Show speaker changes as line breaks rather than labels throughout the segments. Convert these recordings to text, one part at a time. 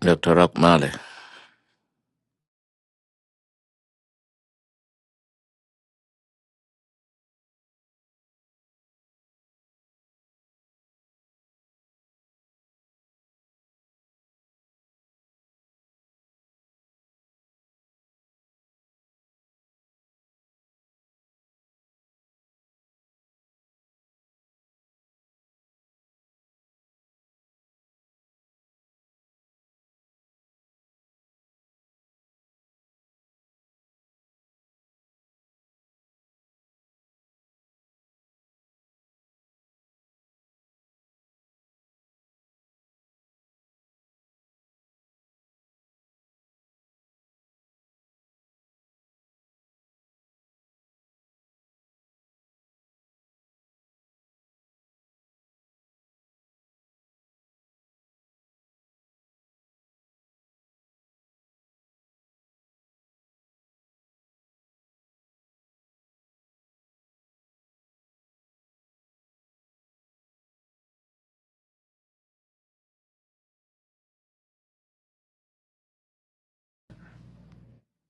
Dr. Rock Marley.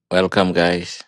Welcome, guys.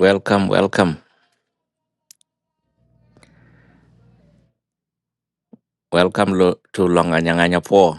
Welcome, welcome. Welcome lo- to Longanyanganya Poor.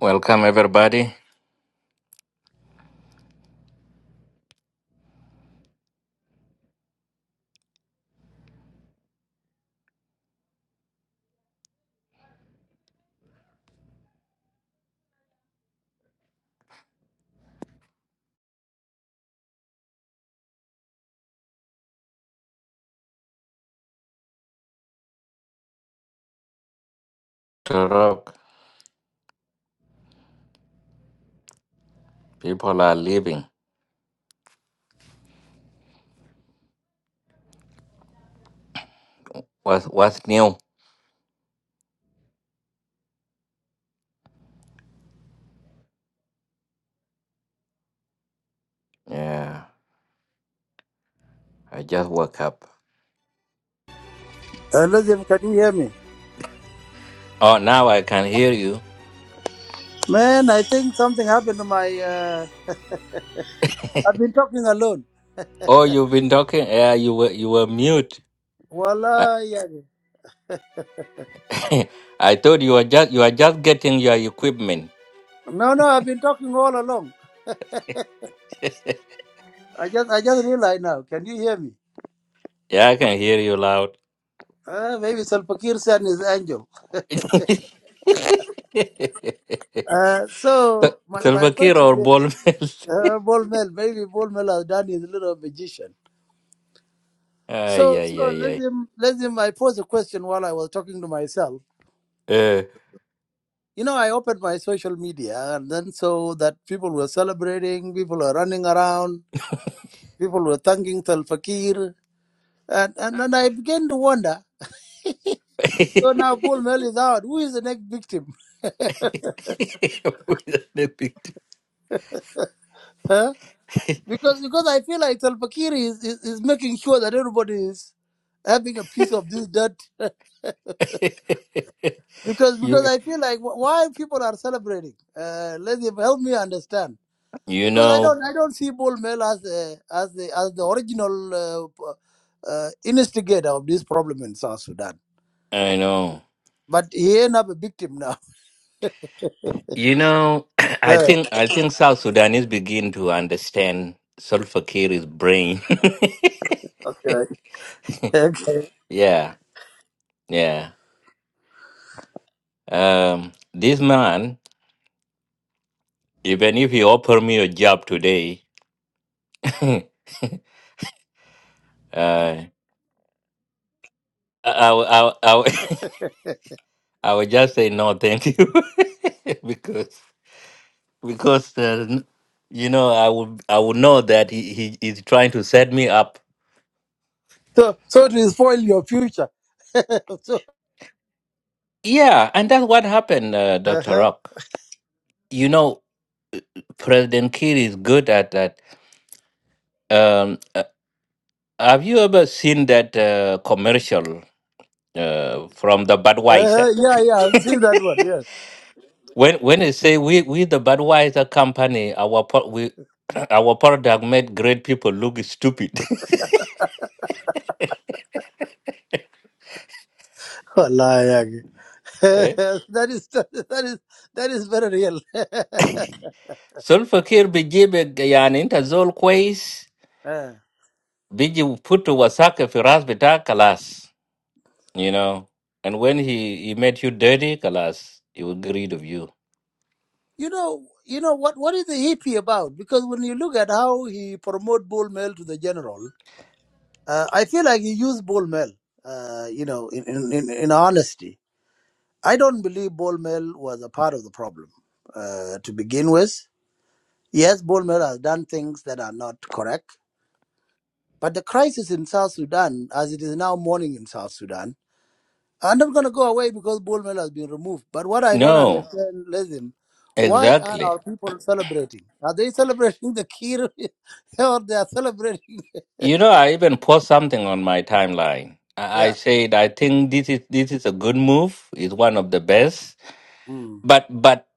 Welcome, everybody. Dr. Rock, people are leaving. What's, what's new? Yeah, I just woke up.
Uh, Lazim, can you hear me?
Oh, now I can hear you.
Man, I think something happened to my. Uh, I've been talking alone.
Oh, you've been talking. Yeah, you were you were mute. I,
Wala, yeah.
I thought you were just you are just getting your equipment.
No, no, I've been talking all along. I just, I just realized now. Can you hear me?
Yeah, I can hear you loud.
Uh, maybe Salpakir San is angel. Uh, so
Sil-
my, my
Silver Kira
question
or
is,
ball mill.
uh, Bolmel, maybe Bolmel has done his little magician.
Ay,
So, so
ay, ay, ay.
Lazim, Lazim, I posed a question while I was talking to myself.
Uh,
You know, I opened my social media, and then so that people were celebrating, people were running around People were thanking Salva Kiir, and, and, and I began to wonder. So now Paul Mel is out. Who is the next victim? huh? Because because I feel like Salva Kiir is, is, is making sure that everybody is having a piece of this dirt. because because
you
I feel like wh- why people are celebrating. Uh, let them help me understand.
you
Because I
know
don't I don't see Paul Mel as a, as the as the original uh, p- uh, instigator of this problem in South Sudan.
I know
But he ended up a victim now.
you know I
Hey,
think I think South Sudanese begin to understand Salva Kiir's brain.
okay, okay.
yeah, yeah. Um, this man, even if he offer me a job today, uh, I I I I, I would just say no, thank you, because. because uh, n- you know I would I would know that he, he is trying to set me up.
So, so to spoil your future. so,
Yeah, and that's what happened, uh, Doctor
uh-huh,
Rock. You know, President Kiir is good at that. Um, uh, have you ever seen that uh, commercial uh, from the
uh-huh,
Budweiser?
yeah, yeah, I've seen that one. Yes.
When when they say we we the Budweiser company, our pro- we our product made great people look stupid.
Oh, lying.
eh?
that is that is that is very real.
Sulfur Kiir be yani intazol
Uh,
Biji Putu wasaka firas bita kalas, you know. And when he, he made you dirty, kalas, he would get rid of you.
you know, you know what? What is the hippie about? Because when you look at how he promote bull mail to the general, uh, I feel like he used bull mail. Uh, you know, in, in in in honesty, I don't believe bull mail was a part of the problem uh, to begin with. Yes, Bolmer has done things that are not correct, but the crisis in South Sudan, as it is now morning in South Sudan, are not going to go away because Bolmer has been removed. But what I don't
No,
understand, Lazim, why are
exactly.
our people celebrating? Are they celebrating the Kir or they are celebrating?
You know, I even post something on my timeline. I, I
Yeah.
said I think this is this is a good move. It's one of the best.
Mm.
But but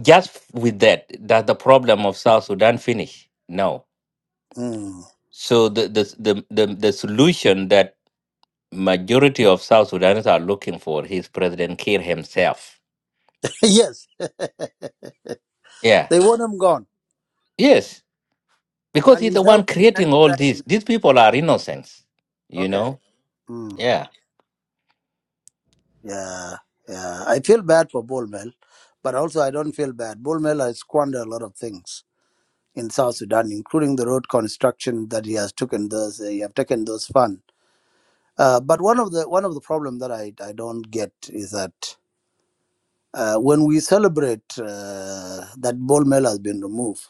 just with that, does the problem of South Sudan finish? No.
Mm.
So the the the the, the solution that majority of South Sudanese are looking for is President Kiir himself.
yes, they
Yeah.
want him gone,
Yes, because
and
he's
he's
the one
helping in
creating all this.
expediting.
These people are innocents, you
Okay.
know?
Mm.
Yeah.
Yeah, yeah. I feel bad for Bullmel, but also I don't feel bad. Bullmel has squandered a lot of things in South Sudan, including the road construction that he has taken those he have taken those funds. Uh, but one of the one of the problem that I, I don't get is that uh, when we celebrate uh, that Bullmel has been removed,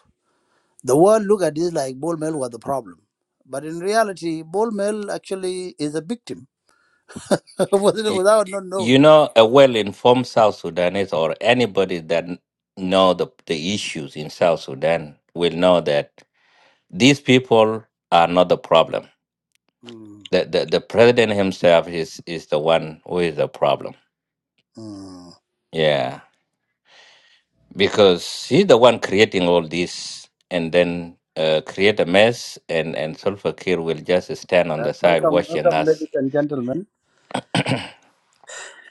the world look at this like Bullmel was the problem. But in reality, Bullmel actually is a victim
You,
without not knowing.
you know, a well informed South Sudanese or anybody that kn- know the, the issues in South Sudan will know that these people are not the problem.
Mm.
The, the, the president himself is, is the one who is the problem.
Mm.
Yeah. Because he's the one creating all this and then uh, create a mess, and, and Sulfur Kir will just stand on
Uh,
the side
welcome,
watching
welcome,
us
ladies and gentlemen.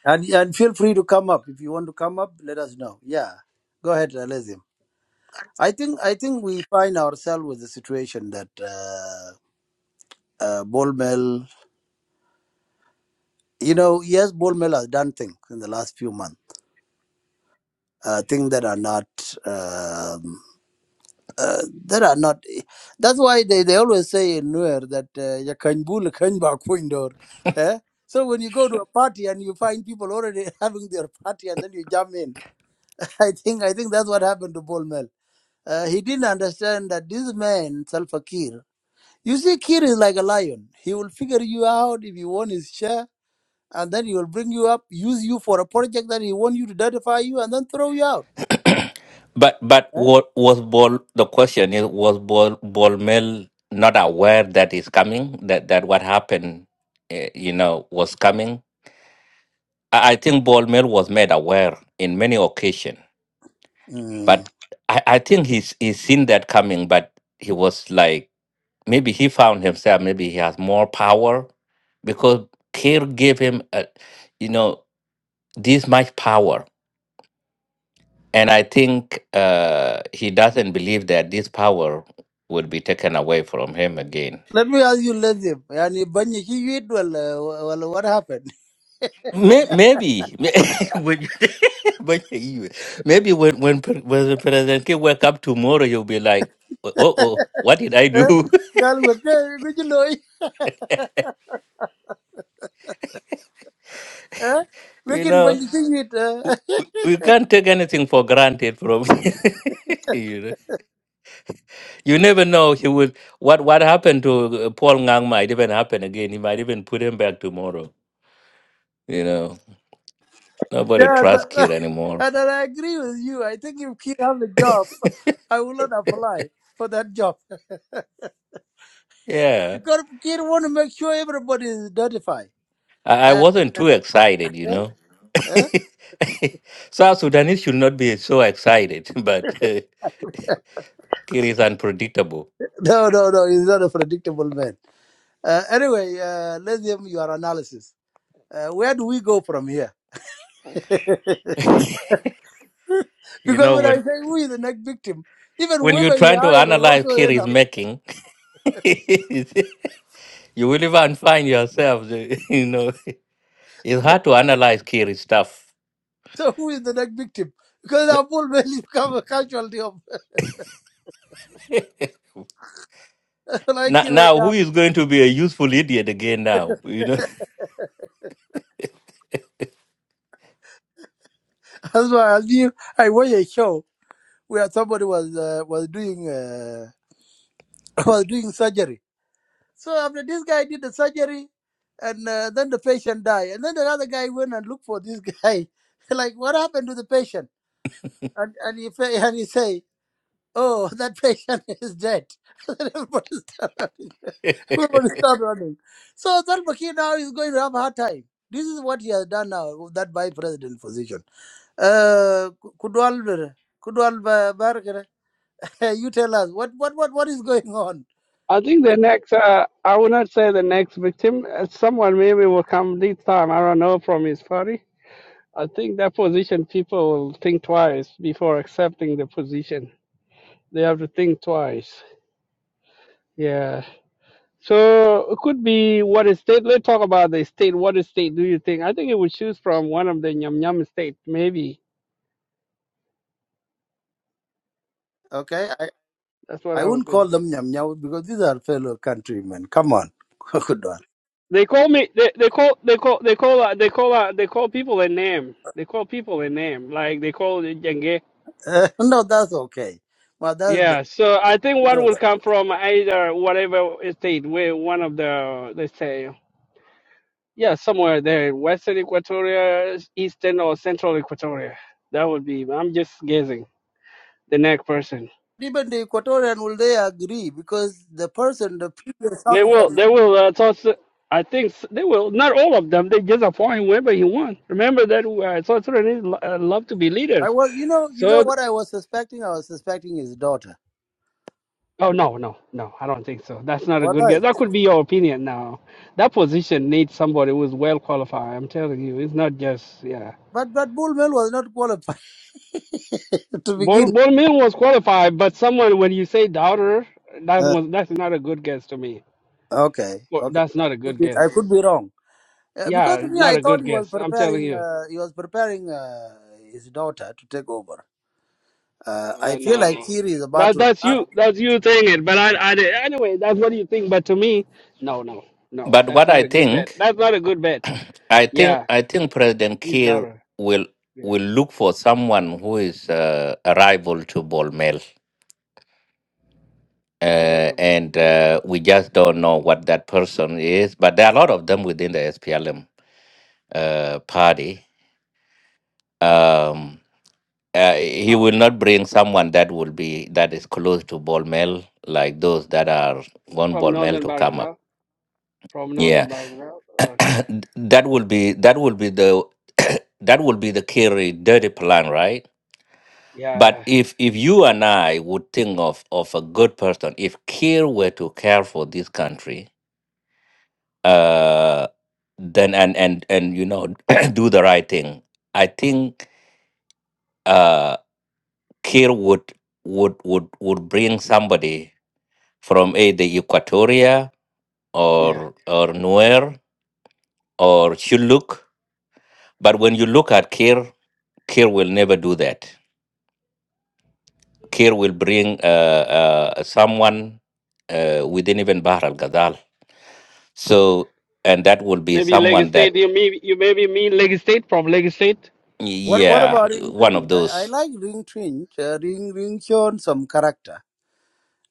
And, and feel free to come up. If you want to come up, let us know. Yeah. Go ahead, Alezim. I think I think we find ourselves with the situation that uh, uh, ball mill, you know, yes, ball mill has done things in the last few months, uh, things that are not, um, uh, that are not. That's why they, they always say in Nuer that uh, "Ya kany bul, kany ba kwiny dor." eh? So when you go to a party and you find people already having their party and then you jump in. I think I think that's what happened to Paul Mel. Uh, he didn't understand that this man, Salva Kiir, you see, Kiir is like a lion. He will figure you out if you want his share, and then he will bring you up, use you for a project that he want you to identify you, and then throw you out.
But but
Right?
what was Bol? The question is, was Bol Bolmel not aware that is coming? That that what happened, eh, you know, was coming. I, I think Bolmel was made aware in many occasions,
Mm.
but I, I think he's he's seen that coming. But he was like, maybe he found himself, maybe he has more power because Kir gave him, a, you know, this much power And I think uh, he doesn't believe that this power would be taken away from him again.
Let me ask you, Lazim. Yani banyi ki yuit well, uh, well, what happened?
May- Maybe, when you- when you- maybe when when, pre- when President K wake up tomorrow, you'll be like, "Oh, oh, what did I
Eh?
do?"
Gal wete guji loy. Eh?
you
Wekin
know,
banyi ki yuit. eh?
w- w- we can't take anything for granted. From you know, you never know. He would what what happened to uh, Paul Ngang might even happen again. He might even put him back tomorrow. You know, nobody
Yeah,
trusts
th-
Kir anymore.
and I agree with you. I think if Kiir has a job. I will not apply for that job
Yeah,
because Kir want to make sure everybody is notified.
I, I
Uh,
wasn't too excited, you
eh,
know.
eh?
South Sudanese should not be so excited, but uh, Kir is unpredictable.
No, no, no, he's not a predictable man. Uh, anyway, uh, let's hear your analysis. Uh, where do we go from here?
You
Because
know,
when I
when
say who is the next victim, even
when you're
whoever you
trying to
hire will
analyze
also
Kir
end
is
up.
making, you will even find yourself, uh, you know, it's hard to analyze Kiri's stuff.
So who is the next victim? Because Apple may become a casualty of like
Now,
Kir
now, who
Wajah.
is going to be a useful idiot again now, you know?
That's why I knew I watched a show where somebody was uh, was doing uh, was doing surgery So after this guy did the surgery, and uh, then the patient died, and then another guy went and looked for this guy, like what happened to the patient? And and he fa- and he say, oh, that patient is dead. Then Everybody start running. Everybody start running. So Salva Kiir now is going to have a hard time. This is what he has done now, with that vice president position. Uh, Ku- Kudwal, Kudwal uh, Barker, you tell us what, what, what, what is going on?
I think the next, uh, I will not say the next victim. uh, Someone maybe will come this time. I don't know from his party. I think that position people will think twice before accepting the position. They have to think twice. Yeah. So it could be what is state. Let's talk about the state. What is state do you think? I think it would choose from one of the Nyam Nyam state. Maybe
Okay,
that's what
I
I
wouldn't
would
call
think.
them Nyam Nyam because these are fellow countrymen. Come on. Good one.
They call me. They, they call. They call. They call. Uh, they call. Uh, they call people a name. They call people a name. Like they call it Jenge.
Eh, no, that's okay. Well, that's the,
Yeah, so I think one
no.
will come from either whatever state where one of the they say yeah somewhere there western Equatoria, eastern or central Equatoria. That would be. I'm just guessing the next person.
Even the Equatorian will they agree because the person, the previous
They will.
husband,
They will. Uh, toss, I think s- they will. Not all of them. They just appoint whoever you want. Remember that uh, South Sudanese lo- uh, love to be
I
leaders.
was, you know, you know
So
what I was suspecting. I was suspecting his daughter.
Oh no, no, no! I don't think so. That's not a
What
good
I?
guess. That could be your opinion now. That position needs somebody who is well qualified. I'm telling you, it's not just yeah.
But but Bullmel was not qualified to
Bol
begin.
Bol Mill was qualified, but someone when you say doubter, that
Uh,
was that's not a good guess to me.
okay,
Well,
okay.
That's not a
I could
good
be,
guess.
I could be wrong Uh, because
Yeah,
me,
not
I
a
thought
good
he was
guess. I'm telling
preparing.
you,
Uh, he was preparing uh, his daughter to take over. Uh, I
uh,
feel like
no.
Kiri is about
That
to.
that's
Uh,
you that's you saying it. But I, I did- anyway, that's what you think. But to me, no, no, no.
but
That's
what
not
I
a good bet.
think
That's not a good bet.
I think
Yeah,
I think President
he's
Kiir
doubter.
will
Yeah.
will look for someone who is uh, a rival to Bolmel, uh,
Bible to
and
Mormon.
uh, we just don't know what that person is. But there are a lot of them within the SPLM uh, party. Um, uh, he
Oh,
will not bring someone that will be that is close to Bolmel, like those that are want
from
Bolmel
Northern
to come up.
Baghdad, From
Yeah,
Northern Baghdad. Okay.
that will be that will be the that will be the Kiri dirty plan, right? But
Yeah.
if if you and I would think of of a good person, if Kir were to care for this country, uh, then and and and you know do the right thing, I think uh, Kir would would would would bring somebody from either Equatoria
Yeah.
or or Nuer or Shuluk. But when you look at Kir, Kir will never do that. Kir will bring uh, uh, someone uh, within even Bahar al Ghazal So, and that will be
Maybe Lagos
someone that,
State. You mean you maybe mean Lagos State from Lagos State?
what What
yeah,
about Ring
one of
Twin? I, I
those.
like Ring Twin. Uh, Ring Ring shown some character.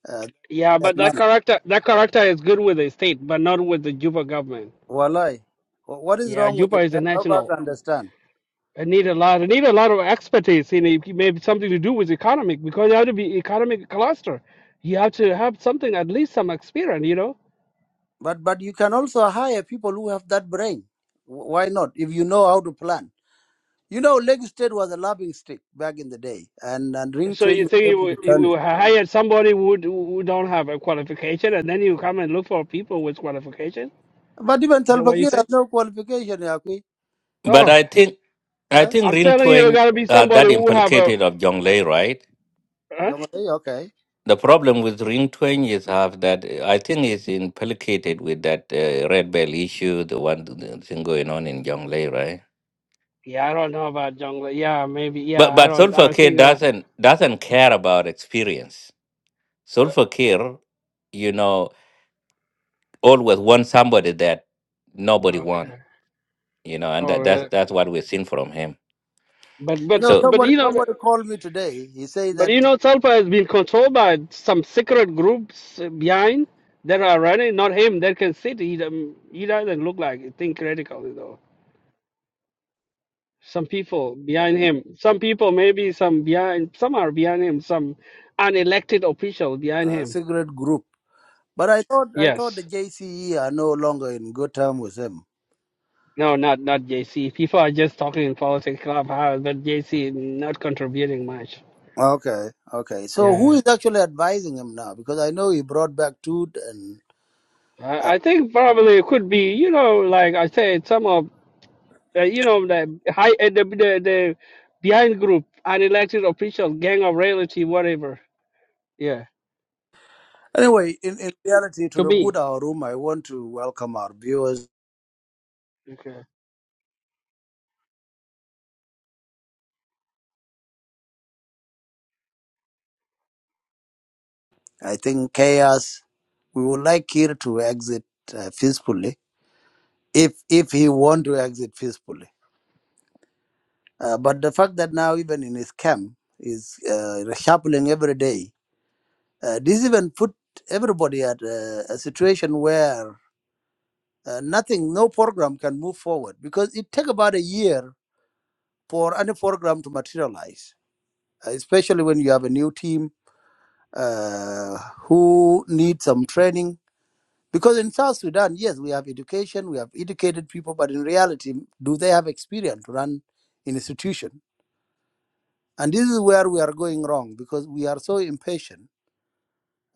Uh,
Yeah,
that
but that
man.
character that character is good with the state, but not with the Juba government.
walai. Wh- What is
Yeah,
wrong with
Juba
it?
is
Uh,
a
Help us
national.
understand.
It need a lot. It need a lot of expertise in it. Maybe something to do with economic because you have to be economic cluster. You have to have something at least some experience. You know.
But but you can also hire people who have that brain. Wh- Why not? If you know how to plan. You know, Lake State was a laughing stick back in the day, and and Ring
So
Twin
you
was
think you
able
will,
to
you
turn it.
will hire somebody who d- who don't have a qualification, and then you come and look for people with qualification?
But even
Is that what you
Talbakir has
say?
no qualification, Yaqui.
But
Uh,
Oh,
I think, I
uh,
think
I'm
Ring
telling you, there
Twain,
gotta be
uh,
somebody
that
who have a.
implicated of
uh,
Jonglei, right?
Huh?
Jonglei, okay.
The problem with Ring Twain is have that uh, I think it's implicated with that uh, Red Bell issue, the one the thing going on in Jonglei, right?
Yeah, I don't know about jungle. Yeah, maybe. Yeah,
But
I
but
don't. I
Sulfur
don't
K
think about.
doesn't doesn't care about experience.
Yeah.
Sulfur K, you know, always wants somebody that nobody wants,
Okay.
you know, and
Oh,
that, that's
really?
that's what we've seen from him
But
You know,
but
So
but
somebody
you know that-
somebody called me today. He said
but
that
you know Salpa has been controlled by some secret groups uh, behind that are running, not him. That can sit. He, don't- he doesn't look like think critical though. Some people behind him. Some people maybe some behind some are behind him, some unelected official behind
uh,
him.
cigarette group, but I thought I thought the
Yes.
JCE are no longer in good term with him.
No, not not JC. People are just talking in politics clubhouse, but JC not contributing much.
Okay, okay. So who
Yeah,
is actually advising him now? Because I know he brought back Toot and uh,
I, I think probably it could be, you know, like I said, some of uh, you know the high uh, the, the the behind group, unelected official, gang of reality, whatever. Yeah,
anyway. In in reality, to
to
reboot
me.
our room, I want to welcome our viewers.
Okay.
I think chaos. We would like Kir to exit uh, peacefully if if he want to exit peacefully. Uh, but the fact that now even in his camp is uh, reshuffling every day, uh, this even put everybody at a, a situation where uh, nothing, no program can move forward because it take about a year for any program to materialize, uh, especially when you have a new team uh, who need some training. Because in South Sudan, yes, we have education, we have educated people, but in reality, do they have experience to run an institution? And this is where we are going wrong because we are so impatient,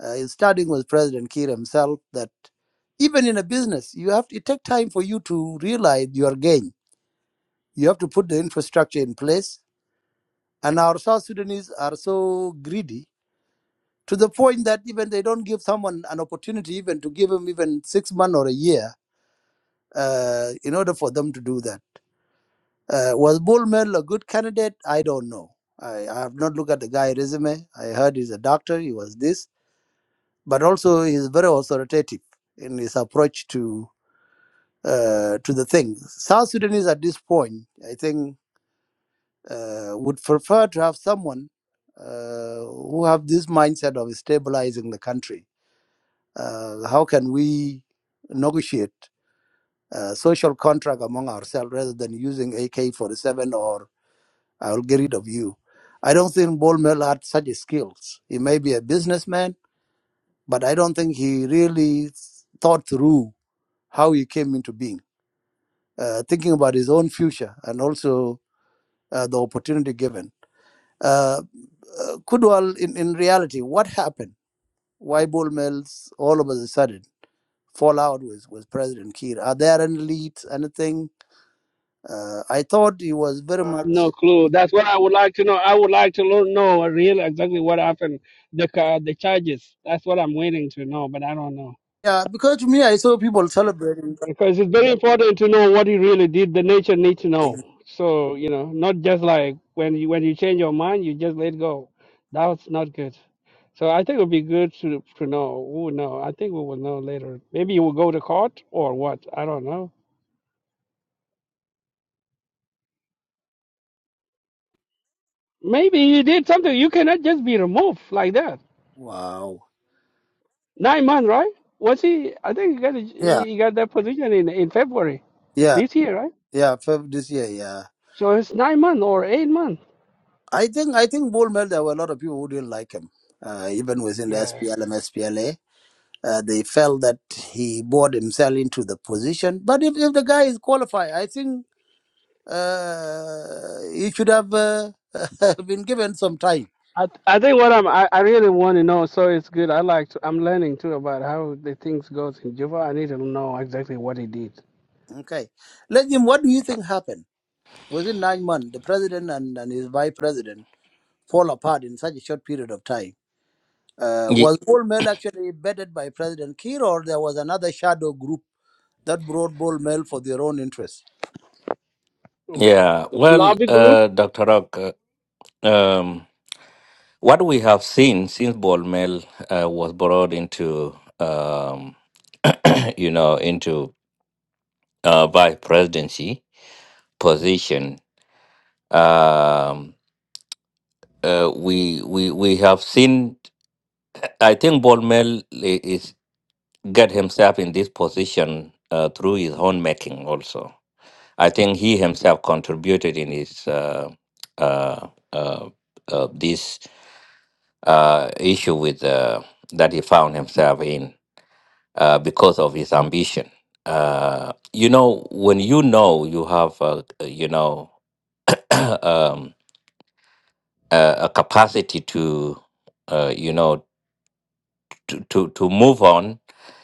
uh, starting with President Kiir himself, that even in a business, you have to, it takes time for you to realize your gain. You have to put the infrastructure in place. And our South Sudanese are so greedy to the point that even they don't give someone an opportunity, even to give him even six months or a year, uh, in order for them to do that. Uh, was Bullmel a good candidate? I don't know. I, I have not looked at the guy's resume. I heard he's a doctor. He was this. but also he's very authoritative in his approach to uh, to the thing. South Sudanese at this point, I think, uh, would prefer to have someone uh, who have this mindset of stabilizing the country. Uh, how can we negotiate a social contract among ourselves rather than using AK-47 or I'll get rid of you? I don't think Bol Mel had such skills. He may be a businessman, but I don't think he really thought through how he came into being, uh, thinking about his own future and also uh, the opportunity given. Uh, uh, Kudwal, in, in reality, what happened? Why Bol Mel's all of a sudden fall out with, with President Kiir? Are there any leads, anything? Uh, I thought he was very
Uh,
much.
no clue. That's what I would like to know. I would like to lo- know really exactly what happened, the ca- the charges. That's what I'm waiting to know, but I don't know
Yeah, because to me, I saw people celebrating.
because it's very important to know what he really did. The nature needs to know.
Ex-
So you know, not just like when you when you change your mind, you just let go. That's not good. So I think it would be good to to know. We will know. I think we will know later. Maybe you will go to court or what? I don't know. Maybe you did something. You cannot just be removed like that.
Wow.
Nine months, right? Was he? I think he got a,
Yeah,
he got that position in in February
yeah,
this year, right?
yeah, Feb this year, yeah.
So it's nine months or eight months.
I think I think Bol Mel. there were a lot of people who didn't like him, uh, even within the
Yeah.
SPLM, SPLA. Uh, they felt that he bought himself into the position. But if, if the guy is qualified, I think uh, he should have uh, been given some time.
I I think what I'm I, I really want to know. So it's good. I like to, I'm learning too about how the things goes in Juba. I need to know exactly what he did.
Okay. Let him, what do you think happened? Within nine months, the president and, and his vice president fall apart in such a short period of time. Uh,
ye-
was Bol Mel actually bedded by President Kiir, or there was another shadow group that brought Bol Mel for their own interests?
yeah, well,
Lobby group?
uh, Dr. Rock, uh, um, what we have seen since Bolmel uh, was brought into, um, you know, into uh, vice presidency position, um, uh, we we we have seen. I think Bolmel i- is get himself in this position uh, through his own making. Also, I think he himself contributed in his. Uh, uh, uh, uh, this uh, issue with uh, that he found himself in uh, because of his ambition. Uh, you know, when you know you have, uh, you know, um, a, a capacity to, uh, you know, to, to, to move on,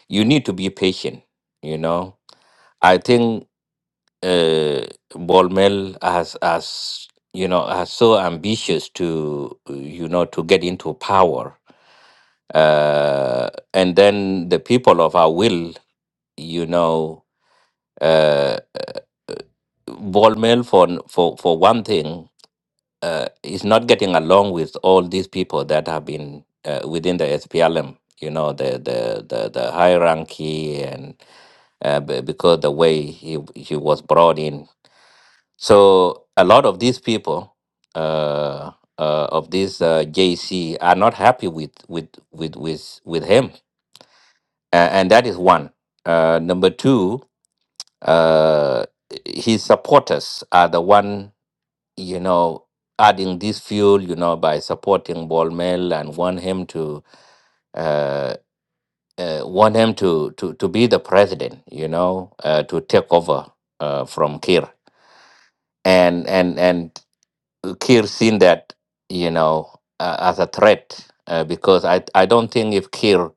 you need to be patient. You know, I think uh, Bolmel has, has, you know, has so ambitious to, you know, to get into power uh, and then the people of our will you know, uh, Volmel for for for one thing uh, is not getting along with all these people that have been uh, within the SPLM. You know, the the the, the hierarchy and uh, be- because the way he he was brought in. So a lot of these people uh, uh, of this uh, JC are not happy with with with with with him, uh, and that is one. Uh, number two uh, his supporters are the one, you know, adding this fuel, you know, by supporting Bolmel and want him to uh, uh, want him to, to to be the president, you know, uh, to take over uh, from Kir. And and and Kir seen that, you know, uh, as a threat uh, because I I don't think if Kir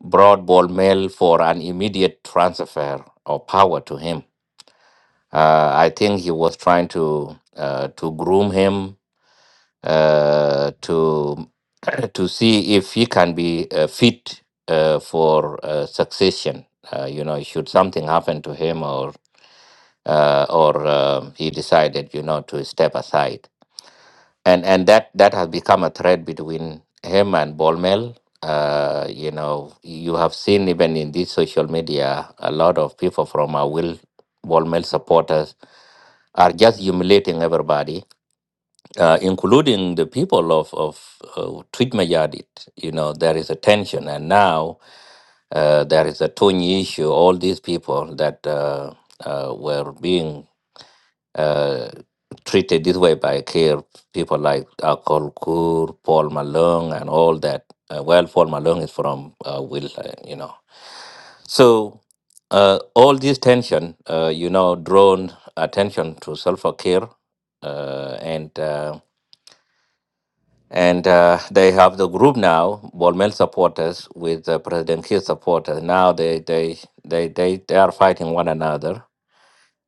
brought Bolmel for an immediate transfer of power to him Uh, I think he was trying to uh, to groom him uh, to to see if he can be uh, fit uh, for uh, succession. Uh, you know, should something happen to him, or uh, or um he decided, you know, to step aside, and and that that has become a thread between him and Bolmel. Uh, you know, you have seen even in this social media a lot of people from our will Bolmel supporters are just humiliating everybody, uh, including the people of of uh, Tweed-Majadit. You know, there is a tension, and now uh, there is a Tony issue. All these people that uh, uh, were being uh, treated this way by care people like Akol Kur, Paul Malone, and all that. Uh, well, Paul Malone is from uh, Will, uh, you know. So uh, all this tension, uh, you know, drawn attention to self-care, uh, and uh, and uh, they have the group now, Bolmel supporters with uh, President Kiir supporters. Now they they, they they they are fighting one another,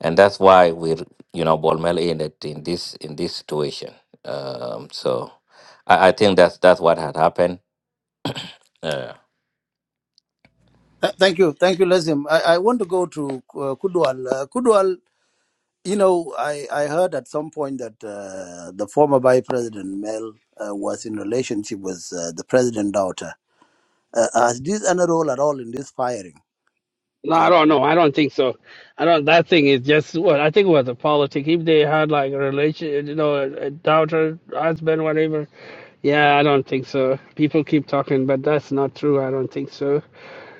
and that's why we're you know Bolmel in it in this in this situation. Um, so I, I think that's that's what had happened. Uh,
Th- thank you. Thank you, Lazim. I, I want to go to uh, Kudwal. Uh, Kudwal, You know, I, I heard at some point that uh, the former Vice President Mel uh, was in relationship with uh, the president daughter. Uh, has this any role at all in this firing?
No,
Uh,
I don't know. I don't think so. I don't. That thing is just what I think it was a politic. If they had like a relation, you know, a, a daughter, husband, whatever. Yeah, I don't think so. People keep talking, but that's not true. I don't think so.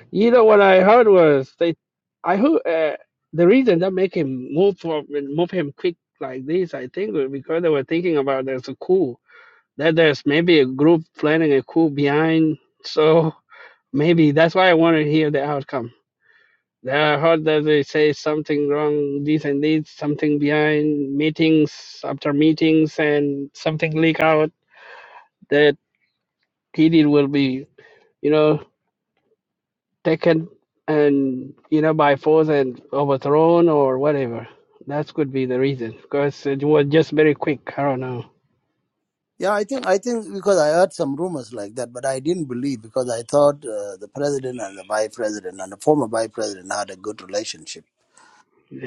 You know what I heard was they, I who uh, the reason that make him move from move him quick like this. I think was because they were thinking about there's a coup that there's maybe a group planning a coup behind. So maybe that's why I want to hear the outcome. Yeah, I heard that they say something wrong, this and this, something behind meetings after meetings, and something leak out that Kidid will be you know, taken and you know by force and overthrown or whatever. That could be the reason because it was just very quick. I don't know.
yeah, I think I think because I heard some rumors like that, but I didn't believe because I thought uh, the president and the vice president and the former vice president had a good relationship.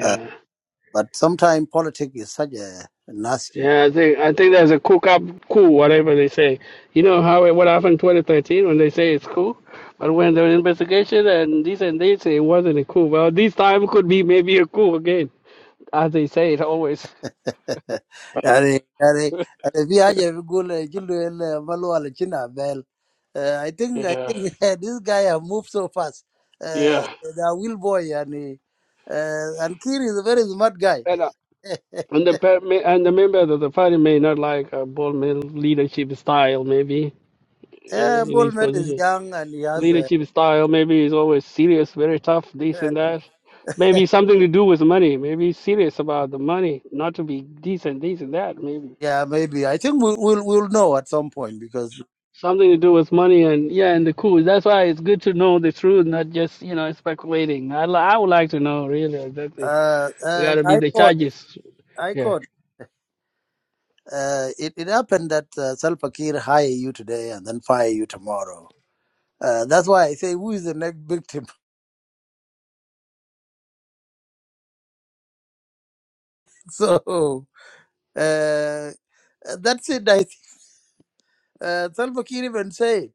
Uh, but sometimes politics is such a nasty
yeah. I think I think there's a cook up coup, whatever they say. You know how it, what happened 2013 when they say it's coup, but when the investigation and this and they say it wasn't a coup. Well, this time could be maybe a coup again, as they say it always.
yani yani yani fi haja fi gule jilu el malu ala china bel uh, i think i
yeah,
think this guy have moved so fast uh,
yeah.
the will boy yani uh, and kir is a very smart guy
And And the per- may- and the members of the party may not like uh, Bolman's leadership style, maybe eh,
yeah
in his
bullman is
position.
young and he has a
Leadership style maybe is always serious, very tough, this
uh,
and that. Maybe something to do with money. Maybe he's serious about the money, not to be decent, this and that. Maybe
yeah, maybe. I think we'll, we'll we'll know at some point because
something to do with money and yeah, and the coup. That's why it's good to know the truth, not just you know speculating. I li- I would like to know really exactly.
uh,
It
uh,
got to be
I
the
caught
charges.
I
Yeah.
caught. Uh, it it happened that uh, Salpakir hire you today and then fire you tomorrow. Uh, that's why I say who is the next victim. So uh, uh, that's it. I think uh, Salva Kiir even said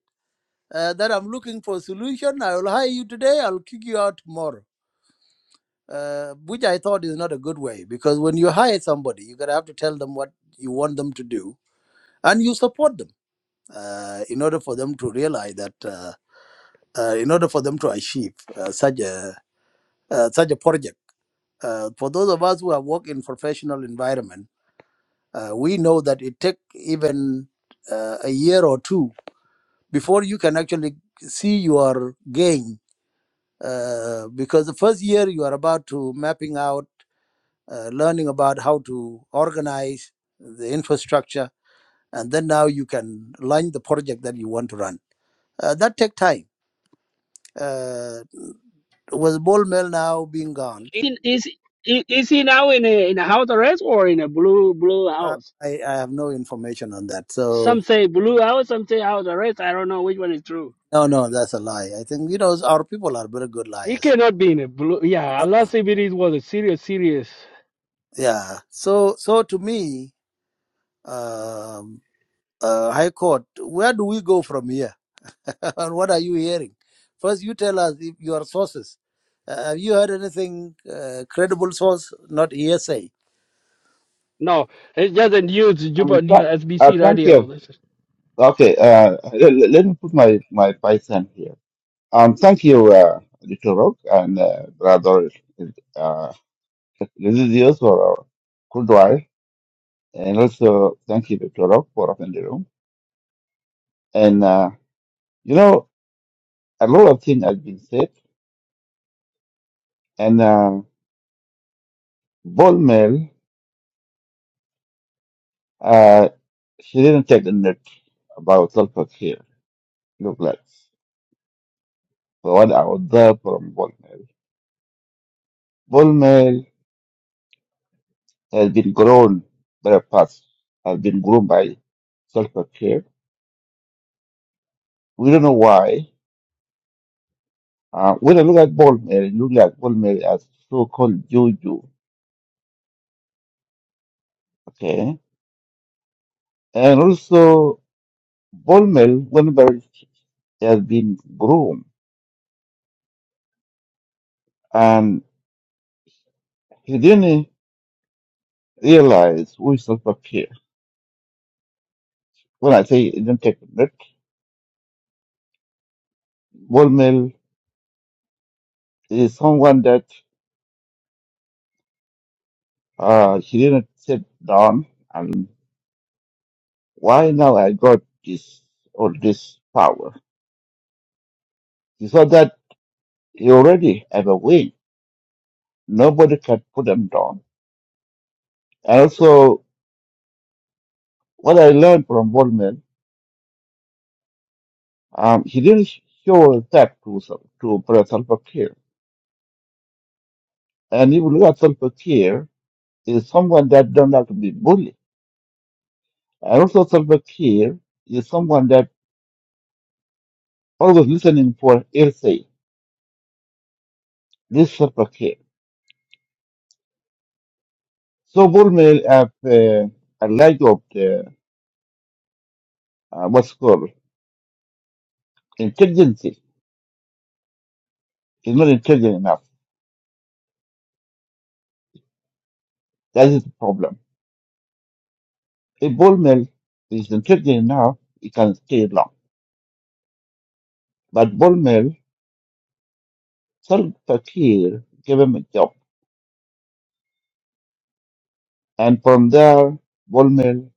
uh, that I'm looking for a solution. I will hire you today. I'll kick you out tomorrow, uh, which I thought is not a good way because when you hire somebody, you're gonna have to tell them what you want them to do and you support them uh, in order for them to realize that. Uh, uh, in order for them to achieve uh, such a uh, such a project, uh, for those of us who have worked in professional environment Uh, we know that it take even uh, a year or two before you can actually see your gain, uh, because the first year you are about to mapping out, uh, learning about how to organize the infrastructure, and then now you can launch the project that you want to run. Uh, that take time. Uh, with ball mill now being gone,
in, is is he now in a in a house arrest or in a blue blue
uh,
house?
I, I have no information on that. So
Some say blue house, some say house arrest. I don't know which one is true.
no, no, that's a lie. I think you know our people are very good
He
liars.
cannot be in a blue. Yeah,
No.
unless if it is- was a serious, serious.
Yeah. So so to me, um, uh, High Court, where do we go from here? and what are you hearing? First, you tell us if your sources. Uh, have you heard anything uh, credible source, not hearsay?
No, it's just a news
Um,
Juba News
th- uh,
SBC
thank you.
radio. This is
Okay, uh, let, let me put my my Python here. Um, thank you, uh, Little Rock and uh, brother uh, Residuos for our cool drive, and also thank you, Little Rock, for opening the room. And uh, you know, a lot of things have been said, and uh, Ball Mail, uh, she didn't take the note about Sulfur here. Look like so what I was there from Ball Mail. has been grown by the past, has been grown by self care. We don't know why. Uh, when I look at Bolmer, it looks like Bolmer as so called Juju. Okay. And also, Bolmer, whenever he has been grown, and he didn't realize who is self care. When I say he didn't take a break, Bolmer is someone that uh, he didn't sit down and why now I got this or this power You saw that he already have a win. Nobody can put him down. And also, what I learned from Wallman, um, he didn't show respect to Sal- to President Salva Kiir. And if you look at Salva Kiir, is someone that don't like to be bullied. And also Salva Kiir is someone that always listening for hearsay. This Salva Kiir. So Wallman have uh, a lack of the, uh, what's called intelligence. He's not intelligent enough. That is the problem. A bone meal is intriguing enough, it can stay long. But bone meal, Sal gave him a job. And from there, bone meal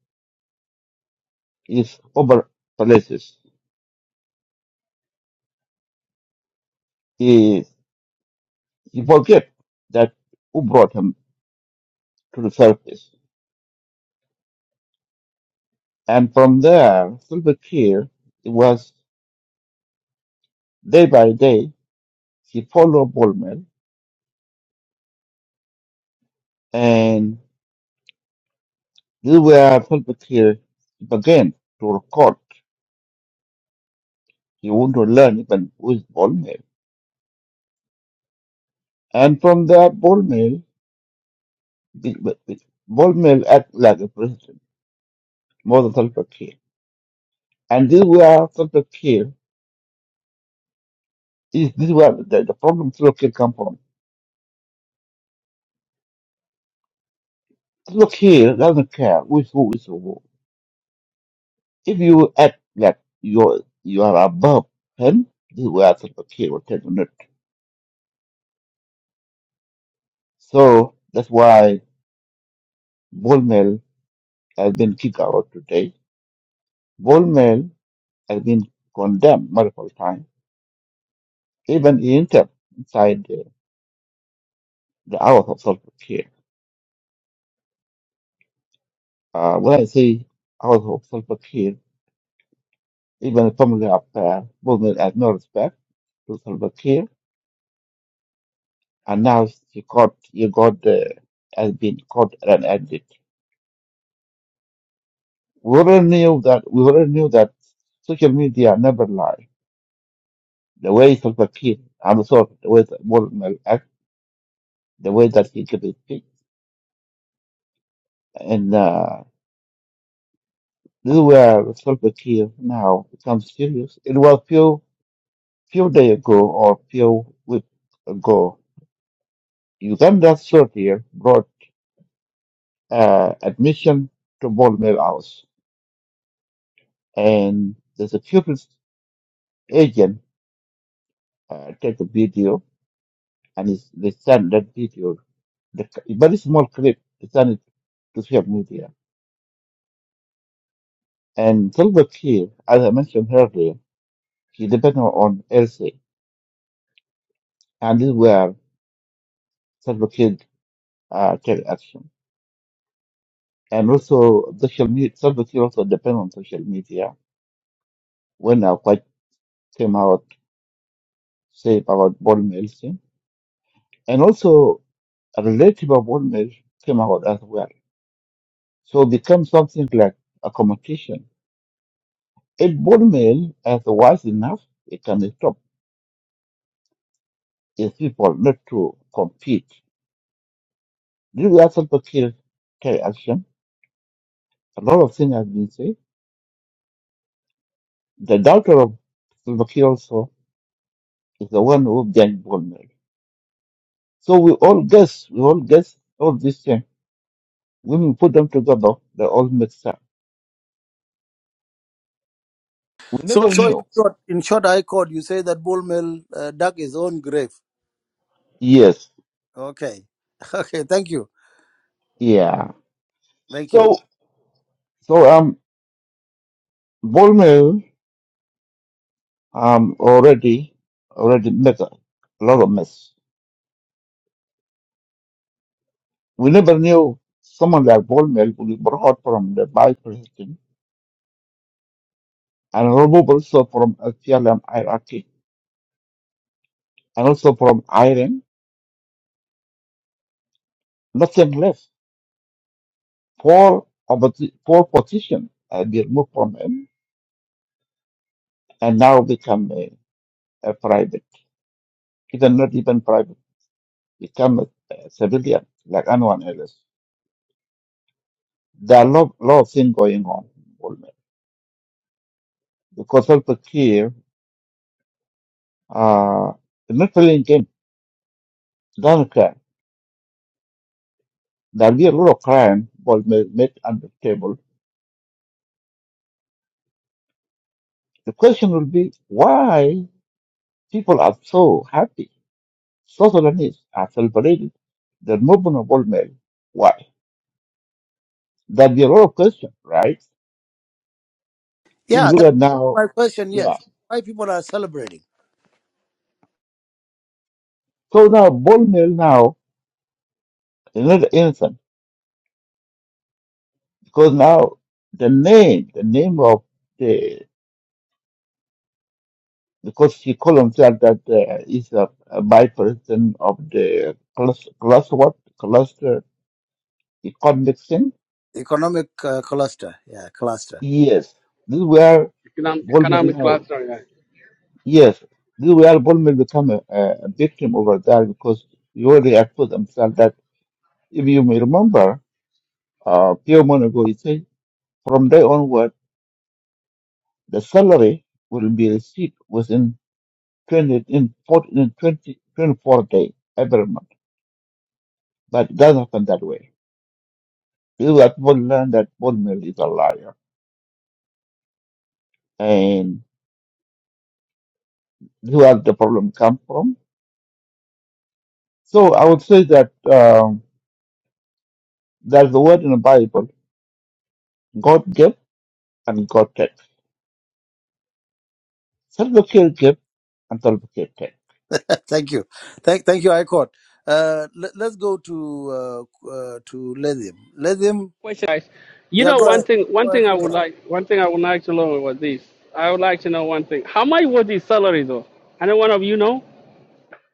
is over palaces. He, he forget that who brought him to the surface. And from there, Silver it was day by day, he followed bone meal. And this is where Silver Fakir began to record. He wanted to learn even who is bone meal. And from that bone meal. the- but- but Ball mill act like a president more than Salva Kiir. And this is where Salva Kiir is this is where the, the problem Salva Kiir come from. Salva Kiir doesn't care who is who is who. If you act like you you are above him, this is where Salva Kiir will take a note. So that's why Ball mill has been kicked out today. Ball mill has been condemned multiple times, even in inter inside the, the hours of Salva Kiir. Uh, when I say household Salva Kiir, even the family up there, women had no respect to Salva Kiir, and now he got he got uh, has been caught and ended. We already knew that we already knew that social media never lie. The way Salva Kiir and so the way that Bolmel act, the way that he gives his speech, and uh, this is where Salva Kiir now becomes serious. It was few few days ago or few weeks ago Uganda's soldier brought uh, admission to Ballmer House, and the security agent uh, take a video, and it's, they send that video, the c- very small clip, they send it to social media. And Silver Kiir, as I mentioned earlier, he depended on LC, and this is where Silver Kiir uh, take action. And also, social media, Silver Kiir also depend on social media. When I quite came out, say about Ballmer LC. And also, a relative of Bodmer came out as well. So it became something like a competition. If Bodmer is wise enough, it can stop his people not to compete. This is where Salva Kiir take action. A lot of things have been said. The daughter of Salva Kiir also is the one who began Bodmer. So we all guess, we all guess all these things. When we put them together, they all make sense. We
So
never
so in
knew.
short, in short, High Court, you say that Bull Mill uh, dug his own grave.
Yes,
Okay. Okay. Thank you.
yeah.
Thank you.
So, so um, Ball mill um, already already make a lot of mess. We never knew someone like Ball mill would be brought from the by president and removed also from SPLM hierarchy and also from Iran. Nothing left. Four of the four positions uh, they removed from him and now become a, a private. Even not even private, become a, a civilian like anyone else. There are a lot, lot of things going on in Ball mill because of the care. Uh, the military intent doesn't care. There'll be a lot of crime was made, made on the table. The question will be why people are so happy. So Sudanese are celebrated the movement of old men. Why? There'll be a lot of questions, right? If you
Yeah.
look
That's
at now,
my question.
yeah.
Yes. Why people are celebrating
So now bold male now is not innocent because now the name, the name of the because he called himself that uh, he's a, a vice of the cluster, cluster what cluster economic thing.
economic uh, cluster? Yeah, cluster.
Yes, this is where
economic,
Goldman
economic class.
now.
Sorry, guys.
Yes, this is where Goldman become a, a a victim over there because he already exposed himself that if you may remember uh, a few months ago he said from day onward the salary will be received within 20 in 40, in 20, twenty-four days every month, but it doesn't happen that way You have to learn that Paul Mill is a liar and who has the problem come from. So I would say that um, there's a word in the Bible, God gave and God take. Self-care gave and self-care take.
Thank you. Thank, thank you, High Court. Uh, let, let's go to uh, uh, to Lithium. Lithium,
Question, guys. You
yeah,
know
go
one
ahead.
thing.
Go
One
ahead,
thing I would
Kudwa.
like. One thing I would like to know was this. I would like to know one thing. How much was his salary though? I know one of you know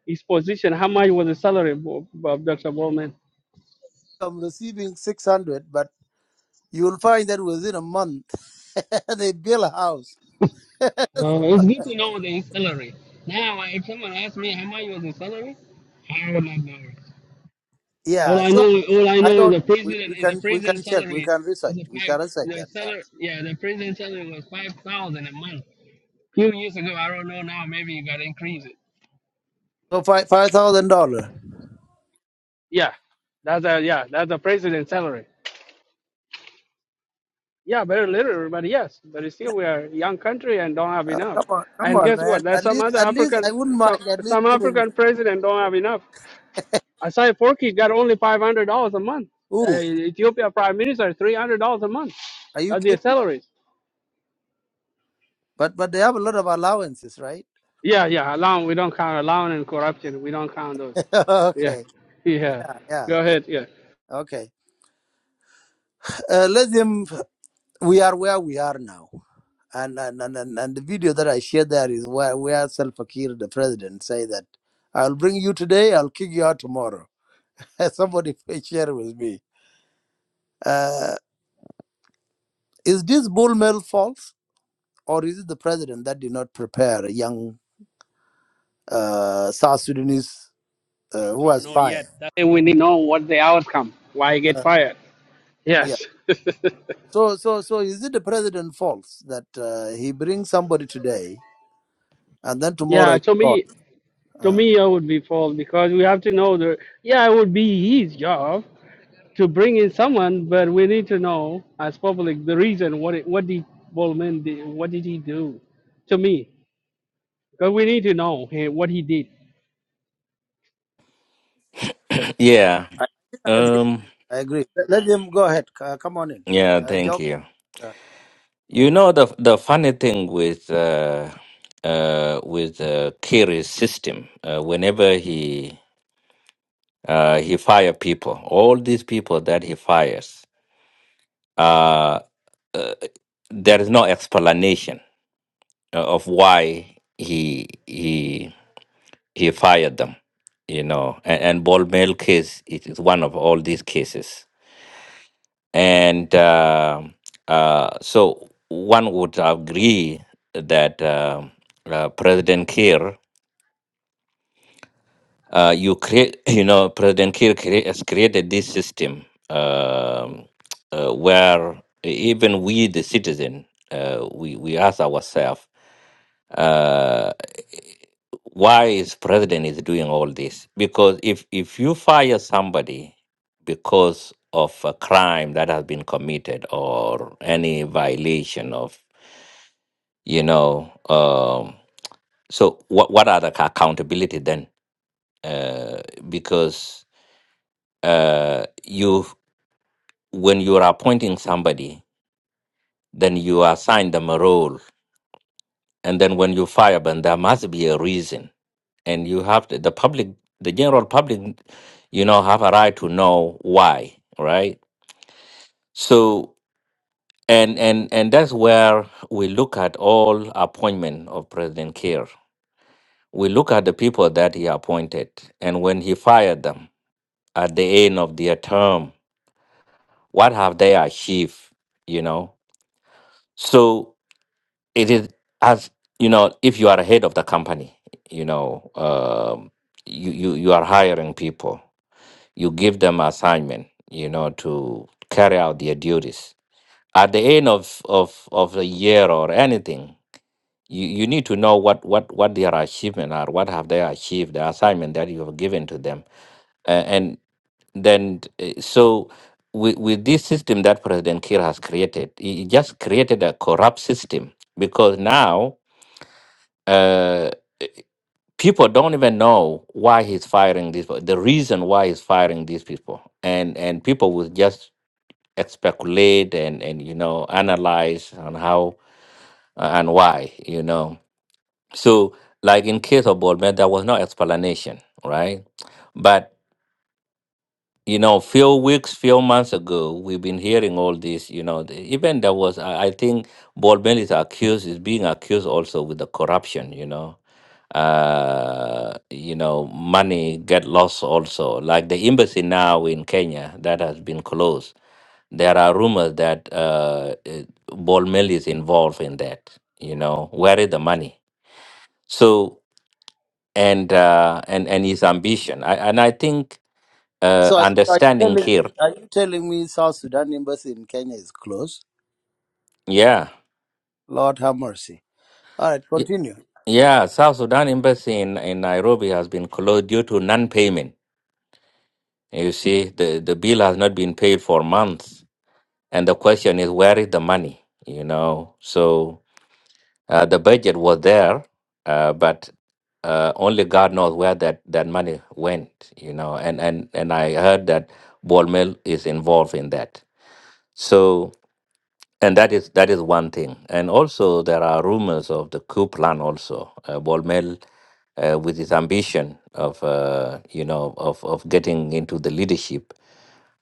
his position. How much was the salary of of Dr. Bowman?
I'm receiving 600, but you will find that within a month they build a house.
Uh, it's good to know the salary. Now, if someone asks me how much was the salary, I would not know.
Yeah,
All I
so
know, all I
I
know is
don't.
the
We,
prison
we
is the
can we
prison
can check. We
salary
can research.
is a
We
five.
can research
The
that.
salary, yeah, the prison salary was five thousand a month. Few years ago, I don't know now. Maybe you got increased it.
So five five thousand dollar.
Yeah, that's a yeah, that's a president salary. Yeah, very little, but yes, but it's still we are a young country and don't have
Oh,
enough.
come on, come
And
on,
guess
man.
what? There's
At
some
least,
other
at least I
African,
wouldn't mind.
some
At least
some
giving.
African president don't have enough. Asai Forky got only five hundred dollars a month. Uh,
Ooh,
Ethiopia Prime Minister three hundred dollars a month.
are you
That's their
kidding?
salaries.
But but they have a lot of allowances, right?
Yeah, yeah. Allowance we don't count allowance and corruption. We don't count those. Yeah,
okay.
yeah.
Yeah. Yeah,
Go ahead. Yeah.
Okay. Uh, let them, we are where we are now. And, and, and, and and the video that I shared there is where, where Salva Kiir, the president, say that I'll bring you today, I'll kick you out tomorrow. Somebody please share with me. Uh, is this bull mail false or is it the president that did not prepare a young uh, South Sudanese uh,
We
who
don't
has
know yet.
fire?
That's why we need to know what the outcome. Why get
Uh,
fired?
yeah.
Yes.
So, so, so is it the president false that uh, he brings somebody today and then tomorrow
yeah.
is
To
gone?
me, to
Uh,
me, it would be false because we have to know the. Yeah, it would be his job to bring in someone, but we need to know as public the reason what it, what did Bolman? did, what did he do to me? Because we need to know hey, what he did.
yeah.
I, agree.
Um,
I agree. Let, let him go ahead. Uh, come on in.
yeah.
Uh,
Thank
Jock.
you.
Uh,
You know the the funny thing with uh, uh, with uh, Kerry's system, uh, whenever he uh, he fire people, all these people that he fires, uh, uh, there is no explanation uh, of why he he he fired them. You know, and, and Ball Mill case it is one of all these cases, and uh, uh, so one would agree that uh, uh, President Kerr. Uh, you create, you know, President Kiir crea- has created this system um, uh, where even we, the citizen, uh, we we ask ourselves, uh, why is president is doing all this? Because if if you fire somebody because of a crime that has been committed or any violation of, you know, um, so what what are the accountability then? Uh, because uh, you when you are appointing somebody, then you assign them a role. And then when you fire them, there must be a reason. And you have to, the public, the general public, you know, have a right to know why, right? So, and and and that's where we look at all appointment of President Kiir. We look at the people that he appointed, and when he fired them at the end of their term, what have they achieved? You know, so it is as you know if you are head of the company you know um, you, you you are hiring people you give them assignment you know to carry out their duties at the end of of of the year or anything you, you need to know what what what their achievement are what have they achieved the assignment that you have given to them uh, and then uh, so with, with this system that president kir has created he he just created a corrupt system because now uh, people don't even know why he's firing these the reason why he's firing these people and and people will just speculate and and you know analyze on how uh, and why you know so like in case of Bolman, there was no explanation right but you know few weeks few months ago we've been hearing all this you know the, even there was i, I think Bolman is accused is being accused also with the corruption you know uh you know money get lost also like the embassy now in kenya that has been closed there are rumors that uh it- ball mill is involved in that you know where is the money so and uh and and his ambition I, and i think uh
so are, you- are you telling
understanding here
me? Are you telling me South Sudan embassy in Kenya is closed?
yeah
Lord have mercy. All right,
Y-
continue.
yeah south sudan embassy in, in nairobi has been closed due to non-payment you see the the bill has not been paid for months And the question is, where is the money? You know, so uh, the budget was there, uh, but uh, only God knows where that, that money went. You know, and and and I heard that ball mill is involved in that. So and that is that is one thing. And also there are rumors of the coup plan. Also, uh, ball mill uh, with his ambition of uh, you know of of getting into the leadership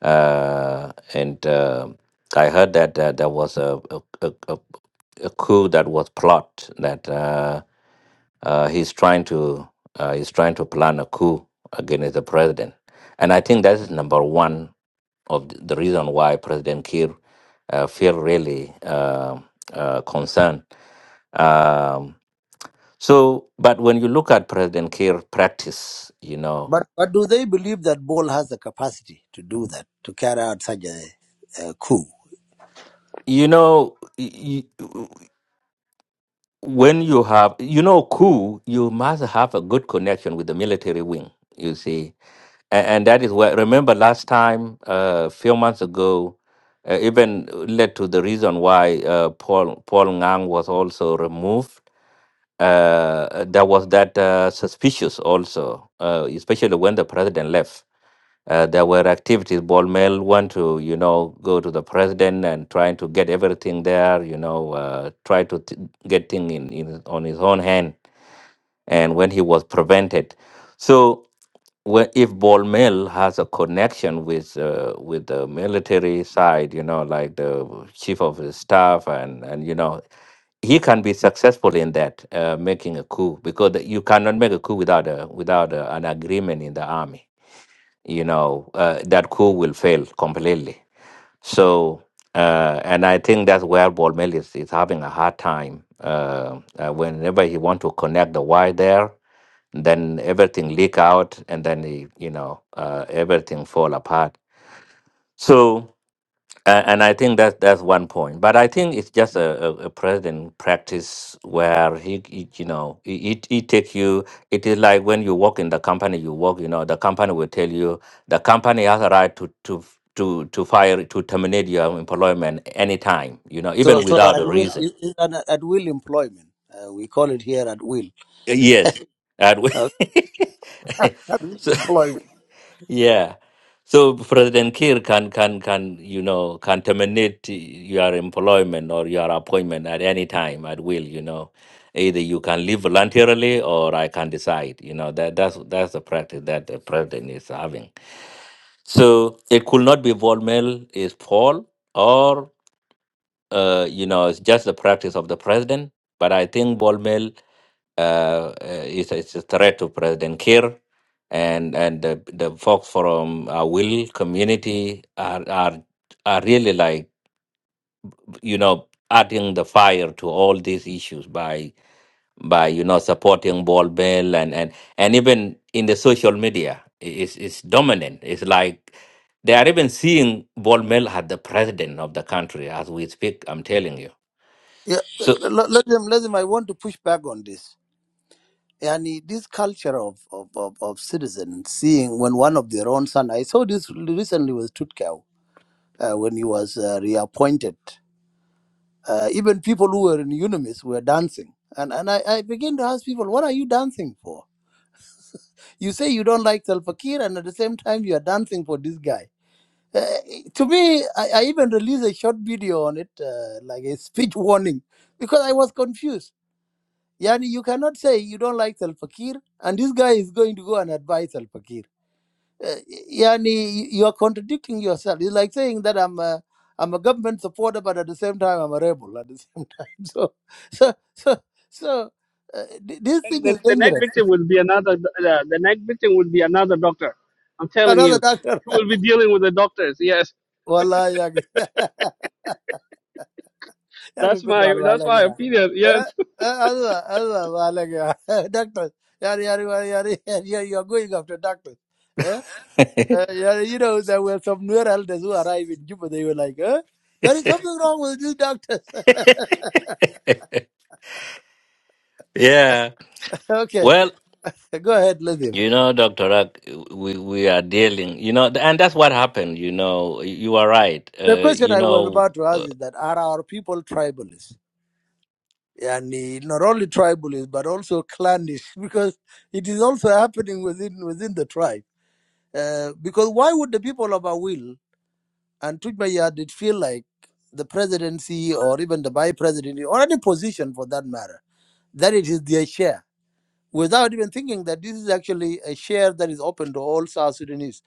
uh, and uh, I heard that uh, there was a a, a a a coup that was plot that uh, uh, he's trying to uh, he's trying to plan a coup against the president, and I think that is number one of th- the reason why President Kiir uh, feel really uh, uh, concerned. Um, so, but when you look at President Kiir practice, you know,
But but do they believe that Bol has the capacity to do that to carry out such a, a coup?
you know. when you have you know coup you must have a good connection with the military wing you see and, and that is where remember last time uh, a few months ago uh, even led to the reason why uh, paul paul ngang was also removed uh, there was that uh, suspicious also uh, especially when the president left uh, there were activities. Bolmel want to, you know, go to the president and trying to get everything there, you know, uh, try to t- get things in, in on his own hand. And when he was prevented, so whe- if Bolmel has a connection with uh, with the military side, you know, like the chief of his staff, and and you know, he can be successful in that uh, making a coup because you cannot make a coup without a without a, an agreement in the army you know, uh, that coup will fail completely. So, uh, and I think that's where Bolmel is, is having a hard time. Uh, uh, whenever he want to connect the wire there, then everything leak out, and then he, you know, uh, everything fall apart. So. And, and I think that that's one point. But I think it's just a, a, a president practice where he, he you know, he, he he take you. It is like when you work in the company you work. You know, the company will tell you the company has a right to to to to fire to terminate your employment anytime. You know, even
So so
without
at
a
will
reason.
is is an at will employment. Uh, we call it here at will
Yes. And
uh,
we- so.
employment.
Yeah. So President Kiir can can can you know can terminate your employment or your appointment at any time at will. You know, either you can leave voluntarily or I can decide. You know that that's that's the practice that the president is having. So it could not be Volmel is Paul or uh, you know it's just the practice of the president. But I think Volmel uh, uh, it's, it's a threat to President Kiir, and and the, the folks from our will community are are are really like you know adding the fire to all these issues by by you know supporting ball Bell and and and even in the social media is is dominant. It's like they are even seeing ball Bell as the president of the country as we speak. I'm telling you.
Yeah,
So
let, let them, let them. I want to push back on this. And this culture of, of, of, of citizens seeing when one of their own son, I saw this recently with Tutkau uh, when he was uh, reappointed. Uh, even people who were in unimis were dancing. And, and I, I begin to ask people, what are you dancing for? You say you don't like Salfakir, and at the same time, you are dancing for this guy. Uh, to me, I, I even released a short video on it, uh, like a speech warning, because I was confused Yani you cannot say you don't like Salva Kiir, and this guy is going to go and advise Salva Kiir. Uh, yani you are contradicting yourself. It's like saying that I'm a, I'm a government supporter, but at the same time I'm a rebel. At the same time, so so so so uh, th- this thing
And then
is
the next
dangerous.
victim will be another. Uh, the next victim will be another doctor. I'm telling you,
Another doctor.
he will be dealing with the doctors. Yes,
Wallahi, yaki.
that's
Yaki good
my
wal
that's
wala
my
gaya.
opinion. Yes.
Eh, eh, Allah, Allah, wala gaya. Doctor, yari, yari, yari, yari, yari, you are going after doctors. Eh, Uh, yeah, you know, there were some new elders who arrived in Juba. They were like, huh? There is something wrong with these doctors.
Yeah.
okay,
Well,
go ahead, let him.
You know, Dr. Rack, we, we are dealing, you know, and that's what happened, you know, you are right.
The
Uh,
question
you
I was
know,
about to ask is that are our people tribalist? And not only tribalist, but also clannish, because it is also happening within within the tribe. Uh, because why would the people of Awil and Tujmaya did feel like the presidency or even the vice presidency or any position for that matter, that it is their share? without even thinking that this is actually a share that is open to all South Sudanese.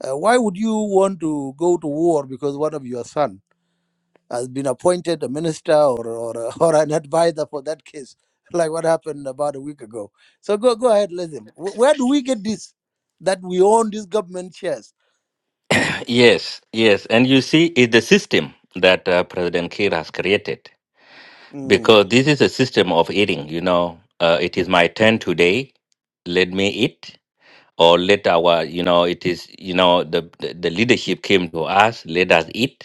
Uh, why would you want to go to war because one of your son has been appointed a minister or or, or an advisor for that case, like what happened about a week ago? So go go ahead, let them. Wh- Where do we get this that we own these government shares?
yes, yes. And you see, it's the system that uh, President Kiir has created
Mm.
because this is a system of eating, you know, uh, it is my turn today. Let me eat or let our, you know, it is, you know, the, the, the leadership came to us, let us eat.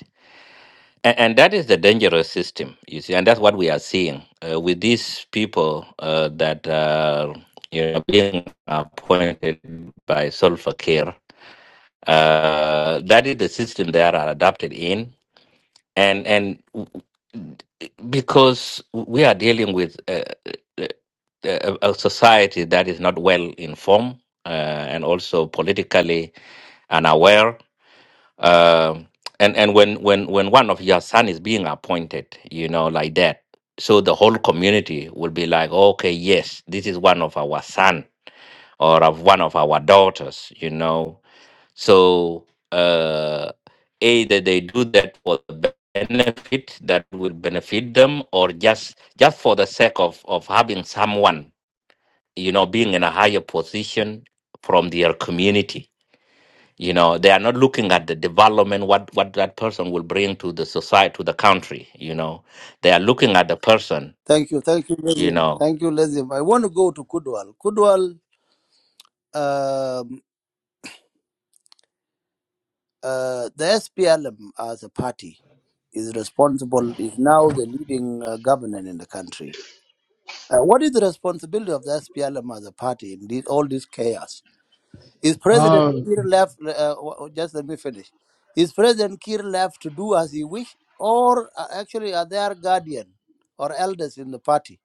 And, and that is the dangerous system, you see, and that's what we are seeing uh, with these people uh, that are you know, being appointed by Solfa Care. Uh, that is the system they are adopted in, and and w- because we are dealing with uh, uh, a, a society that is not well informed uh, and also politically unaware um, and and when when when one of your son is being appointed, you know, like that, so the whole community will be like, okay, yes, this is one of our son or of one of our daughters, you know. So uh, either they do that for the benefit that will benefit them, or just just for the sake of of having someone, you know, being in a higher position from their community you know they are not looking at the development what what that person will bring to the society to the country you know they are looking at the person
Thank you, thank you,
you
Lesium.
know
Thank you, Lesium. I want to go to Kudwal. Kudwal, um, uh, the SPLM as a party. is responsible, is now the leading uh, government in the country. Uh, what is the responsibility of the SPLM as a party in this, all this chaos? Is President
Um,
Kiir left, uh, w- w- just let me finish. Is President Kiir left to do as he wish, or uh, actually are there guardian or elders in the party?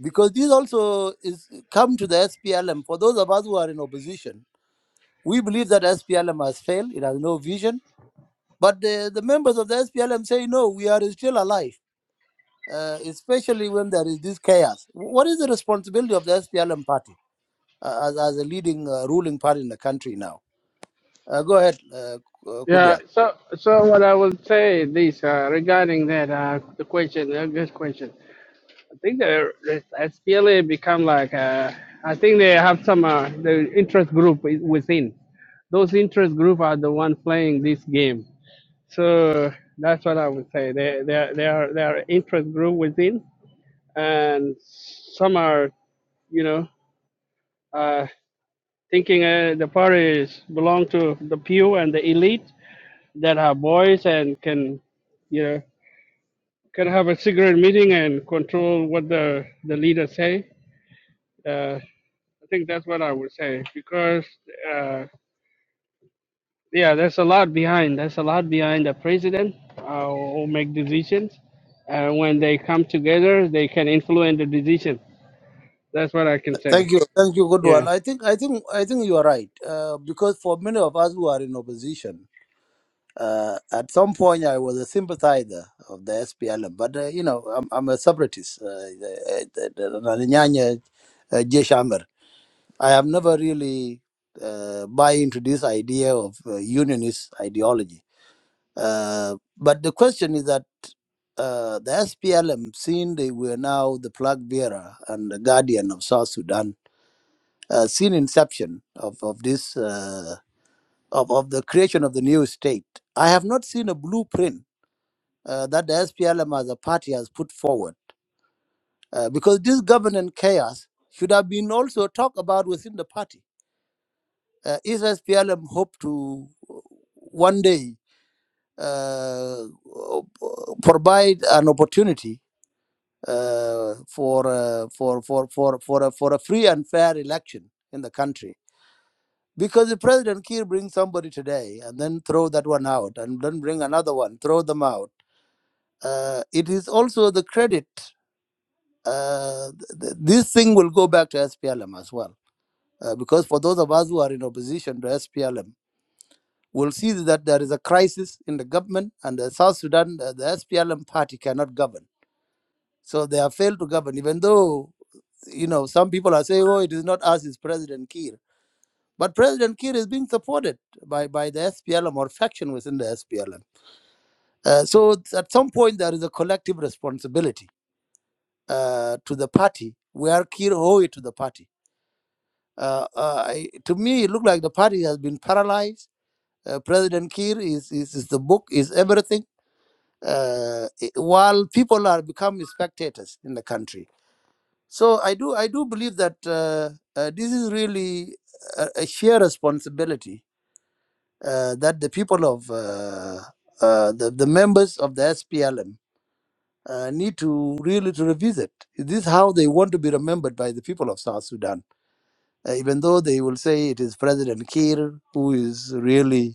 Because this also is come to the SPLM. For those of us who are in opposition, we believe that SPLM has failed. It has no vision. But the, the members of the SPLM say, no, we are still alive uh, especially when there is this chaos. What is the responsibility of the SPLM party uh, as, as a leading uh, ruling party in the country now? Uh, go ahead, uh, uh,
Yeah.
Kudwal.
So so what I will say this uh, regarding that uh, the question, a good question. I think the the SPLA become like uh, I think they have some uh, the interest group i- within. Those interest group are the one playing this game. So that's what I would say. They they are- they are they are interest group within, and some are you know uh, thinking uh, the parties belong to the pew and the elite that have voice and can you know can have a secret meeting and control what the the leaders say. Uh, I think that's what I would say because uh, yeah, there's a lot behind. There's a lot behind the president uh, who make decisions. Uh, when they come together, they can influence the decision. That's what I can say.
Thank you, thank you, Kudwal.
Yeah,
I think, I think, I think you are right uh, because for many of us who are in opposition, uh, at some point I was a sympathizer of the SPLM, but uh, you know I'm, I'm a separatist. Uh, the- the- the- the Nyanya, uh, Jesh I have never really uh, buy into this idea of uh, unionist ideology Uh, but the question is that uh, the SPLM, seen they were now the flag bearer and the guardian of South Sudan, uh, since inception of of this uh, of of the creation of the new state, I have not seen a blueprint uh, that the SPLM as a party has put forward, uh, because this governance chaos should have been also talked about within the party. Uh, is SPLM hope to uh, one day uh, provide an opportunity? uh, for, uh, for, for, for, for, a, for a free and fair election in the country. Because if President Kiir brings somebody today and then throw that one out and then bring another one, throw them out, uh, it is also the credit. Uh, th- th- this thing will go back to SPLM as well. Uh, because for those of us who are in opposition to SPLM, we'll see that there is a crisis in the government and the South Sudan, uh, the SPLM party cannot govern. So they have failed to govern, even though you know, some people are saying, oh, it is not us, it's President Kiir. But President Kiir is being supported by, by the SPLM or faction within the SPLM. Uh, so at some point, there is a collective responsibility uh, to the party where Kiir owe it to the party. Uh, uh, I, to me, it looked like the party has been paralyzed. Uh, President Kiir is, is, is the book, is everything. Uh, i- while people are becoming spectators in the country So I do I do believe that uh, uh, this is really a, a shared responsibility uh, that the people of uh, uh, the, the members of the SPLM uh, need to really to revisit. This is how they want to be remembered by the people of South Sudan, Uh, even though they will say it is President Kiir who is really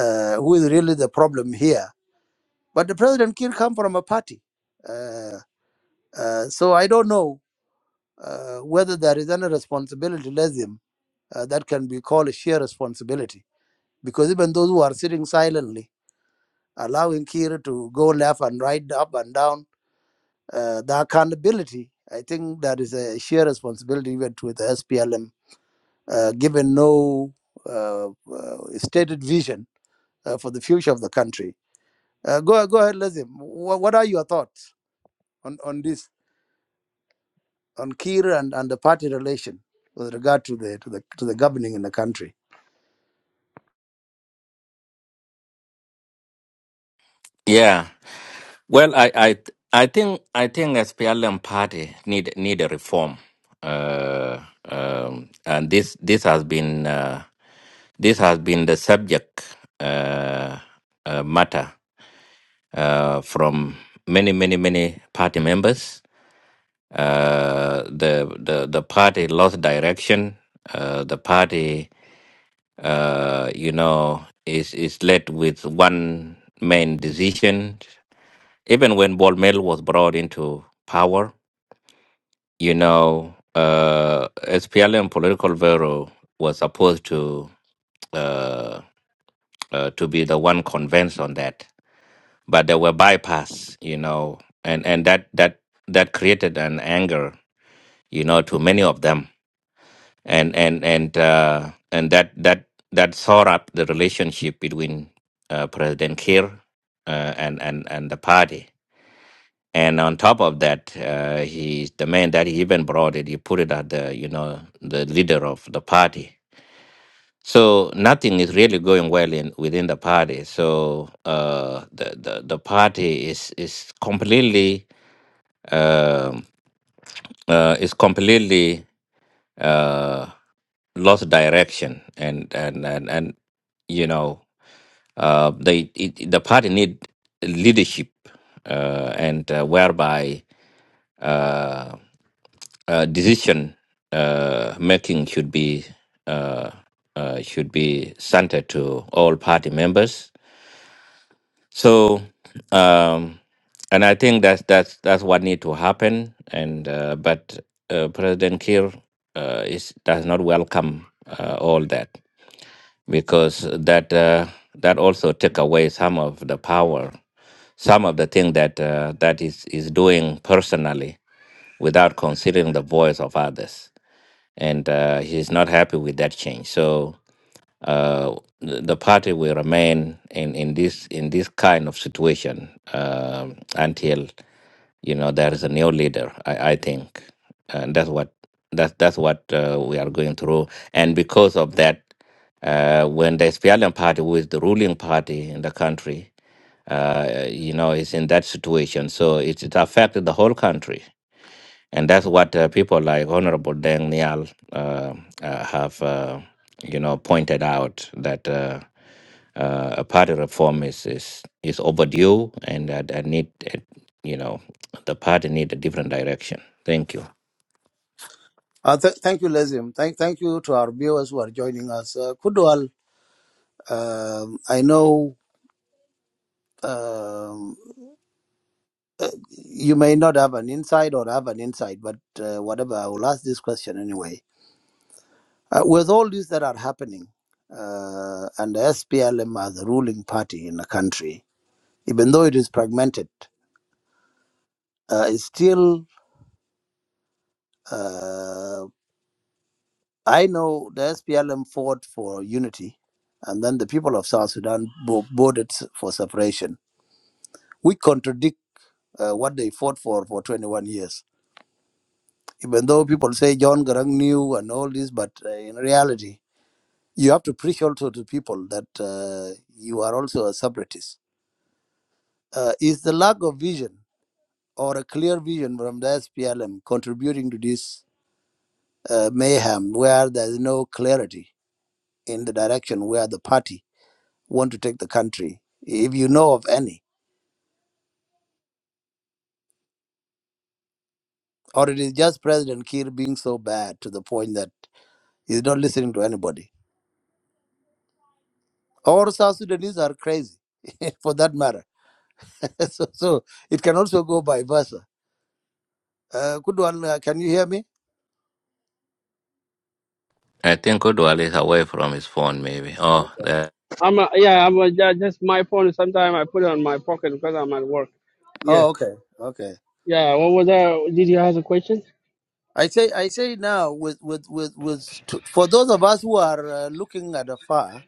uh, who is really the problem here. But the President Kiir come from a party, uh, uh, so I don't know uh, whether there is any responsibility less uh, that can be called a shared responsibility. Because even those who are sitting silently, allowing Kira to go left and right, up and down, uh, the accountability, I think that is a shared responsibility even to the SPLM, uh, given no uh, uh, stated vision uh, for the future of the country. Uh, go, go ahead, Lazim. What, what are your thoughts on, on this, on Kira and, and the party relation with regard to the, to the, to the governing in the country?
yeah well i i i think i think SPLM party need need a reform uh um and this this has been uh this has been the subject uh, uh matter uh from many many many party members Uh, the the the party lost direction. Uh, the party, uh, you know, is is led with one main decision. Even when Bolmel was brought into power, you know, uh, SPLM political bureau was supposed to uh, uh, to be the one convinced on that, but they were bypassed, you know, and and that that that created an anger, you know, to many of them and and and uh, and that that that sort up the relationship between uh, President Kiir uh, and and and the party. And on top of that, uh, he the man that he even brought it, he put it at the you know the leader of the party. So nothing is really going well in within the party. So uh, the, the the party is is completely um, uh, is completely uh, lost direction, and and and and you know uh, they it, the party need leadership, uh, and uh, whereby uh, uh, decision uh, making should be uh, uh, should be centered to all party members so, um, and I think that's that's that's what need to happen. And uh, but uh, President Kiir uh, is does not welcome uh, all that because that uh, that also took away some of the power, some of the thing that uh, that is is doing personally without considering the voice of others. And uh, he's not happy with that change. So uh, the the party will remain in, in this in this kind of situation um until you know there is a new leader. I, I think, and that's what that's that's what uh, we are going through. And because of that, uh, when the SPLM party, who is the ruling party in the country, uh, you know, is in that situation, so it, it affected the whole country. And that's what uh, people like Honorable Deng Nial uh, uh, have, uh, you know, pointed out that. Uh, uh, a party reform is is, is overdue, and I, I need uh, you know the party need a different direction. Thank you.
Uh, th- thank you, Lazim. Thank, thank you to our viewers who are joining us. Uh, Kudwal, um, I know um, uh, you may not have an insight or have an insight, but uh, whatever, I will ask this question anyway. Uh, with all these that are happening, uh, and the SPLM are the ruling party in the country, even though it is fragmented, uh, it's still, uh, I know the SPLM fought for unity, and then the people of South Sudan vo- voted s- for separation which contradict uh, what they fought for for 21 years. Even though people say John Garang knew and all this, but uh, in reality, you have to preach also to people that uh, you are also a separatist. Uh, is the lack of vision or a clear vision from the SPLM contributing to this uh, mayhem where there is no clarity in the direction where the party want to take the country, if you know of any? Or it is just President Kiir being so bad to the point that he's not listening to anybody? All South Sudanese are crazy, for that matter. so, so it can also go by versa. Uh, good one. uh, can you hear me?
I think Udwal is away from his phone, maybe. Oh,
Okay.
there.
I'm a, yeah I'm a, yeah, just my phone. Sometimes I put it on my pocket because I'm at work. Yeah,
Oh, okay, okay.
yeah. What was that? Did you ask a question?
I say, I say now, with with with with to, for those of us who are uh, looking at afar,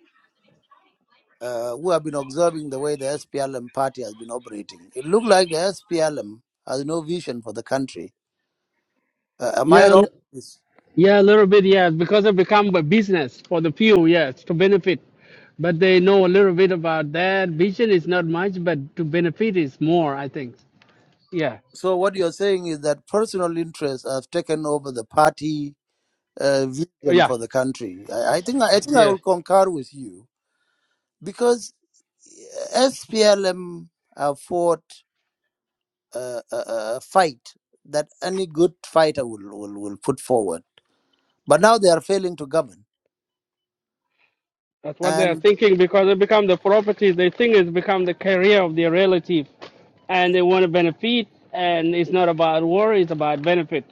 uh, who have been observing the way the SPLM party has been operating, it looks like the SPLM has no vision for the country. Uh, am I
Yeah.
wrong? Yes.
Yeah, a little bit, yes, because it become a business for the few, yes, to benefit. But they know a little bit about that. Vision is not much, but to benefit is more, I think. Yeah,
So what you're saying is that personal interests have taken over the party uh,
Oh,
vision
yeah,
for the country. I, I think I think I
yeah.
will concur with you because SPLM have fought a, a, a fight that any good fighter will, will will put forward, but now they are failing to govern.
That's what they are
And
thinking because it become the property. They think it's become the career of their relative, and they want to benefit. And it's not about war; it's about benefit.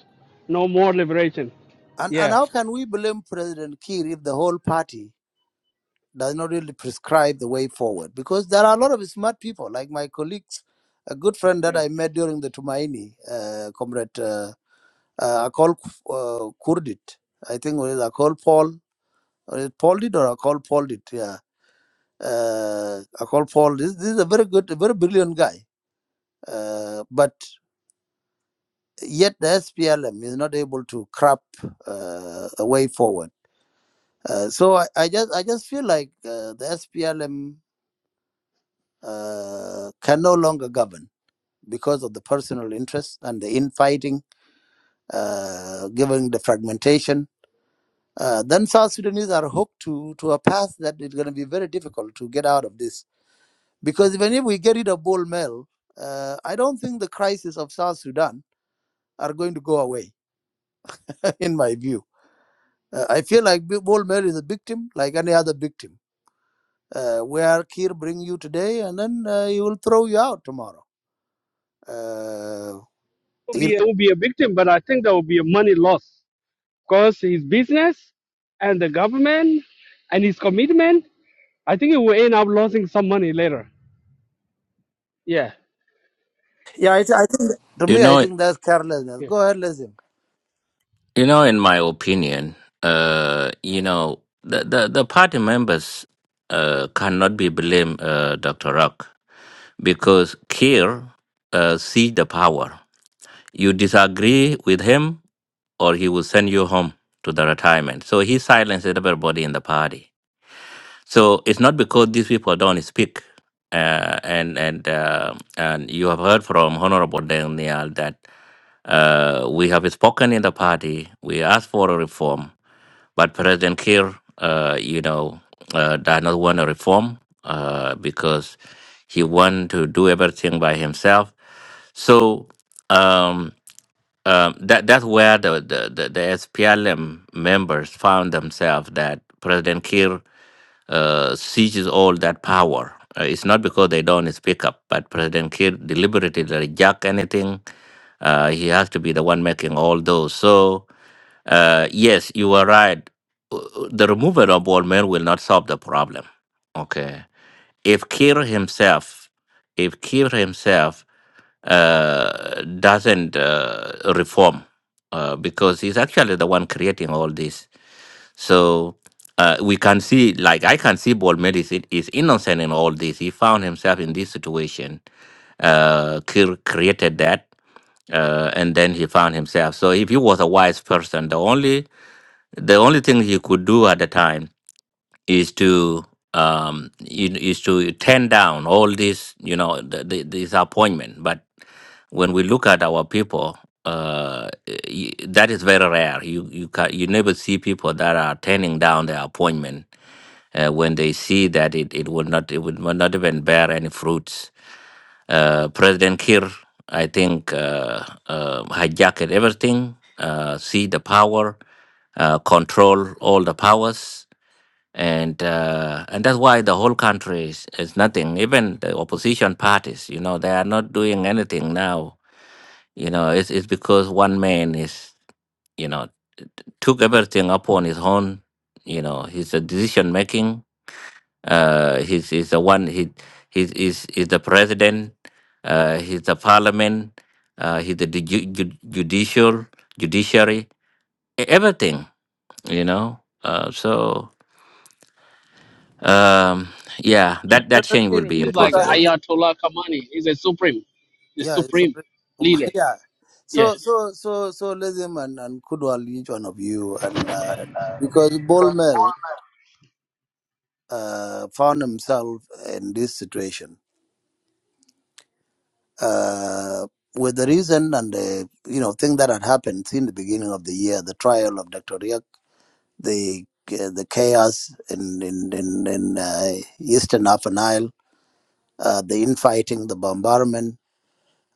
No more liberation.
and, and
Yeah,
how can we blame President Kiir if the whole party does not really prescribe the way forward? Because there are a lot of smart people, like my colleagues, a good friend that
yeah. It
I met during the Tumaini, uh, comrade. uh, Uh, I call uh, Kurdit. I think it is I call Paul. Is it Paul did or I call Paul did? Yeah. Uh, I call Paul. This, this is a very good, a very brilliant guy. Uh, but yet the SPLM is not able to crap uh, a way forward. Uh, so I, I just I just feel like uh, the SPLM uh, can no longer govern because of the personal interests and the infighting, uh, given the fragmentation Uh, then South Sudanese are hooked to, to a path that is going to be very difficult to get out of this. Because even if we get rid of Bol Mel, uh, I don't think the crisis of South Sudan are going to go away, in my view. Uh, I feel like Bu- Bull Mel is a victim, like any other victim, uh, where Kir bring you today and then uh, he will throw you out tomorrow. Uh,
will
you
be
know,
it will be a victim, but I think there will be a money loss. because his business and the government and his commitment, I think he will end up losing some money later. Yeah.
yeah, I, th- I think to
you
me, I
know,
think that's carelessness.
Yeah.
Go ahead, listen.
you know, in my opinion, uh, you know, the the, the party members uh, cannot be blamed, uh, Doctor Rock, because Kier uh, seized the power. You disagree with him, or he will send you home to the retirement. So he silenced everybody in the party So it's not because these people don't speak. Uh, and and uh, and you have heard from Honorable Daniel that uh, we have spoken in the party. We asked for a reform, but President Kiir, uh, you know, uh, does not want a reform uh, because he wants to do everything by himself. So um, um, that that's where the the, the, the SPLM members found themselves that President Kiir uh, seizes all that power. Uh, it's not because they don't speak up, but President Kiir deliberately reject anything. Uh, he has to be the one making all those. So uh, yes, you are right. Uh, The removal of all men will not solve the problem. Okay, if Kiir himself, if Kiir himself uh, doesn't uh, reform, uh, because he's actually the one creating all this so uh, we can see, like I can see, Bolmed is, is innocent in all this. He found himself in this situation, uh, cre- created that, uh, and then he found himself. So if he was a wise person, the only the only thing he could do at the time is to um in- is to turn down all this you know the, the, this appointment but when we look at our people uh y- that is very rare you you ca you never see people that are turning down their appointment uh, when they see that it, it will not it would will not even bear any fruits uh president kir i think uh, uh hijacked everything uh see the power uh, control all the powers and uh, and that's why the whole country is, is nothing. Even the opposition parties, you know, they are not doing anything now. You know, it's it's because one man is, you know, took everything upon his own. You know, he's a decision making. Uh, he's he's the one he he's he's, he's the president. Uh, he's the parliament. Uh, he's the ju- ju- judicial judiciary. e- Everything, you know. Uh, so Um, yeah, that, that change will be
Supreme. He's like
impossible.
Ayatollah Khamenei. He's a supreme, the
Yeah, it's
supreme
already, combined.
leader.
yeah.
Yeah.
So so so so Lezim and and Kudwal, each one of you, and uh, because Bolmel uh, found himself in this situation uh, with the reason and the you know thing that had happened in the beginning of the year, the trial of Dr. Riak, the uh, the chaos in in in, in uh, Eastern Upper Nile, uh, the infighting, the bombardment.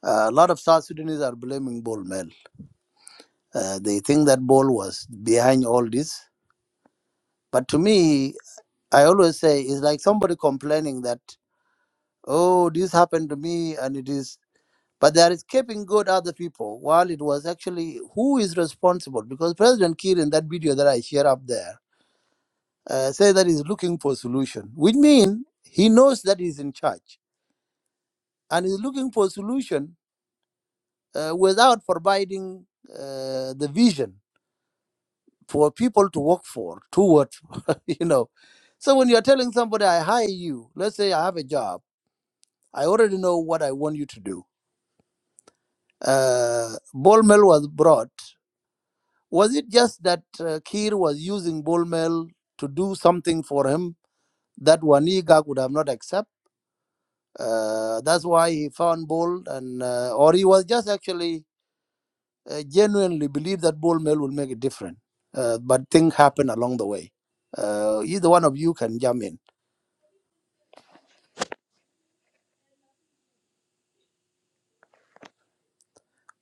Uh, a lot of South Sudanese are blaming Bolmel Uh, they think that ball was behind all this. But to me, I always say it's like somebody complaining that, oh, this happened to me and it is. But they are escaping good other people while it was actually who is responsible because President Kiir in that video that I share up there uh, say that he's looking for solution, which means he knows that he's in charge and he's looking for solution uh, without providing uh, the vision for people to work for toward you know so when you're telling somebody i hire you let's say i have a job i already know what i want you to do uh ball mill was brought was it just that uh, kir was using ball mill to do something for him that waniga would have not accept uh, that's why he found Bol, and uh, or he was just actually uh, genuinely believed that Bol Mill will make a difference. Uh, but things happen along the way. Uh, either one of you can jump in.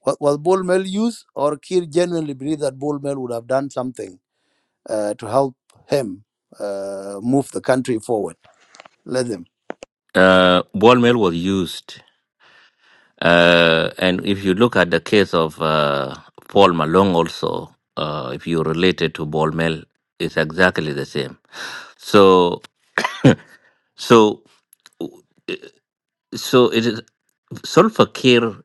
Was, was Bull Mel used, or Kir genuinely believed that Bull Mel would have done something uh, to help him uh, move the country forward? Let him.
Uh, ball mill was used. Uh, and if you look at the case of uh, Paul Malong also, uh, if you relate it to ball mill, it's exactly the same. So, so, so it is Solfa Kiir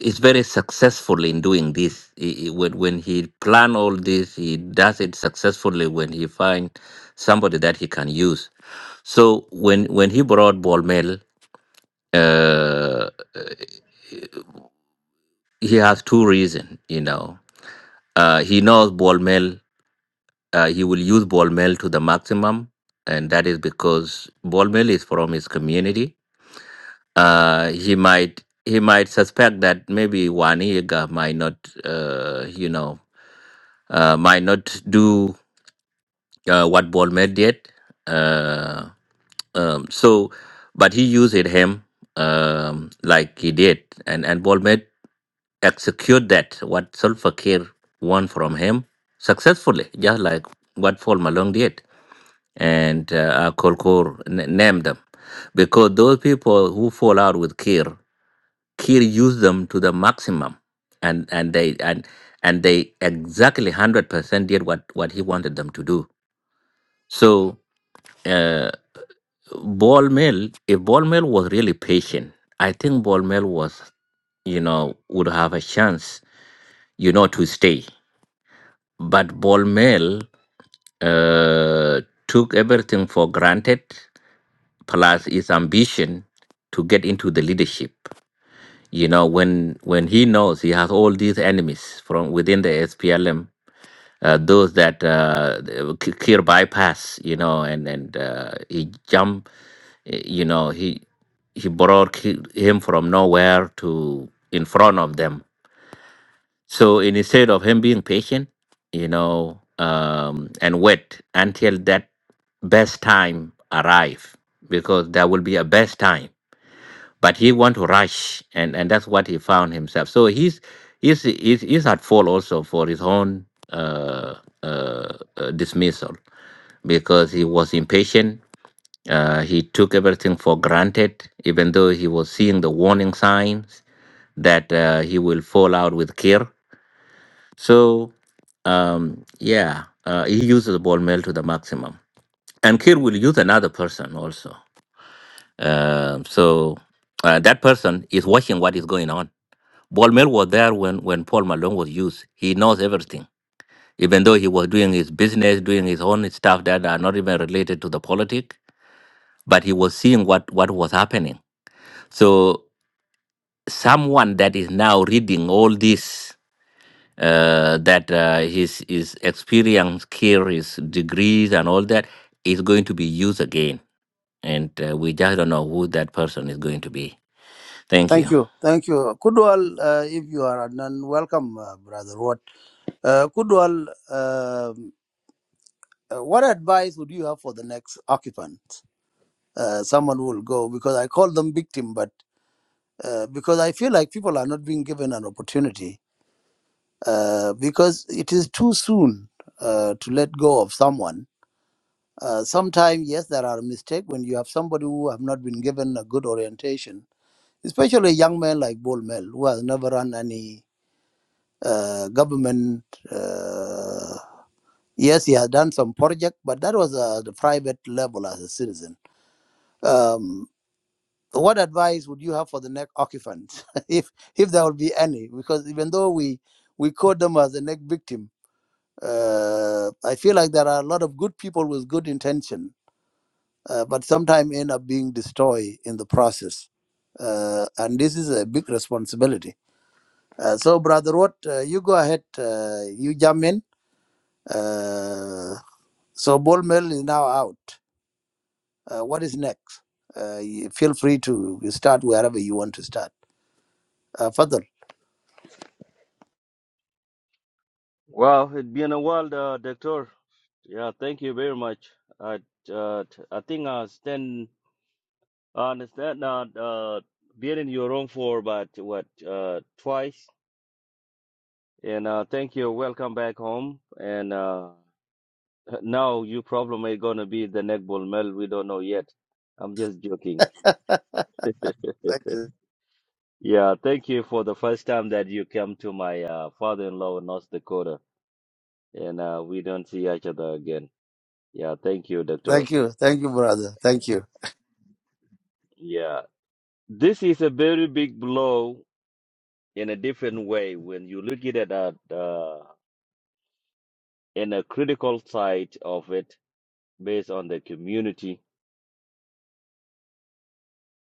is very successful in doing this. He- he- when, when he plan all this, he does it successfully when he find somebody that he can use. So when when he brought Ball Uh, he has two reasons, you know. Uh, he knows ball mill. Uh, he will use ball mill to the maximum, and that is because ball mill is from his community. Uh, he might he might suspect that maybe Waniga might not, uh, you know, uh, might not do uh, what ball mill did. Uh, um, so, but he used him um, like he did, and and ball mill. execute that what Salva Kiir want from him successfully, just like what Paul Malone did, and uh, Kolkor n- named them, because those people who fall out with Kiir, Kiir used them to the maximum, and and they and and they exactly hundred percent did what what he wanted them to do. So. Uh, Ball Mill, if Ball Mill was really patient, I think Ball Mill was, you know, would have a chance, you know, to stay. But Bolmel uh, took everything for granted, plus his ambition to get into the leadership. You know, when when he knows he has all these enemies from within the SPLM, uh, those that uh, K- Kir bypass, you know, and and uh, he jump, eh, you know, he he brought ki- him from nowhere to in front of them So instead of him being patient, you know, um, and wait until that best time arrive, because there will be a best time. But he want to rush, and, and that's what he found himself. So he's he's he's, he's at fault also for his own uh, uh, uh, dismissal because he was impatient. Uh, he took everything for granted, even though he was seeing the warning signs that uh, he will fall out with Kir so um, yeah, uh, he uses the ball mill to the maximum. And Kir will use another person also. Um so uh, that person is watching what is going on. Ball mill was there when, when Paul Malone was used. He knows everything, even though he was doing his business, doing his own stuff that are not even related to the politic. But he was seeing what, what was happening. So someone that is now reading all this uh, that uh, his his experience, care, his degrees, and all that is going to be used again. And uh, we just don't know who that person is going to be. Thank you.
Thank you. Thank you. Kudwal, uh, if you are Adnan, welcome, uh, Brother What? Uh, Kudwal, um, uh, what advice would you have for the next occupant? Uh, someone who will go, because I call them victim, but uh, because I feel like people are not being given an opportunity, uh, because it is too soon uh, to let go of someone Uh, sometimes, yes, there are mistakes when you have somebody who have not been given a good orientation, especially a young man like Bol Mel, who has never run any uh, government. Uh, yes, he has done some project, but that was uh, the private level as a citizen. Um, what advice would you have for the next occupant, if if there will be any? Because even though we we call them as the next victim, uh, I feel like there are a lot of good people with good intention uh, but sometimes end up being destroyed in the process. Uh, and this is a big responsibility. Uh, so, Brother Watt, uh, you go ahead, uh, you jump in. Uh, so, ball mill is now out. Uh, what is next? Uh, you feel free to start wherever you want to start. Uh, Fadl.
Well, it's been a while, uh, Doctor. Yeah, thank you very much. I, uh, t- I think I stand, I understand that uh, being in your room for about what uh, twice, and uh, thank you. Welcome back home. And uh, now your problem is gonna be the neck ball mel. We don't know yet. I'm just joking.
Thank you.
Yeah, thank you for the first time that you came to my uh, father-in-law in North Dakota, and uh, we don't see each other again. Yeah, thank you, Doctor.
Thank you. Thank you, brother. Thank you.
Yeah. This is a very big blow in a different way when you look at it at, uh, in a critical side of it based on the community.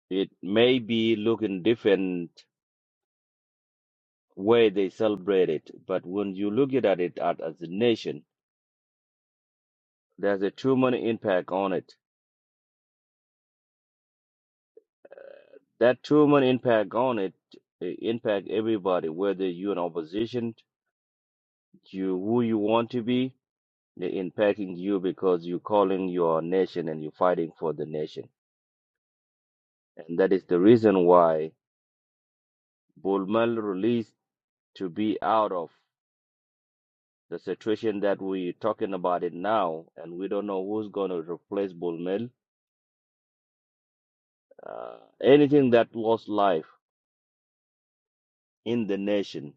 It may be looking different way they celebrate it, but when you look at it at, as a nation, there's a human impact on it. That human impact on it uh, impact everybody, whether you're in opposition, you who you want to be, they impacting you because you're calling your nation and you're fighting for the nation And that is the reason why Bulmel released to be out of the situation that we're talking about it now, and we don't know who's going to replace Bulmel. Uh, anything that lost life in the nation,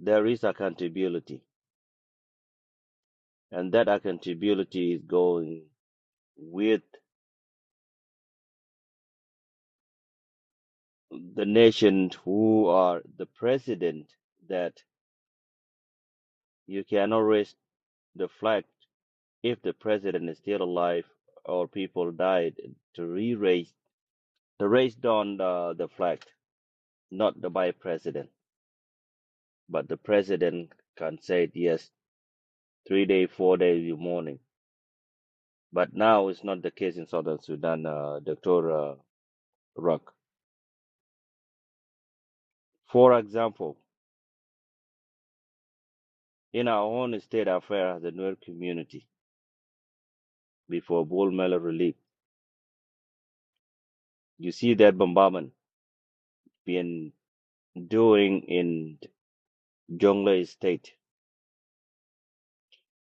there is accountability, and that accountability is going with the nation who are the president. That you cannot raise the flag if the president is still alive or people died to re-raise The race on uh, the flag, not the vice president, but the president can say yes, three day, four day in the morning. But now it's not the case in Southern Sudan, uh, Dr. Uh, Rock. For example, in our own state affair, the Nuer community, before Bull Mela relief, you see that bombardment being doing in Jonglei State.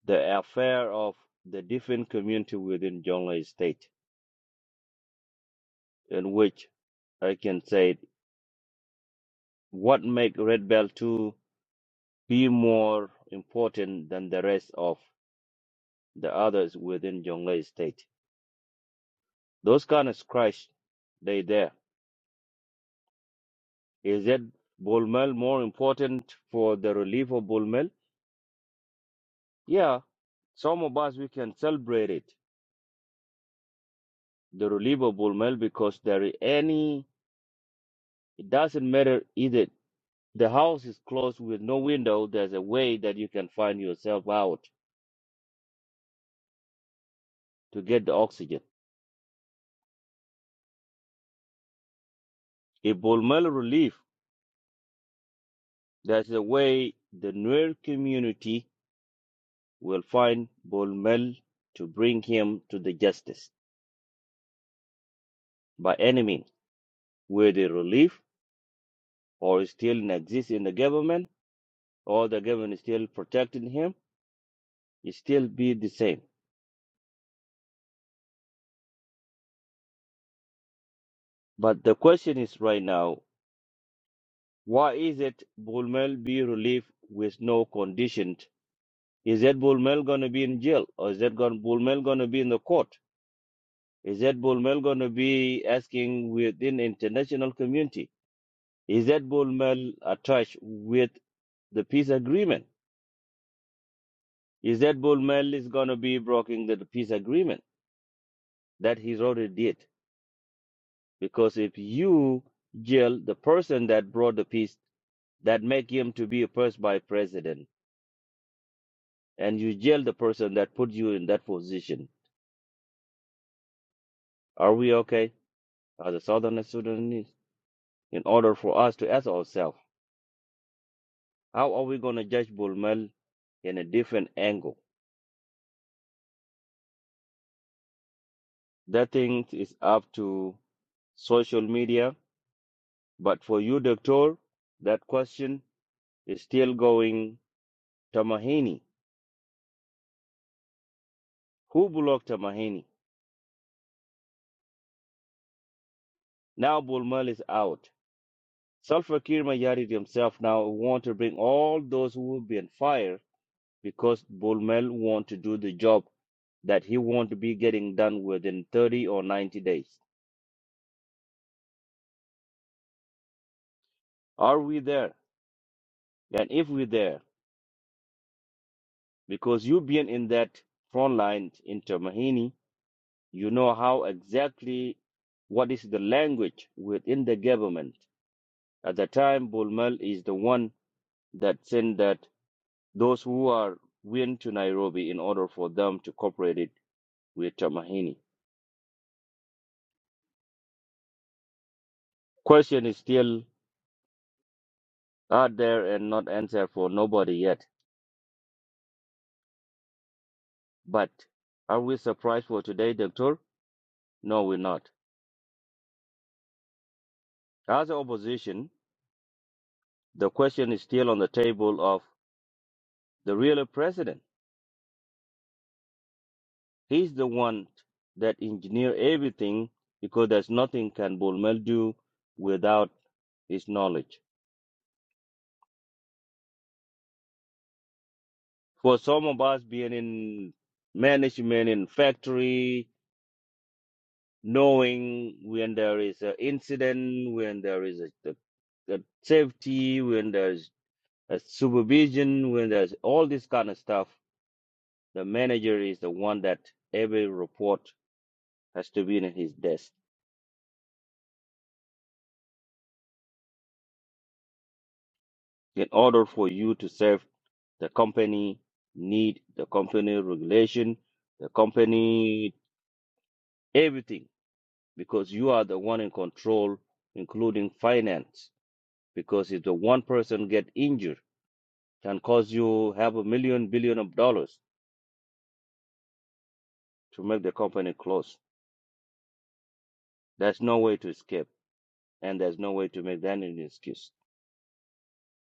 The affair of the different community within Jonglei State, in which I can say What make Red Bell 2 be more important than the rest of the others within Jonglei State? Those kind of scratch, they there. Is it Bulmel more important for the relief of Bulmel? Yeah, some of us we can celebrate it, the relief of Bulmel because there is any. It doesn't matter either. The house is closed with no window. There's a way that you can find yourself out to get the oxygen. If Bulmel relief That's the way the Nuer community will find Bolmel to bring him to the justice by any means, whether relief or still exists in the government or the government is still protecting him, it still be the same. But the question is right now, why is it Bolmel be relieved with no conditions? Is that Bolmel gonna be in jail or is that gon Bolmel gonna be in the court? Is that Bolmel gonna be asking within international community? Is that bull mill attached with the peace agreement? Is that bull mill is going to be breaking the peace agreement that he's already did? Because if you jail the person that brought the peace, that make him to be a first by president, and you jail the person that put you in that position, are we okay as a Southern Sudanese? In order for us to ask ourselves, how are we going to judge bull mill in a different angle? That thing is up to social media But for you, Doctor, that question is still going to Mahini. Who blocked Mahini? Now Bulmal is out. Sulfur Kirmayari himself now want to bring all those who will be on fire because Bulmal want to do the job that he want to be getting done within 30 or 90 days. Are we there? And if we're there, because you being in that front line in Mahini, you know how exactly what is the language within the government At the time, Bulmel is the one that sent that those who are went to Nairobi in order for them to cooperate it with Tamahini. Question is still out there and not answered for nobody yet. But are we surprised for today, Doctor? No, we're not. As opposition, the question is still on the table of the real president. He's the one that engineer everything because there's nothing can Bulmel do without his knowledge. For some of us being in management in factory, knowing when there is an incident, when there is a, a, a safety, when there's a supervision, when there's all this kind of stuff, the manager is the one that every report has to be in his desk in order for you to serve the company need, the company regulation, the company everything because you are the one in control, including finance. Because if the one person get injured, can cause you have a million billion of dollars to make the company close. There's no way to escape, and there's no way to make that an excuse.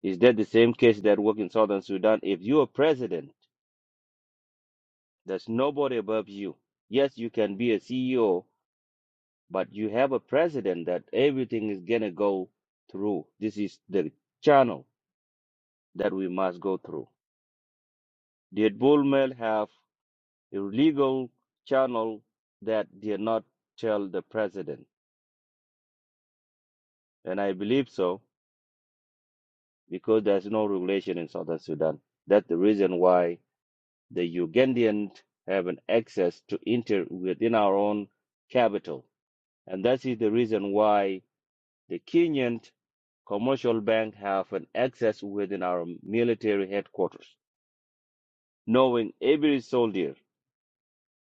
Is that the same case that work in Southern Sudan? If you are president, there's nobody above you. Yes, you can be a CEO, but you have a president that everything is gonna go through. This is the channel that we must go through. Did Bull Mel have illegal channel that did not tell the president. And I believe so because there's no regulation in Southern Sudan. That's the reason why the Ugandan have an access to enter within our own capital. And that is the reason why the Kenyan commercial bank have an access within our military headquarters, knowing every soldier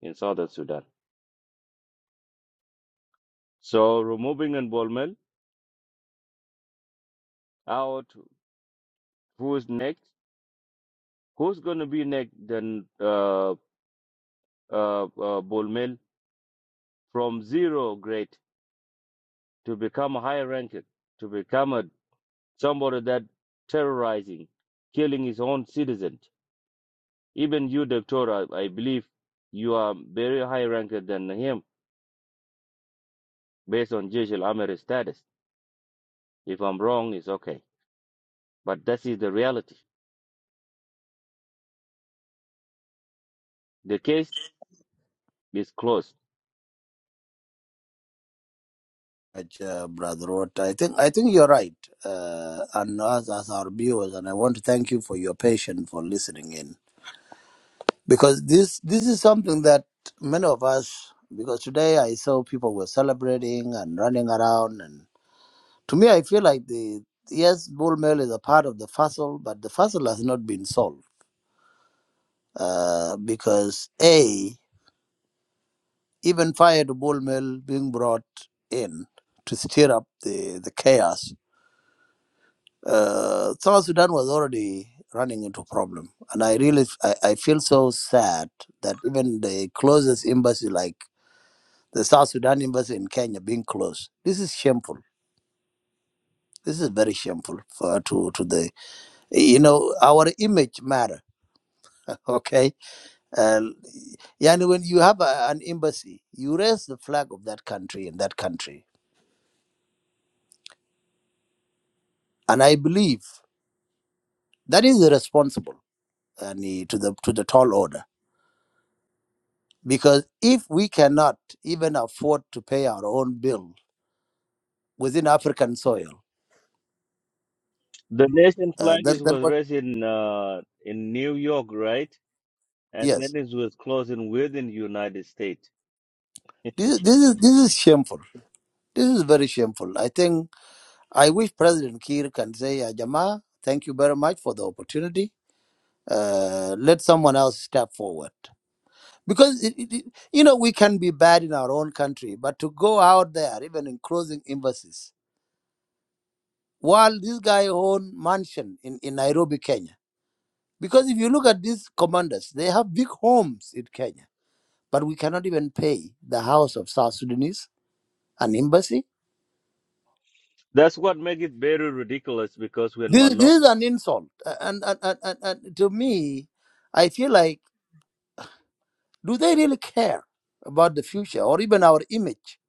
in Southern Sudan. So removing involvement out who's next Who's going to be next then uh, uh, uh, Bullmel from zero grade to become a higher ranking, to become a somebody that terrorizing, killing his own citizens. Even you, Doctor, I, I believe you are very high ranked than him based on judicial armory status. If I'm wrong, it's okay. But that is the reality. The case is closed.
much, uh, Brother Roth. I think I think you're right, uh, and us as our viewers, and I want to thank you for your patience for listening in because this this is something that many of us. Because today I saw people were celebrating and running around, and to me I feel like the yes, bull mail is a part of the puzzle, but the puzzle has not been solved uh, because a even fired bull mail being brought in to stir up the the chaos Uh, South Sudan was already running into problem, and I really I, I feel so sad that even the closest embassy, like the South Sudan embassy in Kenya, being closed. This is shameful. This is very shameful for to to the you know our image matter. Okay, uh, and yani when you have a, an embassy, you raise the flag of that country in that country, and I believe that is responsible and to the to the tall order. Because if we cannot even afford to pay our own bill within African soil,
The nation
uh,
flag
then,
is
then
was
what?
raised in uh, in New York, right? and then
Yes,
it was closing within the United States.
this, is- this is this is shameful. This is very shameful. I think I wish President Kiir can say, "Ah, Jama, thank you very much for the opportunity. Uh, let someone else step forward. Because, it, it, it- you know, we can be bad in our own country, but to go out there, even in closing embassies, while this guy own mansion in, in Nairobi, Kenya, Because if you look at these commanders, they have big homes in Kenya, but we cannot even pay the house of South Sudanese an embassy.
That's what makes it very ridiculous because when
This,
Malong,
this is an insult. And, and, and, and, and to me, I feel like, do they really care about the future or even our image?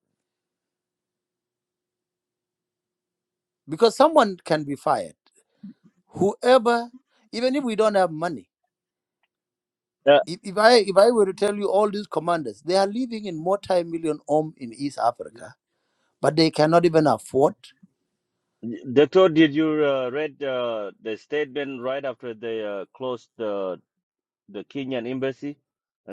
Because someone can be fired. Whoever, even if we don't have money,
uh,
if, if, I, if I were to tell you all these commanders, they are living in multi million home in East Africa, but they cannot even afford.
Doctor, did you uh, read uh, the statement right after they uh, closed the the Kenyan embassy,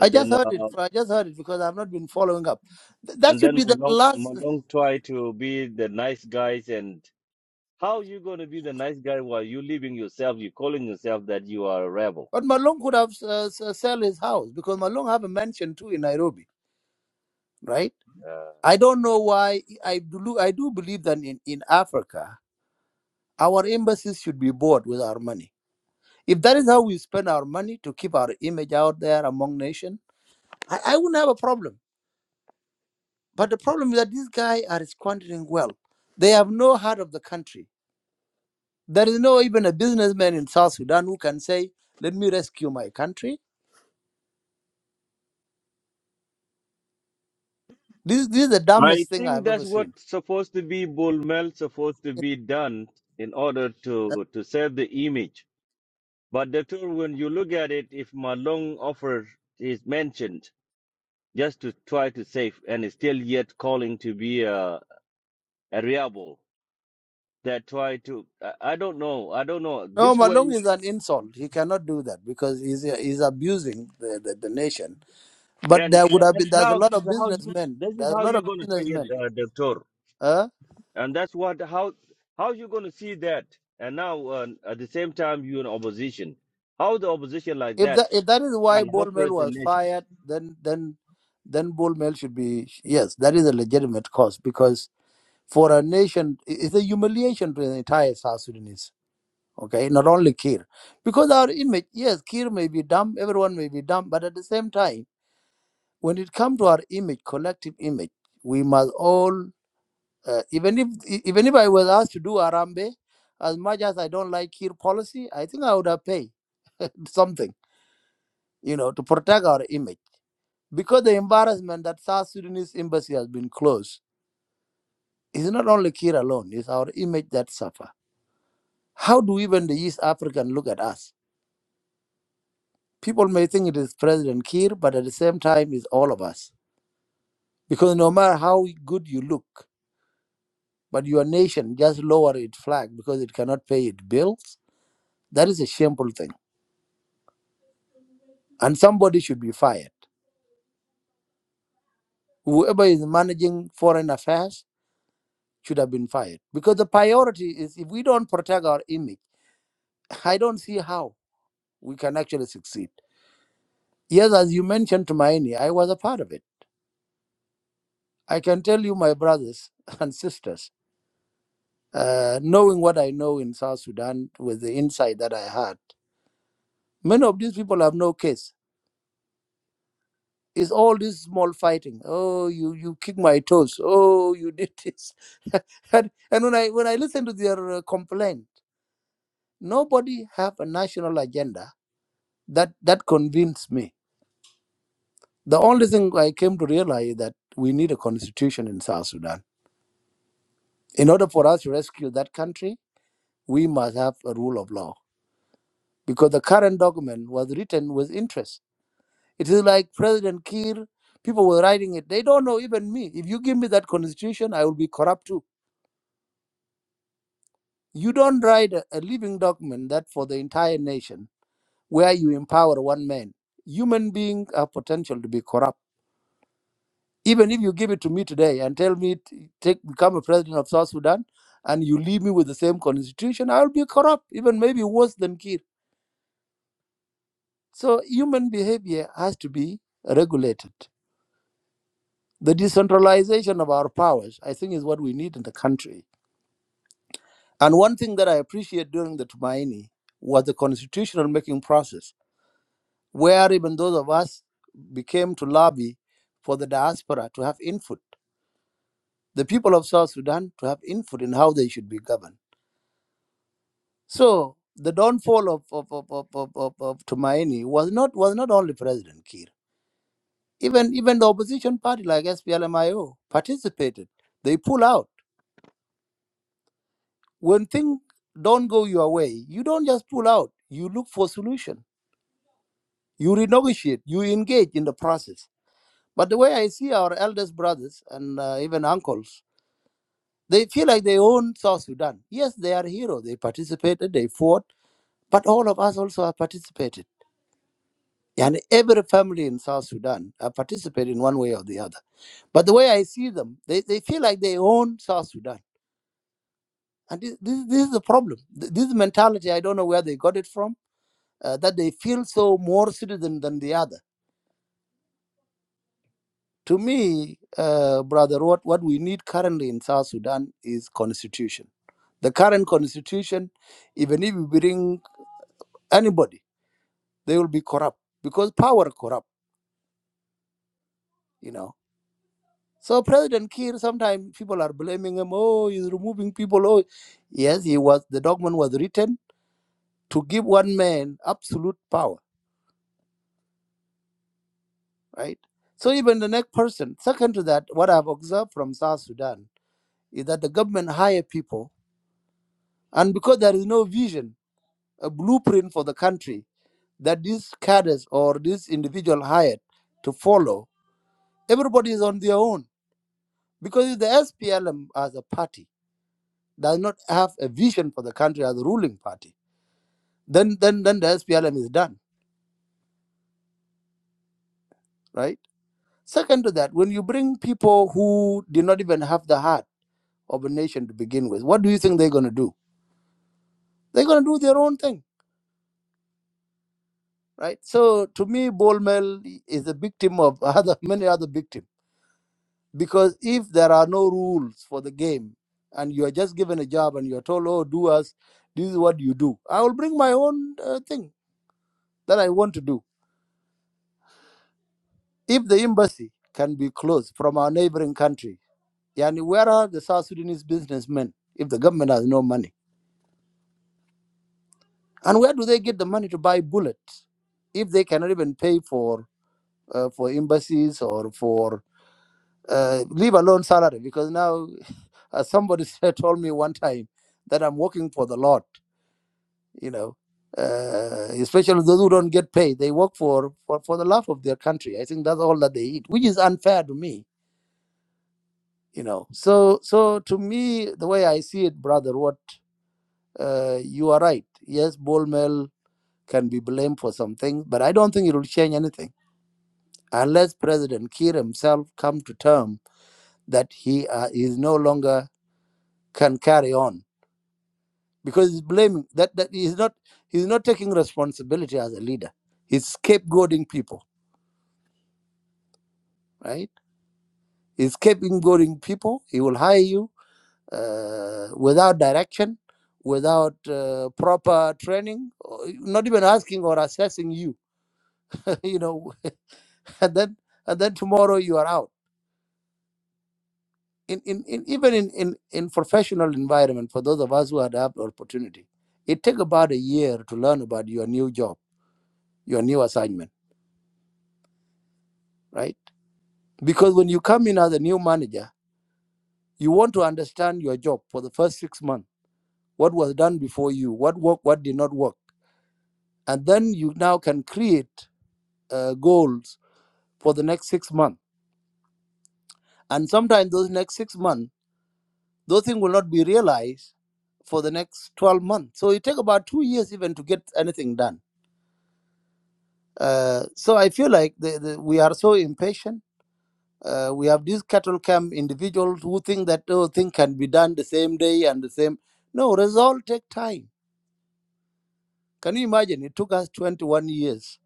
I just
then
heard it.
uh,
I just heard it because I've not been following up. Th- that
and
should
then
be the
Malong
last.
Malong tried to be the nice guys and how you gonna be the nice guy while you leaving yourself? You calling yourself that you are a rebel?
But Malong could have uh, s- uh, sell his house because Malong have a mansion too in Nairobi, right?
Uh,
I don't know why. I do. I do believe that in in Africa, our embassies should be bought with our money. If that is how we spend our money to keep our image out there among nation, I, I wouldn't have a problem. But the problem is that these guys are squandering wealth. They have no heart of the country There is no even a businessman in South Sudan who can say, "Let me rescue my country." This this is the
I
dumbest thing
think
I've
that's
ever seen.
what's supposed to be Bullmel supposed to be done in order to to save the image. But doctor, when you look at it, if Malong offer is mentioned just to try to save and is still yet calling to be a, a rebel that try to I, I don't know I don't know
No,
this way
Malong is an insult. He cannot do that because he's he's abusing the, the, the nation. But
and
there would have
and
been there's a
now
lot
this is
of
how you
businessmen.
this is
There's a
how
lot of
you're gonna take it,
businessmen.
uh, Doctor.
Uh,
and that's what how how you going to see that and now uh, at the same time you're in opposition how the opposition like
if that
that
if that is why
can
Bolmel
operate the
was
nation
fired, then then then Bolmel should be yes, that is a legitimate cause because for a nation, it- it's a humiliation to the entire South Sudanese. okay not only kir because our image yes kir may be dumb everyone may be dumb but at the same time when it comes to our image collective image we must all uh, even if e- even if i was asked to do arambe as much as i don't like kir policy i think i would have paid something you know to protect our image because the embarrassment that south sudanese embassy has been closed is not only kir alone it's our image that suffer how do even the east african look at us people may think it is President Kiir, but at the same time, it's all of us. Because no matter how good you look, but your nation just lower its flag because it cannot pay its bills, that is a shameful thing. And somebody should be fired. Whoever is managing foreign affairs should have been fired. Because the priority is if we don't protect our image, I don't see how we can actually succeed. Yes, as you mentioned, Tumaini, I was a part of it. I can tell you, my brothers and sisters, Uh, knowing what I know in South Sudan with the insight that I had, many of these people have no case. It's all this small fighting. Oh, you you kick my toes. Oh, you did this. and, and when I when I listen to their uh, complaint, nobody have a national agenda that that convinced me. The only thing I came to realize that we need a constitution in South Sudan. In order for us to rescue that country, we must have a rule of law because the current document was written with interest It is like President Kiir, people were writing it. They don't know even me. If you give me that constitution, I will be corrupt too. You don't write a, a living document that for the entire nation where you empower one man. Human beings have potential to be corrupt. Even if you give it to me today and tell me t- take become a president of South Sudan and you leave me with the same constitution, I will be corrupt, even maybe worse than Kiir. So human behavior has to be regulated. The decentralization of our powers, I think, is what we need in the country And one thing that I appreciate during the Tumaini was the constitutional making process, where even those of us became to lobby for the diaspora to have input, the people of South Sudan to have input in how they should be governed. So the downfall of, of, of, of, of, of, of Tumaini was not was not only President Kiir. Even even the opposition party like SPLMIO participated. They pull out. When things don't go your way, you don't just pull out. You look for solution You renegotiate, you engage in the process. But the way I see our eldest brothers and uh, even uncles, they feel like they own South Sudan. Yes, they are heroes. They participated, they fought, but all of us also have participated. And every family in South Sudan have participated in one way or the other. But the way I see them, they, they feel like they own South Sudan. And this, this, this is the problem. Th- This mentality, I don't know where they got it from, uh, that they feel so more citizen than the other To me, uh, brother, what, what we need currently in South Sudan is constitution. The current constitution, even if you bring anybody, they will be corrupt because power corrupt, you know. So President Kiir, sometimes people are blaming him. Oh, he's removing people. Oh, yes, he was. The document was written to give one man absolute power, right? So even the next person. Second to that, what I've observed from South Sudan is that the government hire people, and because there is no vision a blueprint for the country that these cadres or this individual hired to follow. Everybody is on their own because if the SPLM as a party does not have a vision for the country as a ruling party, then then then the SPLM is done, right? Second to that, when you bring people who did not even have the heart of a nation to begin with, what do you think they're going to do? They're going to do their own thing, right? So to me, Bol Bolmel is a victim of other many other victims Because if there are no rules for the game and you are just given a job and you are told, oh, do us, this is what you do, I will bring my own uh, thing that I want to do. If the embassy can be closed from our neighboring country, yani where are the South Sudanese businessmen if the government has no money? And where do they get the money to buy bullets if they cannot even pay for uh, for embassies or for uh, leave alone salary? Because now, as somebody said, told me one time that I'm working for the Lord. you know, uh, especially those who don't get paid. They work for, for, for the love of their country. I think that's all that they eat, which is unfair to me, you know. So, so to me, the way I see it, brother, what uh, you are right. Yes, Bol Mel can be blamed for some things, but I don't think it will change anything unless President Kiir himself come to term that he uh, is no longer can carry on because he's blaming that that he's not he's not taking responsibility as a leader. He's scapegoating people, right? He's keeping going people. He will hire you uh, without direction, without uh, proper training, not even asking or assessing you. you know, and then and then tomorrow you are out. In, in, in even in, in, in professional environment, for those of us who had the opportunity, it take about a year to learn about your new job, your new assignment, right? Because when you come in as a new manager, you want to understand your job for the first six months. What was done before you? What worked? What did not work? and then you now can create uh, goals for the next six months. And sometimes those next six months, those things will not be realized for the next 12 months. So it takes about two years even to get anything done. Uh, so I feel like the, the, we are so impatient. Uh, we have these cattle camp individuals who think that oh, thing can be done the same day and the same. No, result take time. Can you imagine? It took us 21 years,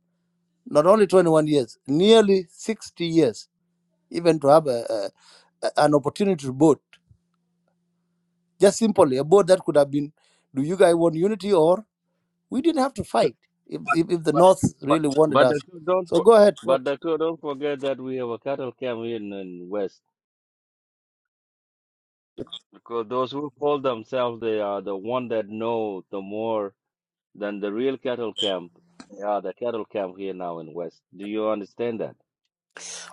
not only 21 years, nearly 60 years even to have a, a a- an opportunity to vote. Just simply a vote that could have been, do you guys want unity or we didn't have to fight if,
but
if, if the
but
North
but
really wanted
but
us.
Dato, don't
So
for,
go ahead,
but
vote.
Dato, don't forget that we have a cattle camp in, in west because those who call themselves they are the one that know the more than the real cattle camp they are the cattle camp here now in west do you understand that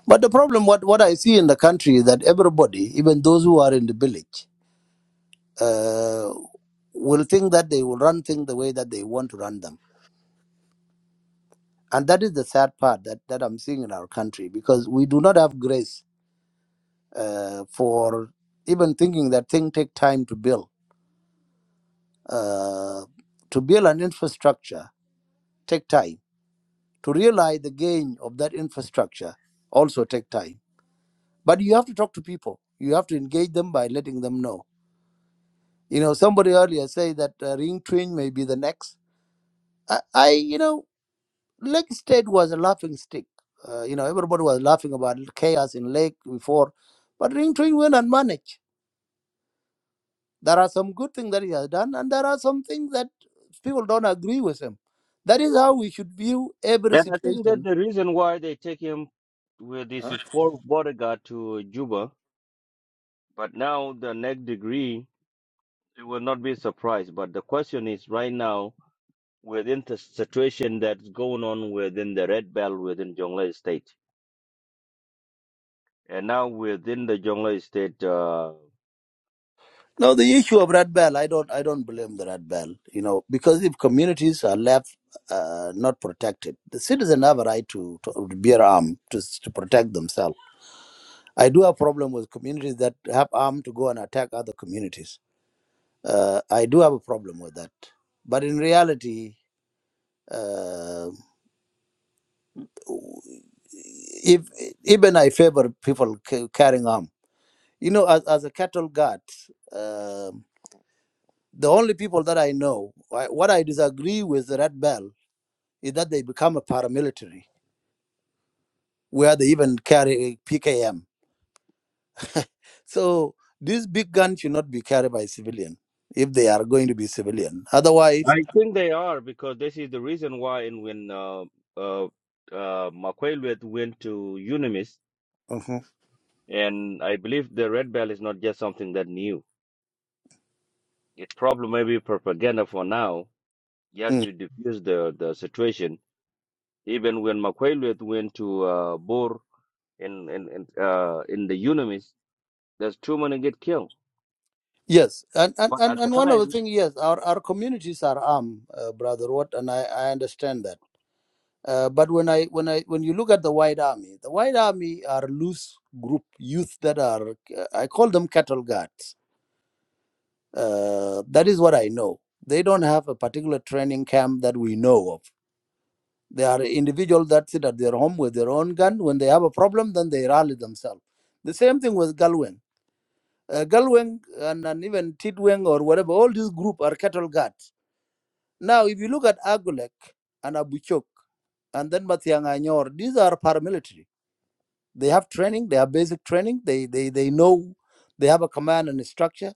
But the problem, what, what I see in the country is that everybody, even those who are in the village, uh, will think that they will run things the way that they want to run them. And that is the sad part that, that I'm seeing in our country because we do not have grace uh, for even thinking that things take time to build. Uh, to build an infrastructure take time. To realize the gain of that infrastructure also take time. But you have to talk to people. You have to engage them by letting them know. You know, somebody earlier say that uh, Ring Twin may be the next. I, I you know, Lake State was a laughing stick. Uh, you know, everybody was laughing about chaos in Lake before, but Ring Twin went and managed. There are some good things that he has done, and there are some things that people don't agree with him. That is how we should view every
and i think that
situation.
the reason why they take him with this
huh?
is for bodyguard to juba But now the next degree, it will not be a surprise. But the question is right now, within the situation that's going on within the Red Belt within Jonglei State, and now within the Jonglei State, uh,
No, the issue of red bell, I don't, I don't blame the red bell. You know, because if communities are left uh, not protected, the citizens have a right to, to bear arm to, to protect themselves. I do have problem with communities that have arm to go and attack other communities. Uh, I do have a problem with that. But in reality, uh, if even I favor people ca- carrying arm, you know, as, as a cattle guard. um, The only people that I know, wh- what I disagree with the Red Bell is that they become a paramilitary where they even carry PKM. So this big gun should not be carried by civilian if they are going to be civilian. Otherwise,
I think they are because this is the reason why. And when uh, uh, uh, Makwelwet went to Unimis,
Mhm.
and I believe the Red Belt is not just something that new. It probably may be propaganda for now, just
Mm.
to diffuse the the situation Even when Makweleth went to uh, Bor in in in, uh, in the Unamis, there's two men get killed.
Yes, and, and,
But
and,
at the
and one of the
time,
things, yes, our, our communities are armed, uh, Brother Watt, and I, I understand that. Uh, but when I when I when you look at the White Army, the White Army are loose group youth that are uh, I call them cattle guards. Uh, that is what I know. They don't have a particular training camp that we know of. They are individuals that sit at their home with their own gun. When they have a problem, then they rally themselves. The same thing with Galwing. Uh, Galwing and, and even Tidweng or whatever, all these group are cattle guards. Now, if you look at Agulek and Abuchok and then Matianganyor, these are paramilitary They have training. They have basic training. They they they know. They have a command and a structure.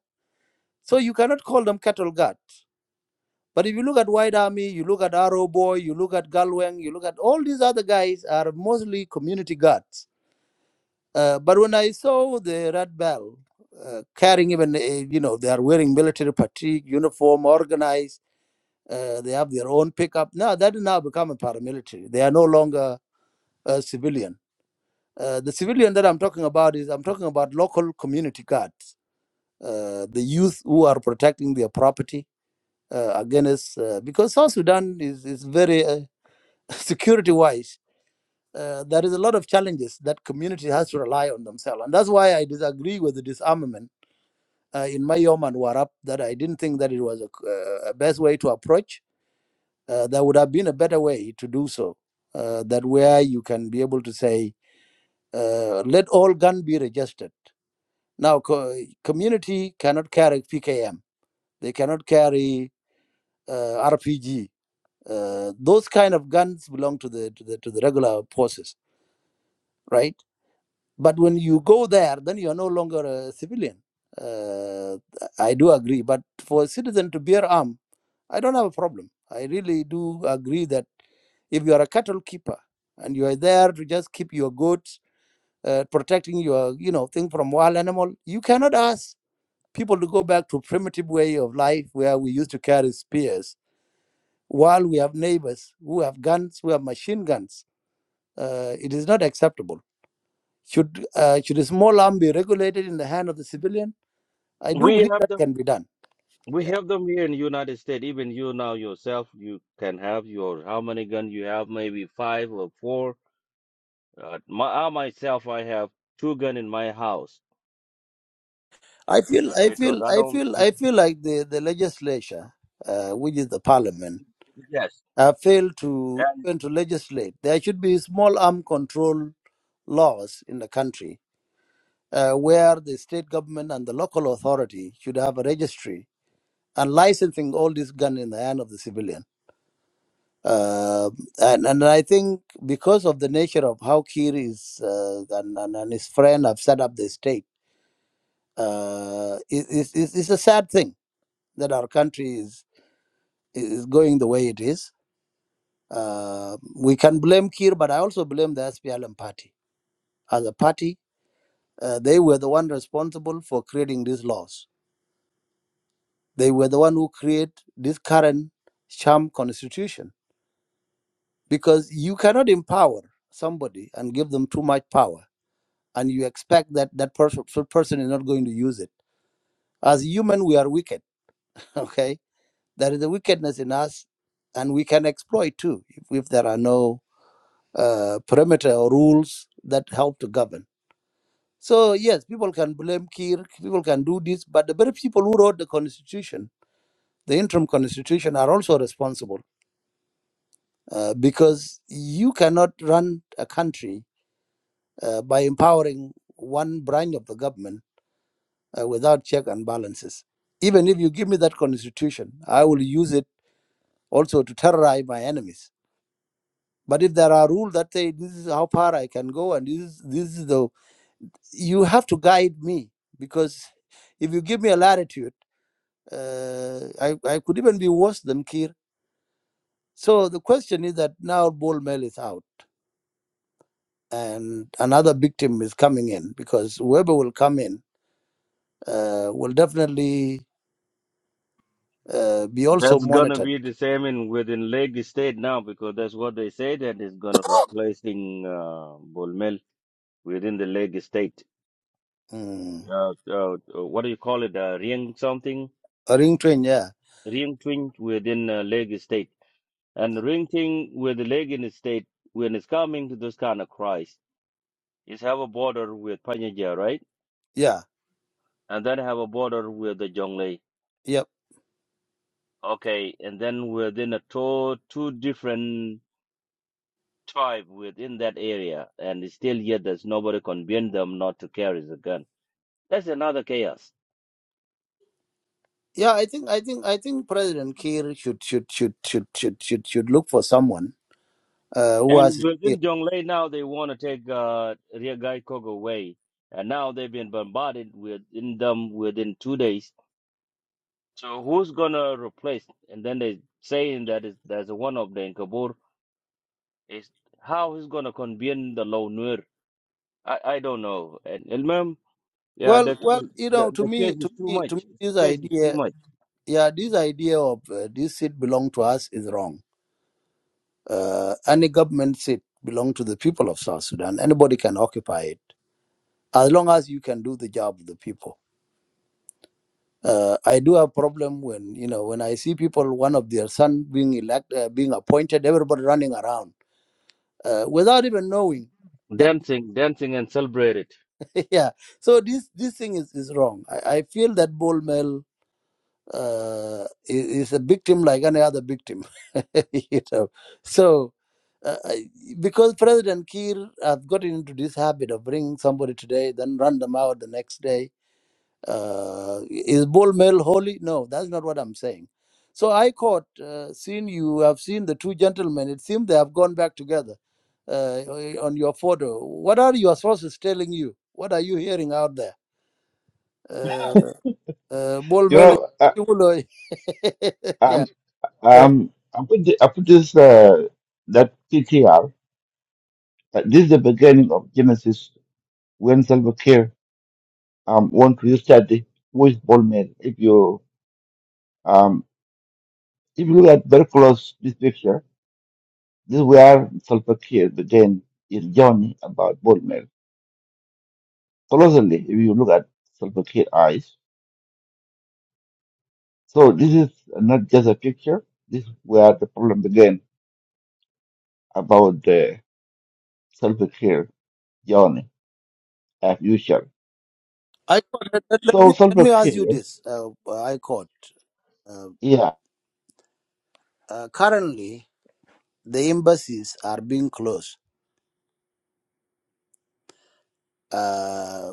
So you cannot call them cattle guard. But if you look at White Army, you look at Arrow Boy, you look at Galwang, you look at all these other guys are mostly community guards. Uh, but when I saw the Red Bell uh, carrying even, uh, you know, they are wearing military fatigue, uniform, organized, uh, they have their own pickup. Now that has now become a paramilitary. They are no longer a civilian. Uh, the civilian that I'm talking about is I'm talking about local community guards. uh, the youth who are protecting their property uh, against uh, because South Sudan is is very uh, security wise. Uh, there is a lot of challenges that community has to rely on themselves, and that's why I disagree with the disarmament uh, in Mayom and Warap. That I didn't think that it was a, c- uh, a best way to approach. Uh, there would have been a better way to do so. Uh, that where you can be able to say, uh, let all gun be registered. Now, co- community cannot carry PKM. They cannot carry uh, RPG. Uh, those kind of guns belong to the to the to the regular forces, right? But when you go there, then you are no longer a civilian. Uh, I do agree, but for a citizen to bear arm, I don't have a problem. I really do agree that if you are a cattle keeper and you are there to just keep your goats, uh, protecting your you know thing from wild animal, you cannot ask people to go back to primitive way of life where we used to carry spears while we have neighbors who have guns, who have machine guns. Uh, it is not acceptable. Should uh, should a small arm be regulated in the hand of the civilian? I do
we
believe
have
that
them.
can be done.
We
Yeah.
have them here in the United States. Even you now yourself, you can have your how many gun you have? Maybe five or four. Uh, my, I myself, I have two gun in my house
I feel I
because
feel
I
I
don't.
feel
If,
I feel like the the legislature, uh, which is the parliament,
yes,
have failed to
and
even to legislate. There should be small arm control laws in the country. Uh, where the state government and the local authority should have a registry and licensing all these guns in the hand of the civilian Uh, and, and I think because of the nature of how Kir is uh, and, and, and his friend have set up the state, uh, it, it's it's it's a sad thing that our country is, is going the way it is. Uh, we can blame Kir, but I also blame the SPLM party. As a party, uh, they were the one responsible for creating these laws. They were the one who create this current sham constitution because you cannot empower somebody and give them too much power and you expect that that person person is not going to use it as human we are wicked okay there is a wickedness in us and we can exploit too if, if there are no uh, perimeter or rules that help to govern so yes people can blame kir people can do this but the very people who wrote the constitution the interim constitution are also responsible uh, because you cannot run a country uh, by empowering one branch of the government uh, without check and balances. Even if you give me that constitution, I will use it also to terrorize my enemies. But if there are rules that say this is how far I can go and this is, this is the you have to guide me because if you give me a latitude, uh, I, I could even be worse than Kir. So the question is that now Bol Mel is out and another victim is coming in because whoever will come in uh, will definitely uh, be also
that's gonna
monitored.
be the same in within Lake State now because that's what they said that is gonna replacing uh, Bolmel within the Lake State.
Mm.
Uh, uh, what do you call it? Uh, ring something,
A ring train, yeah.
ring twin within uh, Lake State, and ring thing with the Lake in the State when it's coming to this kind of crisis, is have a border with Panyaja, right?
Yeah,
And then have a border with the Jonglei.
yep,
Okay, and then within a two two different tribe within that area, and still yet there's nobody convince them not to carry the gun. That's another chaos.
yeah. I think, I think, I think President Kiir should should should should should should, should look for someone uh, who has
And
his ear.
within Jonglei now, they want to take uh, Gai Kog away. And now they've been bombarded within them within two days. So who's going to replace? And then they saying that is, there's one of the Nkabur. Is how he's going to convene the Low Nuer. I, I don't know. And, and ma'am, yeah,
Well,
the,
well,
two,
you
the
know, to
the
me,
case
to
is too
me, to me,
much.
this
The case is too
idea,
much.
yeah, this idea of uh, this seat belong to us is wrong. Uh, any government seat belong to the people of South Sudan. Anybody can occupy it as long as you can do the job of the people. Uh, I do have problem when you know when I see people, one of their son being elected, uh, being appointed, everybody running around uh, without even knowing that
Dancing, dancing and celebrate it.
yeah so this this thing is, is wrong I, I feel that Bol mail uh, is, is a victim like any other victim you know so uh, I- because president kir has gotten into this habit of bringing somebody today then run them out the next day uh, is bull male holy? No, that's not what I'm saying. So I caught, uh, seen you have seen the two gentlemen. It seems they have gone back together uh, on your photo. What are your sources telling you? What are you hearing out there? Uh, uh, bull
You
male.
know, I,
yeah.
I'm,
eh?
um, I put, the, I put this, uh, that PTR, uh, this is the beginning of Genesis when self-care um, want to study with Paul Mill. If you, um, if you look at very close this picture, This is where Salva Kiir began his journey about Bolmer. Closely, if you look at Salva Kiir's eyes, so this is not just a picture. This is where the problem began about the Salva Kiir journey as usual.
I caught, let, let- let me,
So
let
Salva
me ask you
Kiir,
this. Uh, I caught. Uh,
yeah.
uh, currently, the embassies are being closed. Uh,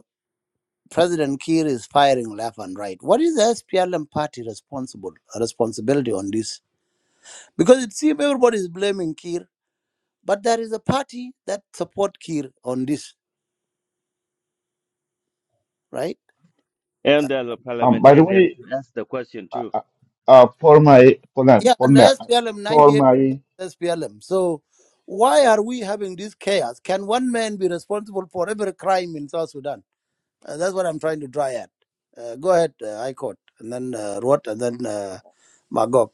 President Kiir is firing left and right. What is the SPLM party responsible responsibility on this? Because it seems everybody is blaming Kiir, but there is a party that support Kiir on this, right?
And there's a
Um, by the
parliamentarian
way,
to ask the question too.
uh, uh, for my for my
Yeah,
for
and
my
the SPLM
for
98%
my
SPLM. So why are we having this chaos? Can one man be responsible for every crime in South Sudan? Uh, that's what I'm trying to dry at. Uh, go ahead, uh, High Court, and then uh, Ruot, and then uh, Magog.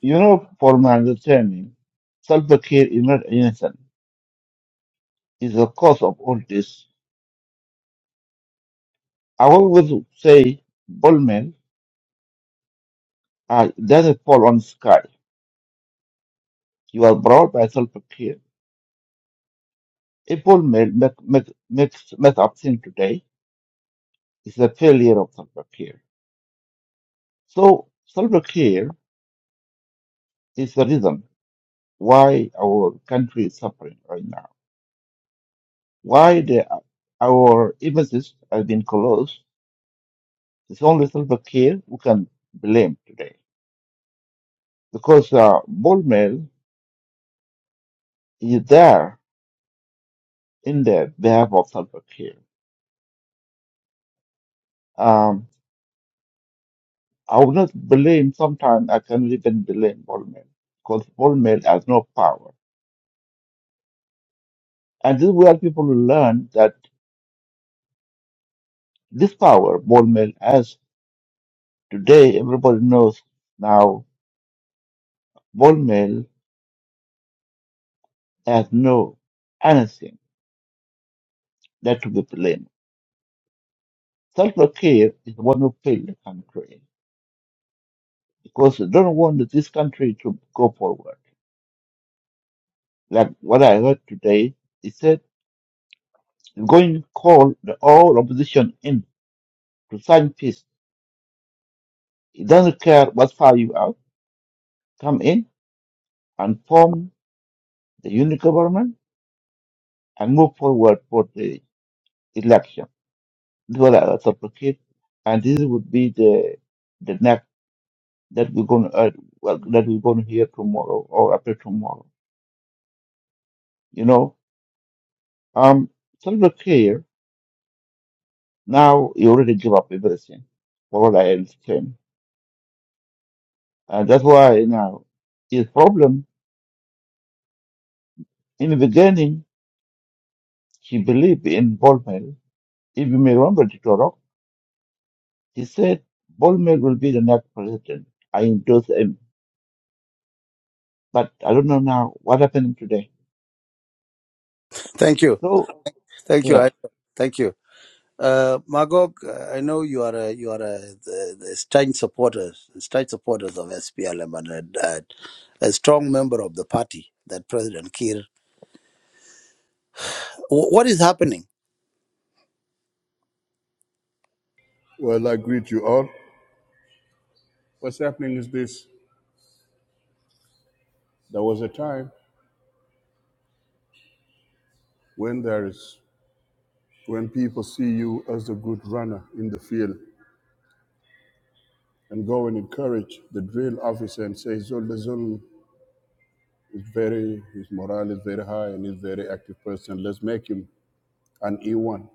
you know for my understanding, Salva Kiir is not innocent. Is the cause of all this. I always say Bolmer and doesn't fall on sky. You are brought by self care. If all make, make, make, makes mess up thing today, it's a failure of self care. So self care is the reason why our country is suffering right now. Why the, our embassies have been closed. It's only self care we can blame today. Because uh, ball mail is there in the behalf of self care. I will not blame, sometimes I cannot even blame ball mill because ball mill has no power. And this is where people learn that this power ball mill has today, everybody knows now ball mill has no anything that to be blamed. Self care is the one who failed the country because they don't want this country to go forward. Like what I heard today, he said he's going to call the all opposition in to sign peace. He doesn't care what far you are come in and form the unit government and move forward for the election. These were the advocate, and this would be the the next that we're going to uh, well, that we're going to hear tomorrow or after tomorrow. You know, um, Salva now he already give up everything, for what I understand, and that's why now his problem in the beginning he believed in Bolmel. If you may remember, Dr. He said Bolmer will be the next president. I endorsed him, but I don't know now what happened today.
Thank you,
So,
thank you,
yeah.
High Court. thank you. Uh, Magog, uh, I know you are a, you are a, the, the staunch supporters, staunch supporters of SPLM and a, a, strong member of the party that President Kiir. Wh- What is happening?
Well, I greet you all. What's happening is this there was a time when there is when people see you as a good runner in the field and go and encourage the drill officer and say Zolda Zul is very his morale is very high and he's a very active person. Let's make him an E one.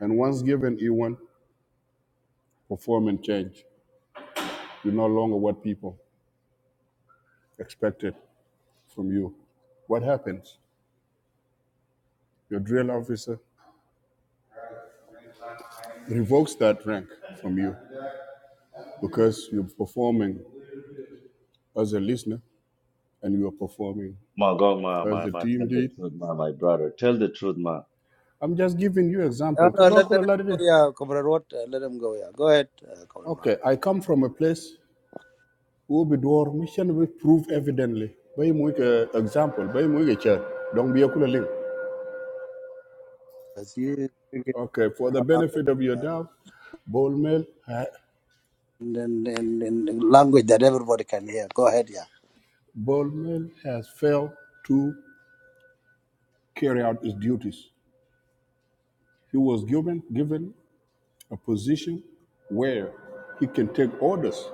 And once given E one, perform and change. You're no longer what people expected from you. What happens? Your drill officer revokes that rank from you because you're performing as a listener and you are performing
Ma, go, ma,
as
ma,
the
ma,
team
tell the
lead.
truth, ma, my brother. Tell the truth, ma.
I'm just giving you
Uh,
example.
no, let, let
Kabakula
him go,
ladede.
yeah, Comrade Watt, uh, let him go, yeah. Go ahead, uh, Comrade Magog.
Okay, I come from a place who be door mission we prove evidently. Bay muike example, bay muike chat. Don't be a kula link.
Because you speak in
Okay, for the
common language,
benefit of your
yeah.
doubt, Ball Mill ha-
and in, in, in language that everybody can hear. Go ahead, yeah.
Ball Mill has failed to carry out his duties. He was given given a position where he can take orders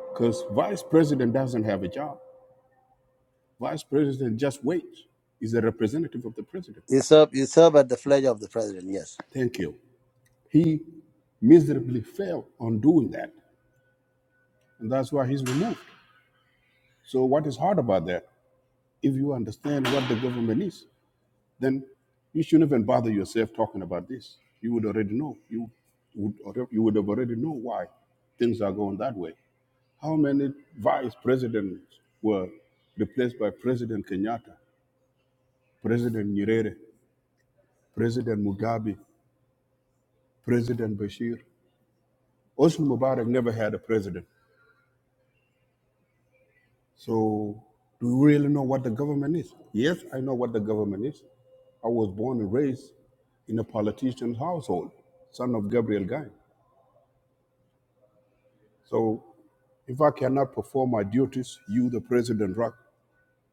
because vice president doesn't have a job. Vice President just waits. He's a representative of the president.
You serve, you serve at the flag of the president, yes.
Thank you. He miserably failed on doing that, and that's why he's removed. So, what is hard about that? If you understand what the government is, then you shouldn't even bother yourself talking about this. You would already know. You would alre- you would have already know why things are going that way. How many vice presidents were replaced by President Kenyatta, President Nyerere, President Mugabe, President Bashir? Hosni Mubarak never had a president. So do you really know what the government is? Yes, I know what the government is. I was born and raised in a politician's household, son of Gabriel Guy. So if I cannot perform my duties, you, the President Rock,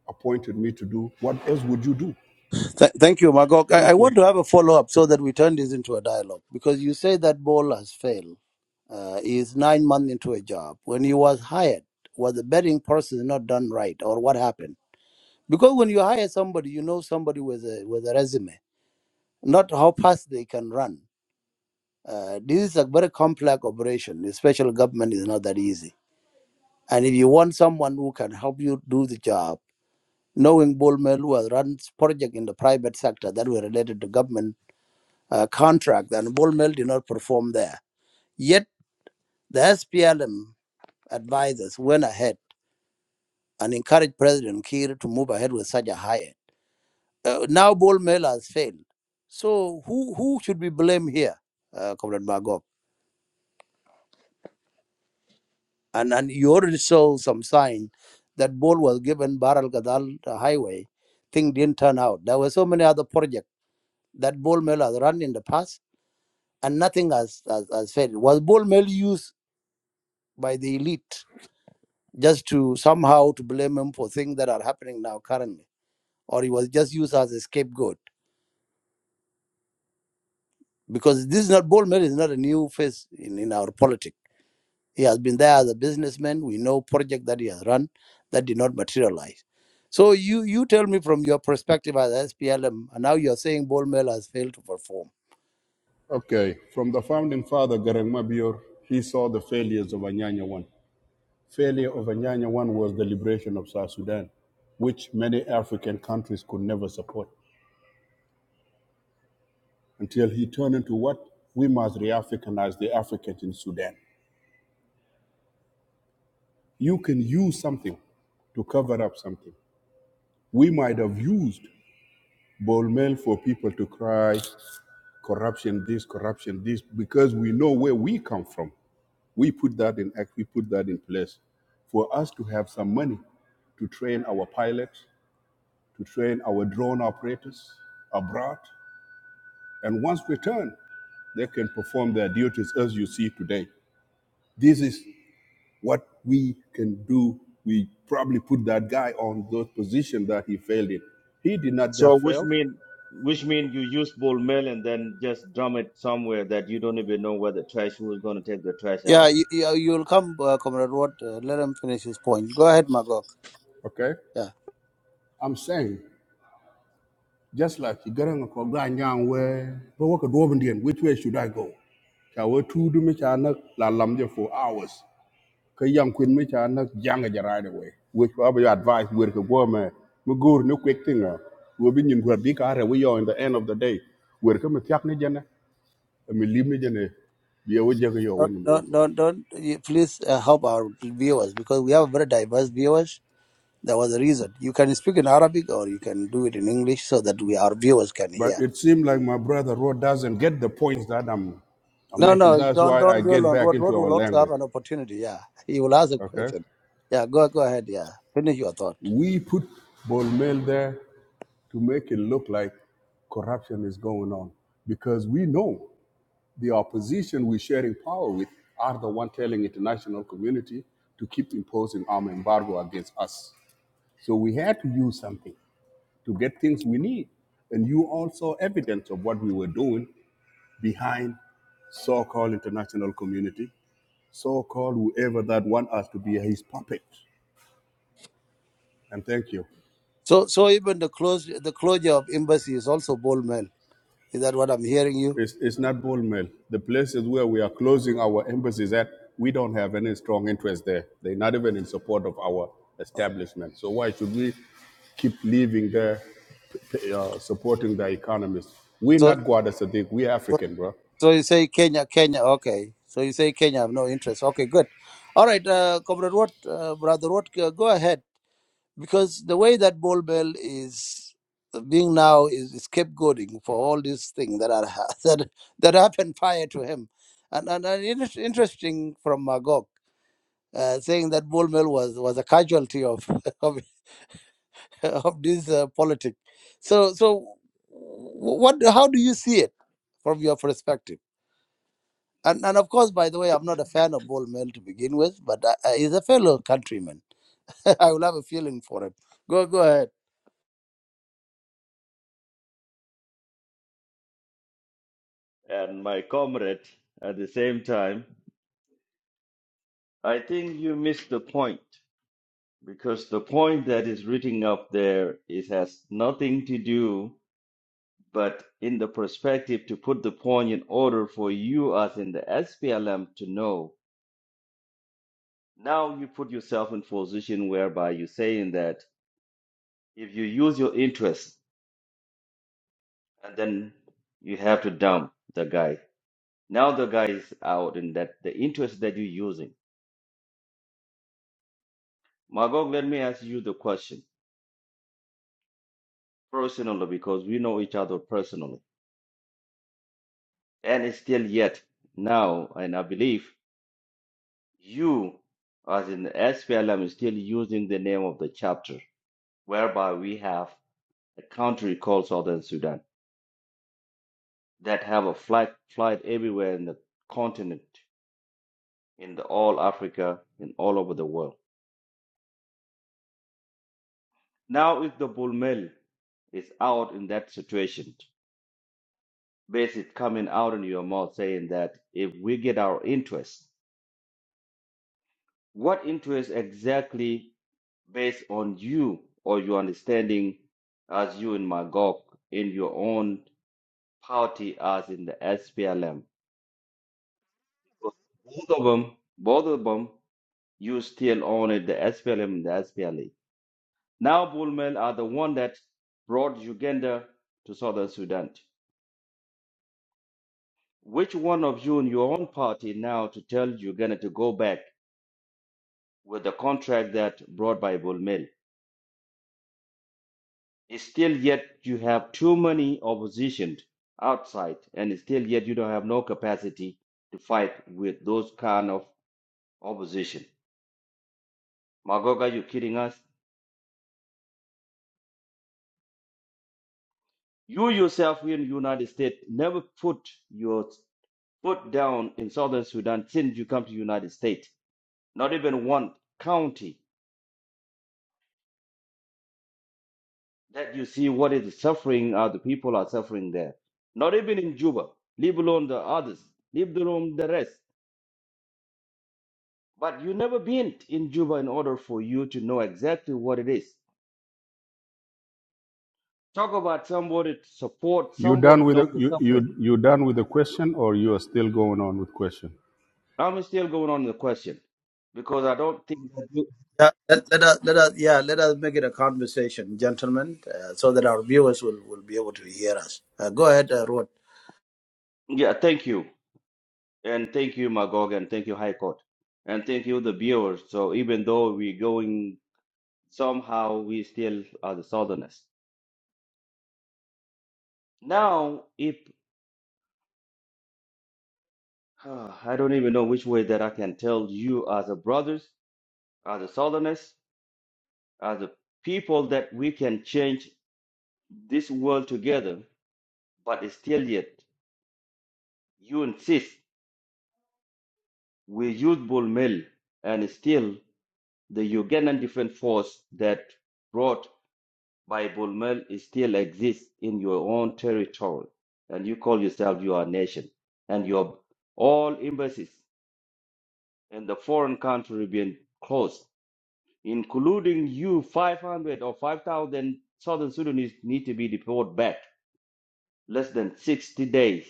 appointed me to do, what else would you do?
Th- thank you, Magog. I-, I
Thank
want
you.
to have a follow up so that we turn this into a dialogue because you say that Bol has failed. Uh, he is nine months into a job. When he was hired, was the betting process not done right, or what happened? Because when you hire somebody, you know somebody with a with a resume, not how fast they can run. Uh, this is a very complex operation. The special government is not that easy. And if you want someone who can help you do the job, knowing Bull Mel who has run project in the private sector that were related to government uh, contract, and Bull did not perform there. Yet, the SPLM advisors went ahead and encouraged President Kiir to move ahead with such a hire. Uh, now, Bull has failed. So, who, who should be blamed here, uh, Comrade Magog? And, and you already saw some sign that Bol was given Baral Gadal the highway. Thing didn't turn out. There were so many other projects that Bull has run in the past, and nothing has, has, has failed. Was Bull used by the elite? just to somehow to blame him for things that are happening now currently, or he was just used as a scapegoat. Because this is not Bolmer is not a new face in, in our politics. He has been there as a businessman. We know project that he has run that did not materialize. So you you tell me from your perspective as SPLM, and now you are saying Bolmer has failed to perform.
Okay, from the founding father, Garang Mabior, he saw the failures of Anyanya One. Failure of Anyanya One was the liberation of South Sudan, which many African countries could never support. until he turned into what we must re-Africanize the Africans in Sudan. You can use something to cover up something. We might have used ball mail for people to cry corruption, this, corruption, this, because we know where we come from. We put that in act, we put that in place for us to have some money to train our pilots, to train our drone operators abroad. And once returned, they can perform their duties as you see today. This is what we can do, we probably put that guy on those positions that he failed in. He did not
So,
just
which
fail,
mean, which mean you use bull mail and then just drum it somewhere that you don't even know where the trash, who's going to take the trash
Yeah,
out.
you, you, you'll come, uh, Comrade Watt. Uh, let him finish his point. Go ahead, Magog.
okay?
Yeah.
I'm saying, just like you got on a program young where, but what could woman do? which way should I go? Ka we tu du mi cha nak la lam je for hours. Ka yang queen me, cha nak jang ja right away. Which probably your advice where to go man. Me go, no quick thing. ah. We been in where big are we are in the end of the day. Where come tiak ni jana, me leave ni jana. Be we jaga yo
Don't,
when mo
don't,
to.
don't, don't you please uh, help our viewers because we have very diverse viewers There was a reason. You can speak in Arabic or you can do it in English so that we our viewers can
But
hear.
it seemed like my brother Rod doesn't get the points that I'm, I'm
No,
making.
no,
That's
don't
why
don't
I
dwell
get
on
back
what
into
what
our
will also have
language.
an opportunity. Yeah, he will ask a
Okay?
question. Yeah, go go ahead. Yeah, finish your thought.
We put Bolmel there to make it look like corruption is going on because we know the opposition we're sharing power with are the one telling international community to keep imposing arm embargo against us. So we had to use something to get things we need. And you also evidence of what we were doing behind so-called international community, so-called whoever that want us to be his puppet. And thank you.
So so even the close the closure of embassy is also bold men. Is that what I'm hearing you?
It's, it's not bull mill. The places where we are closing our embassies at, we don't have any strong interest there. They're not even in support of our establishment. So why should we keep living there, uh, supporting the economists? We're
So
not Guada Sadiq. We're
so
African, bro.
so you say Kenya Kenya okay. So you say Kenya have no interest. Okay, good. All right, uh, comrade Watt, uh, brother Watt, uh, go ahead. because the way that Bol Bell is uh, being now is, is scapegoating for all these things that are that that happened prior to him, and and, and it is interesting from Magog. Uh, saying that Bol Mel was, was a casualty of of, of this uh, politic, so so what how do you see it from your perspective? And and of course, by the way, I'm not a fan of Bol Mel to begin with, but I, I, he's a fellow countryman. I will have a feeling for him. Go go ahead.
And my comrade, at the same time, I think you missed the point because the point that is written up there it has nothing to do but in the perspective to put the point in order for you as in the SPLM to know now you put yourself in position whereby you're saying that if you use your interest and then you have to dump the guy now the guy is out and that the interest that you're using magog let me ask you the question personally because we know each other personally and it's still yet now and i believe you as in the SPLM is still using the name of the chapter whereby we have a country called southern sudan that have a flight flight everywhere in the continent, in the all Africa, and all over the world. Now, if the bull mail is out in that situation, basically coming out in your mouth saying that if we get our interest, what interest exactly based on you or your understanding as you in Magog in your own party as in the SPLM? Both of them, both of them, you still own it, the SPLM and the SPLA Now Bulmel are the one that brought Uganda to southern Sudan. Which one of you in your own party now to tell Uganda to go back with the contract that brought by Bulmel? It's Still yet you have too many opposition outside and it's still yet you don't have no capacity to fight with those kind of opposition. Magoga, you kidding us? You yourself here in the United States never put your foot down in southern Sudan since you come to the United States not even one county that you see what is suffering uh, the people are suffering there not even in juba leave alone the others leave alone the rest but you never been in juba in order for you to know exactly what it is talk about somebody to support
You
somebody
done with
know
the,
the
you, you
suffering
you done with the question, or you are still going on with question?
i'm still going on the question because i don't think that you
Yeah, let, let us let us yeah let us make it a conversation, gentlemen, uh, so that our viewers will, will be able to hear us. Uh, go ahead, uh, Rod.
yeah thank you and thank you magog and thank you high court and thank you the viewers so even though we're going somehow we still are the southerners Now, if uh, I don't even know which way that I can tell you as a brothers, as a southerners, as a people that we can change this world together, but still yet you insist we use bull mill and still the Ugandan defense force that brought by bull mill is still exists in your own territory and you call yourself your nation and your all embassies in the foreign country being closed including you, 500 or 5,000 Southern Sudanese need to be deported back less than 60 days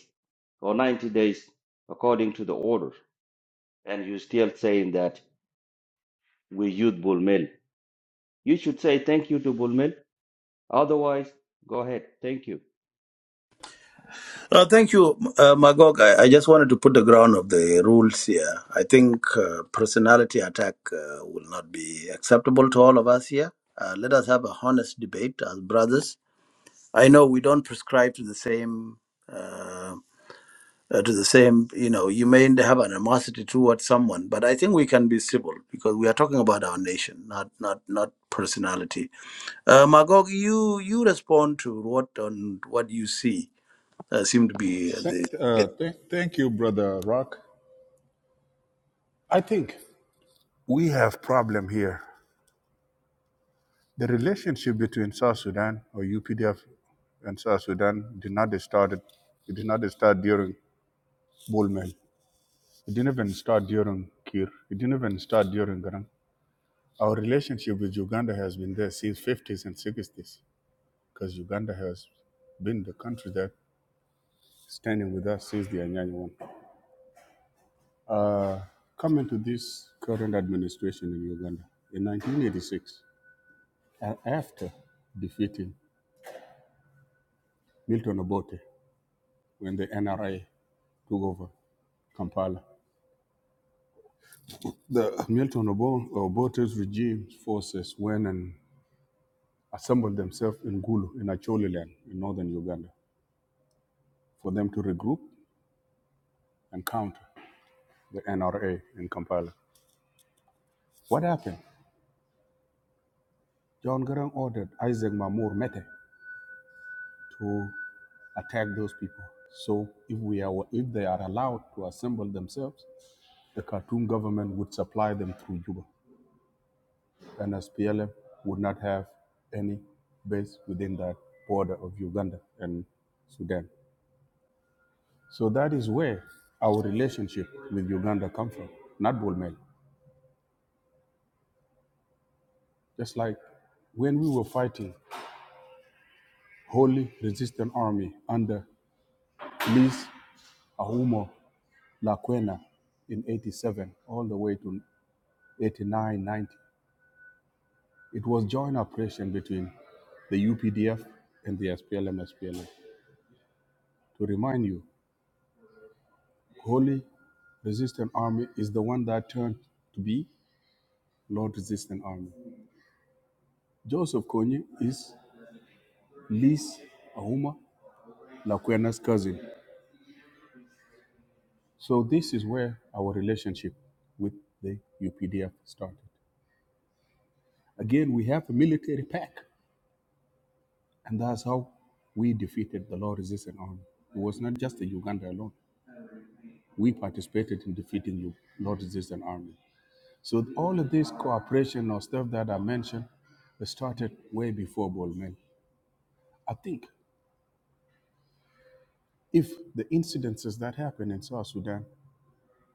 or 90 days, according to the order. And you're still saying that we use Bulmel. You should say thank you to Bulmel. Otherwise, go ahead. Thank you.
Uh, thank you, uh, Magog. I, I just wanted to put the ground of the rules here. I think uh, personality attack uh, will not be acceptable to all of us here. Uh, let us have a honest debate as brothers. I know we don't prescribe to the same. Uh, uh, to the same, you know, you may have animosity towards someone, but I think we can be civil because we are talking about our nation, not not not personality. Uh, Magog, you you respond to what on what you see uh, seem to be uh,
Th-
the
uh, th- thank you, brother Rock. I think we have problem here. The relationship between South Sudan or UPDF and South Sudan did not start. It did not start during Bullman. It didn't even start during Kir. It didn't even start during Garang. Our relationship with Uganda has been there since 50s and 60s because Uganda has been the country that standing with us since the Anyanya one. Uh, coming to this current administration in Uganda in 1986. And after defeating Milton Obote when the NRA took over Kampala, the Milton Obote's regime's forces went and assembled themselves in Gulu, in Acholi land, in northern Uganda, for them to regroup and counter the NRA in Kampala. What happened? John Garang ordered Isaac Mamur Mete to attack those people. So if we are if they are allowed to assemble themselves, the Khartoum government would supply them through Juba. and SPLM would not have any base within that border of Uganda and Sudan. So that is where our relationship with Uganda comes from, not Bulmel. Just like when we were fighting Holy Resistance Army under Lis Ahumo Lakwena in 87 all the way to 89, 90, it was joint operation between the UPDF and the SPLM, SPLM. To remind you, Holy resistant army is the one that turned to be Lord resistant army. Joseph Kony is Liz Auma Lakwena's cousin. So this is where our relationship with the UPDF started. Again, we have a military pack, and that's how we defeated the Lord resistant army. It was not just the Uganda alone. We participated in defeating the Lord resistant army. So all of this cooperation or stuff that I mentioned started way before Bolmel. I think if the incidences that happened in South Sudan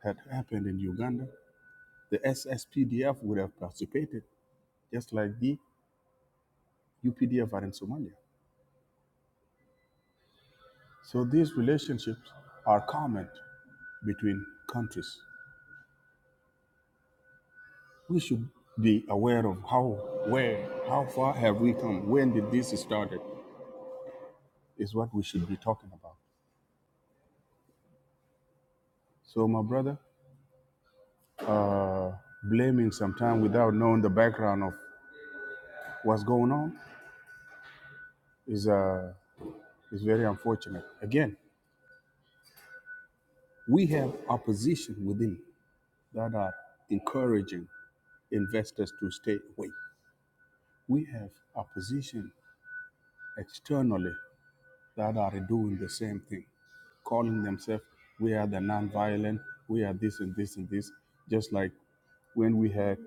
had happened in Uganda, the SSPDF would have participated, just like the UPDF are in Somalia. So these relationships are common between countries. We should be aware of how, where, how far have we come? When did this started? Is what we should be talking about. So, my brother, uh, blaming sometime without knowing the background of what's going on is uh, It's very unfortunate. Again, we have opposition within that are encouraging investors to stay away. We have opposition externally that are doing the same thing, calling themselves, we are the nonviolent, we are this and this and this, just like when we had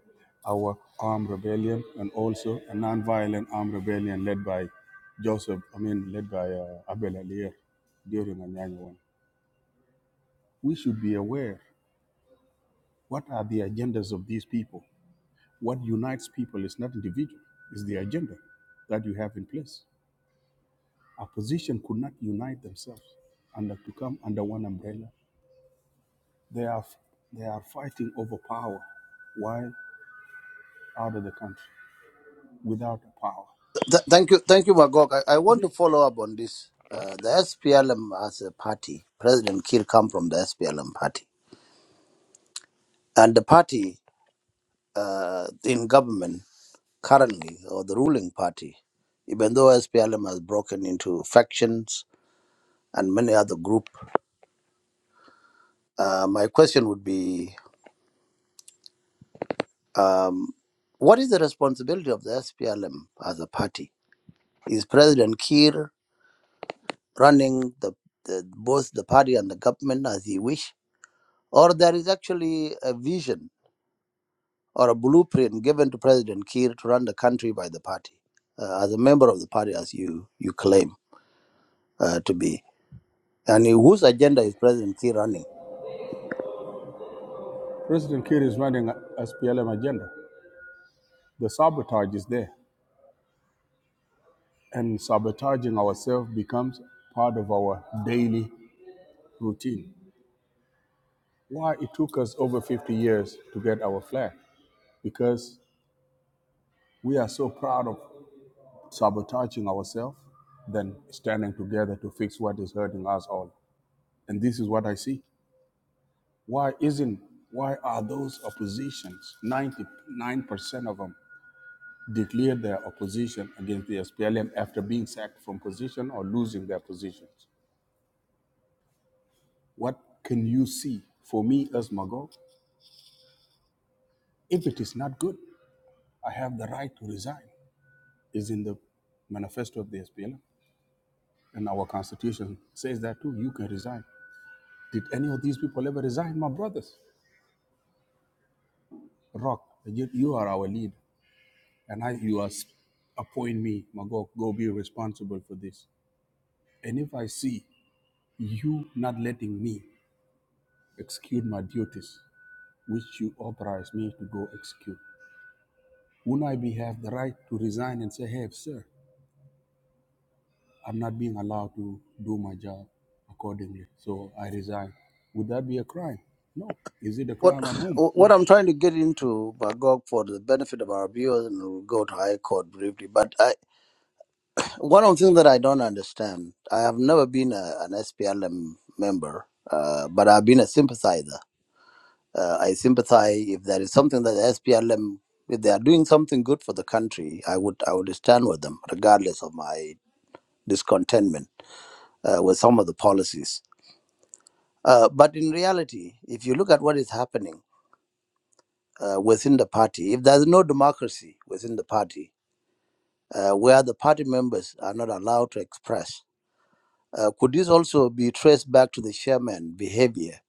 our armed rebellion and also a nonviolent armed rebellion led by Joseph, I mean, led by uh, Abel Alier during the Anyanya one. We should be aware What are the agendas of these people? What unites people is not individual, it's the agenda that you have in place. Opposition could not unite themselves and to come under one umbrella. They are they are fighting over power while out of the country without power.
Th- thank you, thank you, Magog. I, I want to
Win.
follow up on this. Uh, the SPLM as a party, President Kiir come from the SPLM party, and the party uh, in government. currently or the ruling party, even though SPLM has broken into factions and many other group. Uh, my question would be, um, what is the responsibility of the SPLM as a party? Is President Kiir running the, the both the party and the government as he wish, or there is actually a vision or a blueprint given to President Kiir to run the country by the party, uh, as a member of the party as you you claim uh, to be? And whose agenda is President Kiir running?
President Kiir is running a SPLM agenda. The sabotage is there, and sabotaging ourselves becomes part of our daily routine. why it took us over 50 years to get our flag because we are so proud of sabotaging ourselves than standing together to fix what is hurting us all and this is what i see why isn't why are those oppositions 99% of them declared their opposition against the SPLM after being sacked from position or losing their positions what can you see for me as mago if it is not good i have the right to resign is in the manifesto of the SPLM, and our constitution says that too. You can resign. Did any of these people ever resign, my brothers? Rock, you, you are our leader, and I, you are appoint me, Magog. Go be responsible for this. And if I see you not letting me execute my duties, which you authorize me to go execute, wouldn't I be have the right to resign and say, "Hey, sir, I'm not being allowed to do my job accordingly. So I resign. Would that be a crime? No. Is it a
What
crime at home?
what
No.
I'm trying to get into, Bagog, for the benefit of our viewers, and we'll go to High Court briefly. But I, one of the things that I don't understand, I have never been a, an SPLM member, uh, but I've been a sympathizer. Uh, I sympathize if there is something that the SPLM, if they are doing something good for the country, I would I would stand with them, regardless of my discontentment uh, with some of the policies. Uh, but in reality, if you look at what is happening. uh, within the party. If there's no democracy within the party, uh, where the party members are not allowed to express, uh, could this also be traced back to the chairman behavior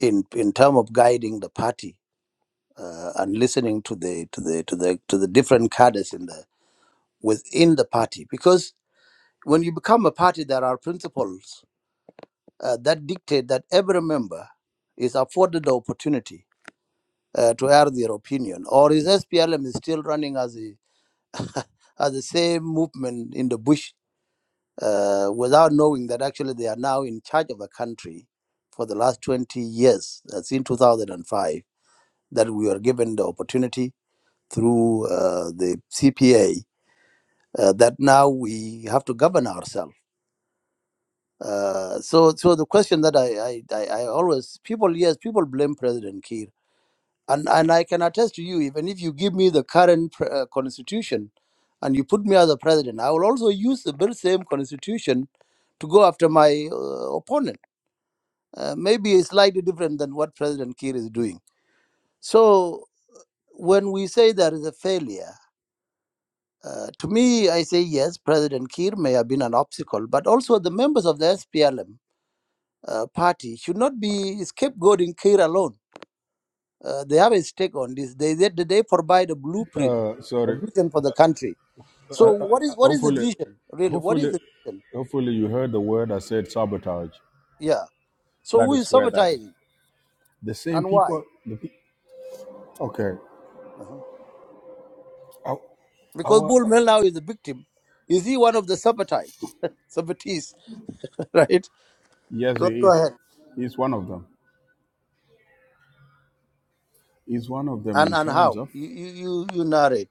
in in terms of guiding the party uh, and listening to the to the to the to the different cadres in the within the party? Because when you become a party, there are principles uh, that dictate that every member is afforded the opportunity uh, to air their opinion, or is SPLM is still running as a are the same movement in the bush uh, without knowing that actually they are now in charge of a country for the last 20 years, uh, since 2005, that we were given the opportunity through uh, the CPA uh, that now we have to govern ourselves. Uh, so, so the question that I, I, I, I always people yes people blame President Kiir and and I can attest to you, even if you give me the current pr- uh, constitution, and you put me as a president, I will also use the very same constitution to go after my uh, opponent. Uh, maybe it's slightly different than what President Kiir is doing. So when we say there is a failure. Uh, to me, I say yes, President Kiir may have been an obstacle, but also the members of the SPLM uh, party should not be scapegoating Kiir alone uh, they have a stake on this. They, they they provide a blueprint,
Uh,
a
sorry.
vision for the country.
Uh,
So
uh,
what
uh,
is what is the
hopefully,
vision really? What is
hopefully,
the vision?
hopefully, you heard the word I said sabotage.
Yeah. So
That
who
is
is
where that is.
sabotaging
The same
and why?
people. The pe- Okay.
Uh-huh.
our,
Because
our
Bull
uh,
Mel now is a victim. Is he one of the sabotage, sabotees? Right.
Yes,
Go,
he
go
is.
ahead.
He's one of them. He's one of them
And
in
and
terms
how
of
you you you, you narrate.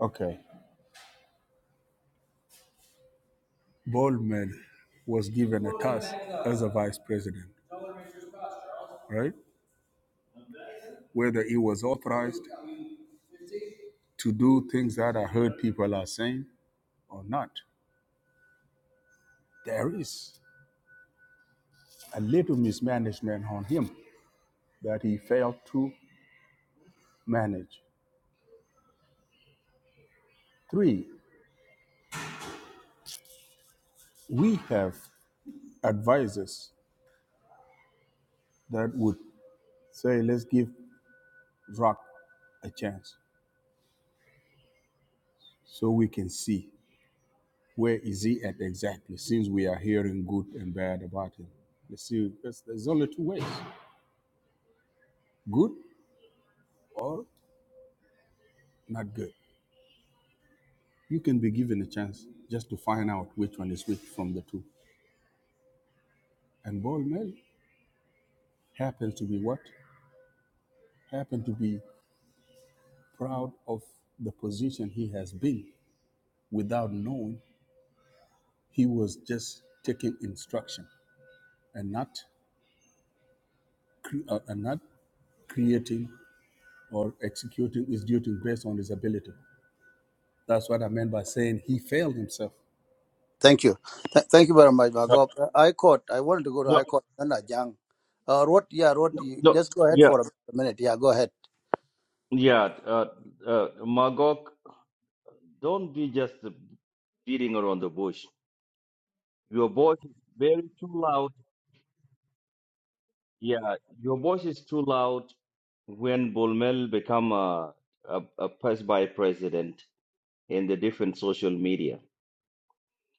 Okay. Boldman was given a task as a vice president, right? whether it was authorized to do things that I heard people are saying or not. There is a little mismanagement on him that he failed to manage. Three, we have advisors that would say, let's give Rock a chance so we can see where is he at exactly since we are hearing good and bad about him. Let's see, there's, there's only two ways, good or not good. You can be given a chance just to find out which one is which from the two. And Paul Mel happens to be what? Happened to be proud of the position he has been without knowing he was just taking instruction and not cre- uh, and not creating or executing his duty based on his ability. That's what I meant by saying he failed himself.
Thank you. Th- thank you very much,
No,
Magop. Uh, I caught. I wanted to go to
no,
I caught. Then I jang. Uh, Rod, yeah, Rod,
no,
you
no.
just go ahead
Yeah.
for a minute. Yeah, go ahead.
Yeah, uh, uh, Magog, don't be just beating around the bush. Your voice is very too loud. Yeah, your voice is too loud when Bulmel become a, a, a past by president in the different social media.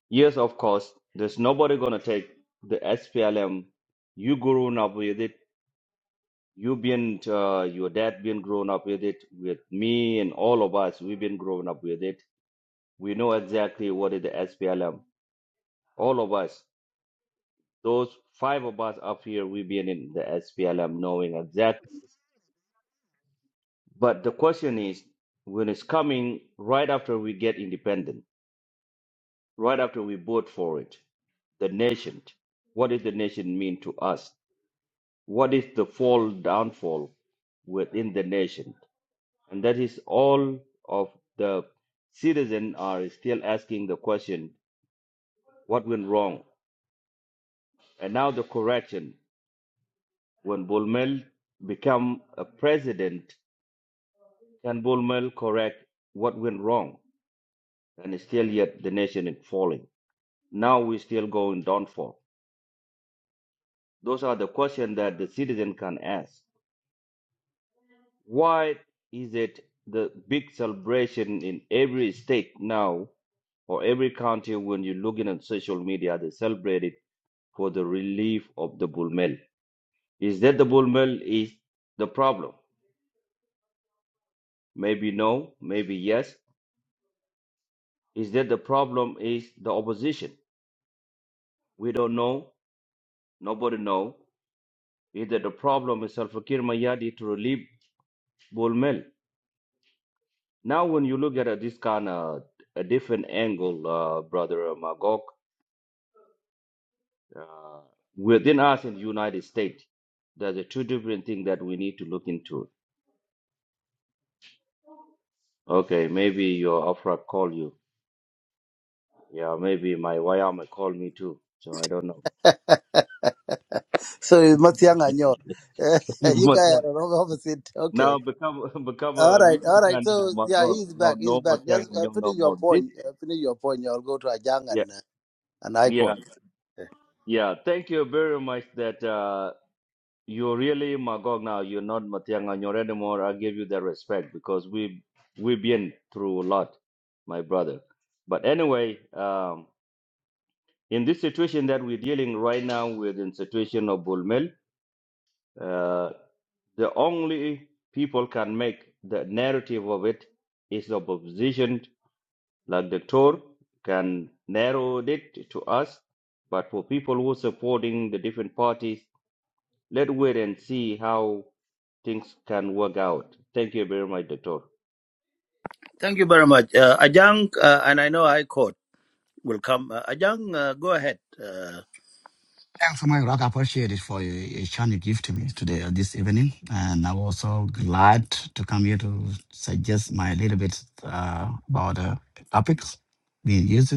Yes, of course, there's nobody gonna take the SPLM. You grown up with it. You been uh, your dad been grown up with it. With me and all of us, we've been grown up with it. We know exactly what is the SPLM. All of us, those five of us up here, we've been in the SPLM, knowing exactly. But the question is, when it's coming right after we get independent, right after we vote for it, the nation, what does the nation mean to us? What is the fall downfall within the nation? And that is all of the citizens are still asking the question, what went wrong? And now the correction, when Bolmel become a president, can Bolmel correct what went wrong? And still yet the nation is falling. Now we still going downfall. Those are the questions that the citizen can ask. Why is it the big celebration in every state now or every county when you look in on social media they celebrate it for the relief of the bull mail. Is that the bull mail is the problem? Maybe no, maybe yes. Is that the problem is the opposition? We don't know. Nobody know. Is that the problem is Salva Kiir Mayadi to relieve bull mail? Now, when you look at uh, this kind of a different angle, uh, Brother Magog, uh, within us in the United States, there's a two different things that we need to look into. Okay, maybe your Afra call you. Yeah, maybe my Wayama call me too. So I don't know.
So it's Matiang Anyor. You Eh, you
but
guys
yeah,
are wrong opposite.
now
Okay.
become become
All
a
right.
real
All right.
man, oh
So
my
yeah,
God.
he's
No,
back. He's
no more
back.
thing,
Just uh,
no no
finish your
more. This,
point. Uh, finish your point. You'll go to Ajang
yeah,
and uh, an icon.
yeah, yeah. Thank you very much. That. Uh, You're really Magog now. You're not Matiang Anyor anymore. I give you that respect because we we've been through a lot, my brother. But anyway, um, in this situation that we're dealing right now with, in situation of Bulmel, uh, the only people can make the narrative of it is the opposition, like the Tor, can narrow it to us. But for people who are supporting the different parties, Let's wait and see how things can work out. Thank you very much, Doctor.
Thank you very much. Uh, Ajang, uh, and I know I caught will come. Uh, Ajang, uh, go ahead. Uh,
Thanks, my rock. I appreciate it for your your chance you give to me today, uh, this evening. And I'm also glad to come here to suggest my little bit uh, about the topics being used.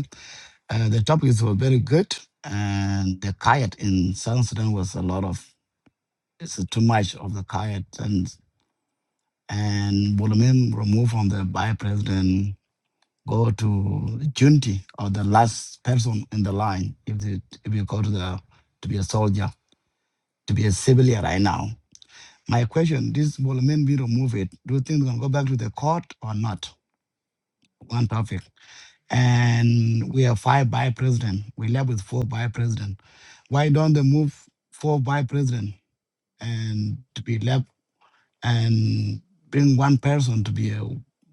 Uh, the topics were very good. And the kayak in Southern Sudan was a lot of, it's too much of the kayak. And, and Bolomim removed from the by president, go to Junti or the last person in the line if, they, if you go to the to be a soldier to be a civilian right now. My question, this Bolman bill remove it. Do you think we gonna go back to the court or not? One topic. And we have five vice president. We left with four vice president. Why don't they move four vice president and to be left and bring one person to be a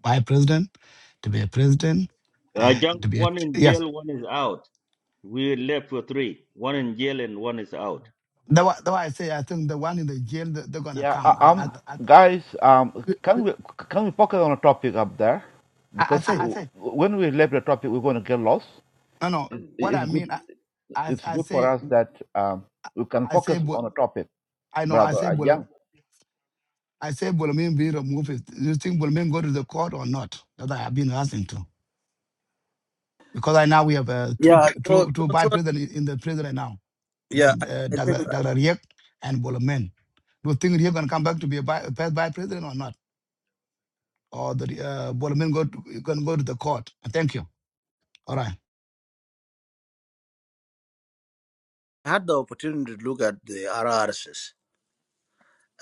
vice president, to be a president,
I just
and to be a
one in
yes.
jail, one is out. We left for three. One in jail and one is out.
That's why, that's why I say I think the one in the jail they- are gonna come. I, I, I I say no no. What I mean I, I, I say I say, but I know, I say, well, I say, Bolomin be removed. Is- Do you think Bolomin go to the court or not? That I have been asking to. Because right now we have uh, two two two
yeah,
p-
so,
two,
so,
by
so,
prison in the prison right now. We
yeah, I,
got, uh,
I think
Dr. Dr. Riek and Bolomin. Do you think Riek gonna come back to be a by, first by president or not? Or the uh, Bolomin go to, gonna go to the court? Thank you. All right.
I had the opportunity to look at the RRSs.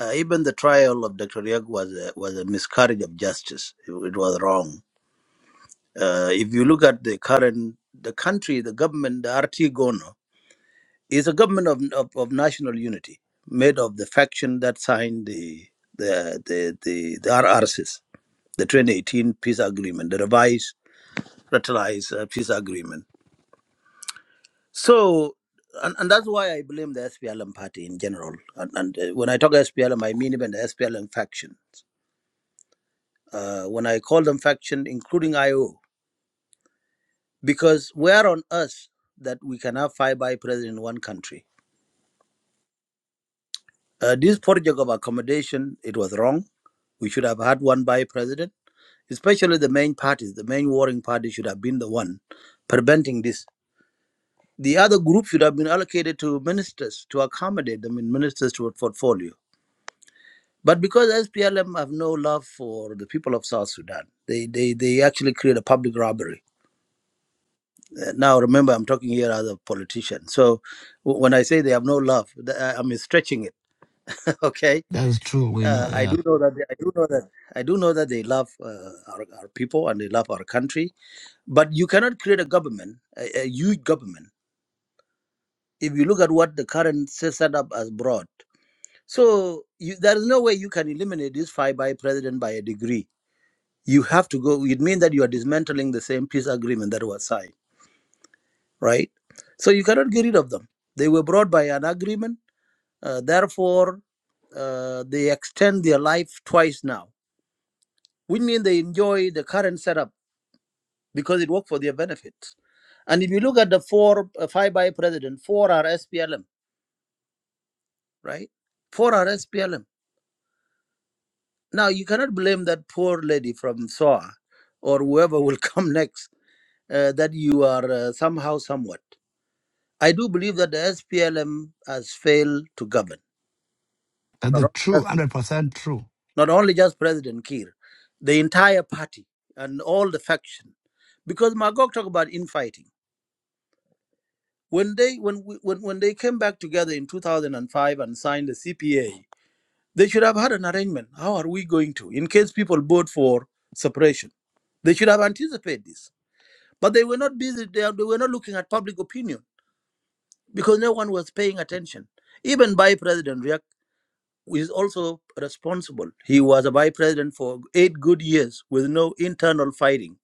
Uh, even the trial of Dr. Riek was a, was a miscarriage of justice. It, it was wrong. Uh, if you look at the current, the country, the government, the RT Gono, is a government of, of, of national unity, made of the faction that signed the the the the, the RRCs, the 2018 peace agreement, the revised, ratified uh, peace agreement. So, and, and that's why I blame the SPLM party in general. And, and uh, when I talk SPLM, I mean even the SPLM faction. Uh, when I call them faction, including IO, because where on earth that we can have five by president in one country? Uh, this project of accommodation, it was wrong. We should have had one by president, especially the main parties, the main warring party should have been the one preventing this. The other group should have been allocated to ministers to accommodate them in ministers to a portfolio. But because SPLM have no love for the people of South Sudan, they, they, they actually create a public robbery. Uh, Now, remember, I'm talking here as a politician. So w- when I say they have no love, th- I- I'm stretching it, okay?
That is true. We know.
Uh, I
Yeah.
do know that they, I do know that I do know that they love uh, our, our people and they love our country. But you cannot create a government, a, a huge government, if you look at what the current se- setup has brought. So you, there is no way you can eliminate this five by president by a degree. You have to go. It means that you are dismantling the same peace agreement that was signed, right? So you cannot get rid of them. They were brought by an agreement. Uh, therefore, uh, they extend their life twice now, which means they enjoy the current setup because it worked for their benefit. And if you look at the four, uh, five by president, four are SPLM, right? Four are SPLM. Now, you cannot blame that poor lady from SOA or whoever will come next uh, that you are uh, somehow, somewhat. I do believe that the SPLM has failed to govern,
That's
not
the
only
true,
just,
hundred percent true.
not only just President Kiir, the entire party and all the faction. Because Magog talked about infighting. when they when we, when when they came back together in 2005 and signed the CPA, they should have had an arrangement. How are we going to, in case people vote for separation? They should have anticipated this, but they were not busy. They, they were not looking at public opinion because no one was paying attention. Even by President Riek is also responsible. He was a vice president for eight good years with no internal fighting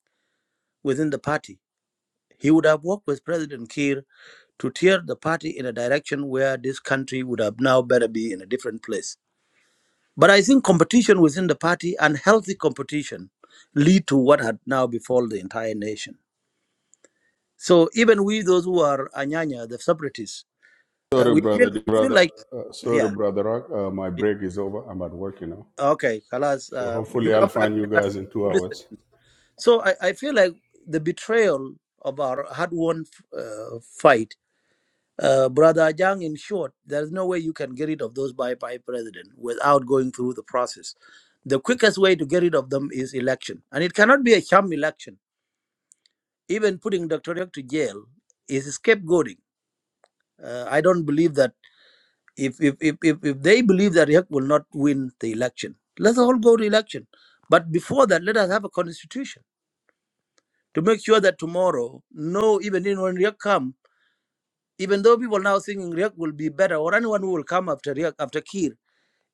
within the party. He would have worked with President Kiir to tear the party in a direction where this country would have now better be in a different place. But I think competition within the party, unhealthy competition, lead to what had now befallen the entire nation. So even we, those who are Anyanya, the separatists, uh,
Sorry,
we feel
brother, dear
we feel
brother.
like
Uh, sorry,
yeah,
brother Rock. Uh, my
yeah
break is over. I'm at work, you know.
okay, Kalas,
So
uh, you
hopefully, I'll
come back
find you
anytime.
guys in two
You
hours.
listen. So I, I feel like the betrayal of our hard-won uh, fight Uh, Brother Ajang, in short, there's no way you can get rid of those by by president without going through the process. The quickest way to get rid of them is election, and it cannot be a sham election. Even putting Dr. Yek to jail is scapegoating. Uh, I don't believe that if if, if if if they believe that Yek will not win the election, let's all go to election. But before that, let us have a constitution to make sure that tomorrow, no, even in when Yek come, even though people now thinking Riek will be better or anyone who will come after Riek, after Kir,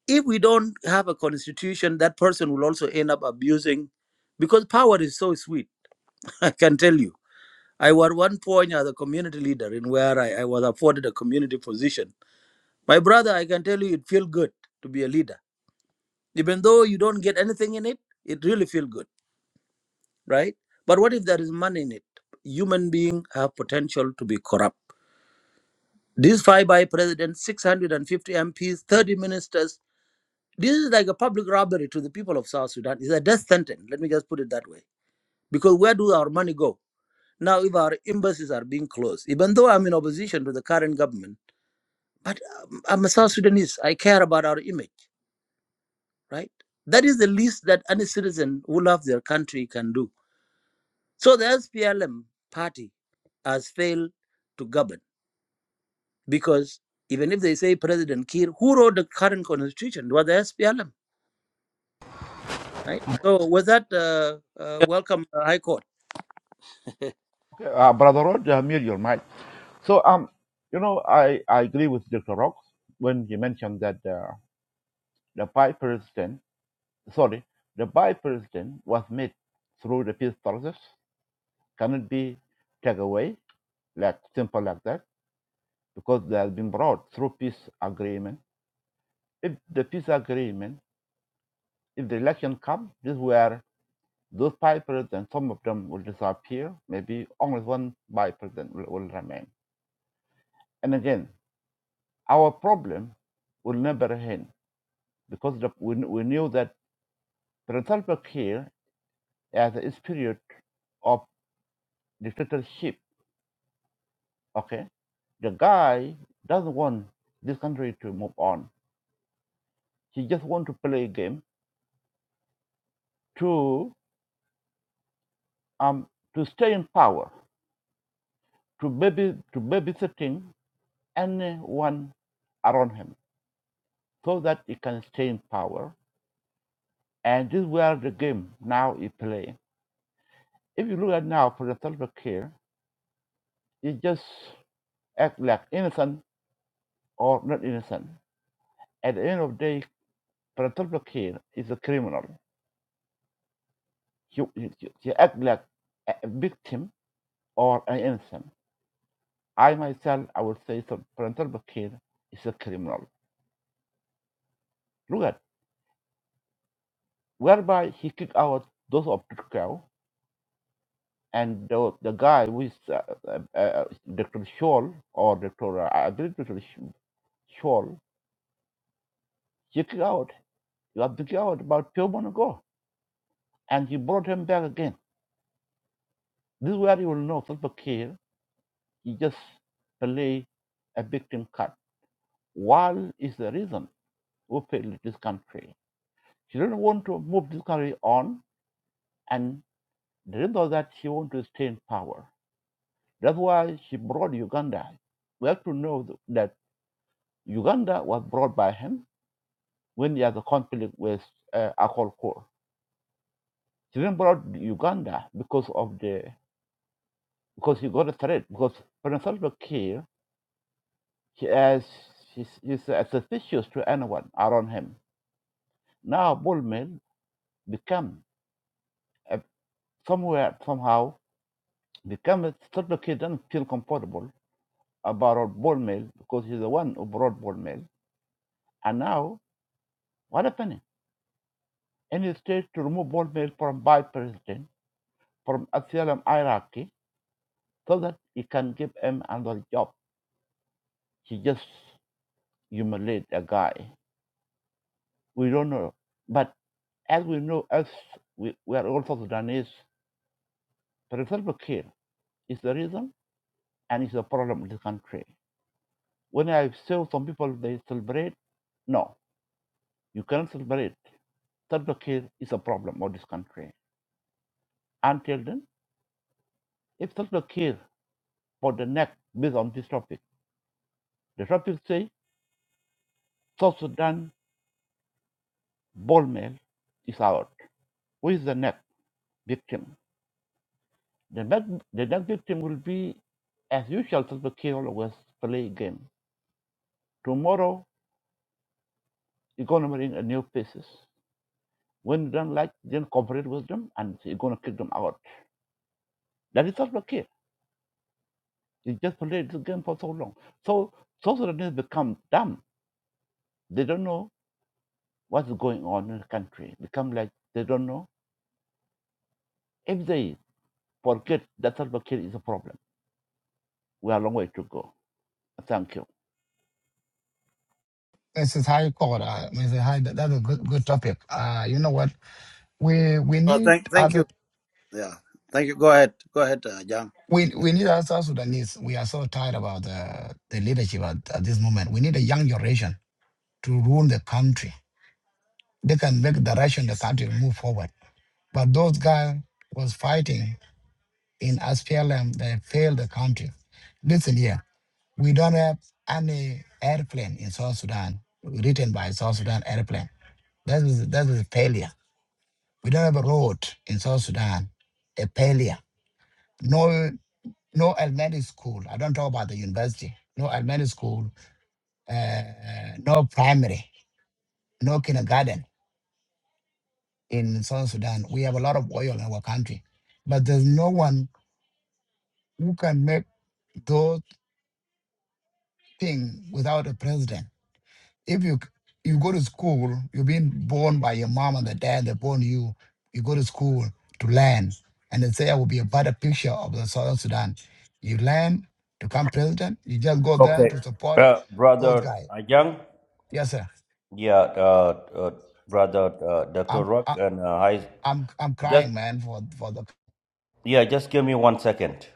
if we don't have a constitution, that person will also end up abusing because power is so sweet. I can tell you. I was one point as a community leader in where I, I was afforded a community position. My brother, I can tell you it feels good to be a leader. Even though you don't get anything in it, it really feels good, right? But what if there is money in it? Human beings have potential to be corrupt. These five by presidents, 650 MPs, 30 ministers, This is like a public robbery to the people of South Sudan. It's a death sentence. Let me just put it that way. Because where do our money go? Now, if our embassies are being closed, even though I'm in opposition to the current government, but um, I'm a South Sudanese. I care about our image, right? That is the least that any citizen who loves their country can do. So the SPLM party has failed to govern because even if they say President Kiir, who wrote the current constitution? It was the SPLM, right? So was that uh, uh, welcome uh, High Court?
This is high court. Uh, Mr. High. That, that's a good, good topic. Uh, you know what? We we
Uh,
need
thank, thank you.
other.
Yeah, thank you. Go ahead. Go ahead, uh, Ajang.
We we need as South Sudanese. We are so tired about the, the leadership at, at this moment. We need a young generation to rule the country. They can make the direction the country move forward. But those guys was fighting in SPLM. They failed the country. Listen here, we don't have any airplane in South Sudan written by South Sudan airplane. That is that is a failure. We don't have a road in South Sudan. A failure. No. no elementary school. I don't talk about the university. No elementary school, uh, no primary, no kindergarten in South Sudan. We have a lot of oil in our country, but there's no one who can make those things without a president. If you you go to school, you've been born by your mom and the dad. They born you. You go to school to learn, and they say I will be a better picture of the South Sudan. You learn to become president. You just go there
Okay,
to support
uh,
those
brother
guys.
Ajang,
Yes, sir.
yeah, uh, uh, brother uh, Dr.
I'm
Rock,
I,
and uh, I
I'm I'm
just
crying, man, for for the
yeah, just give me one second.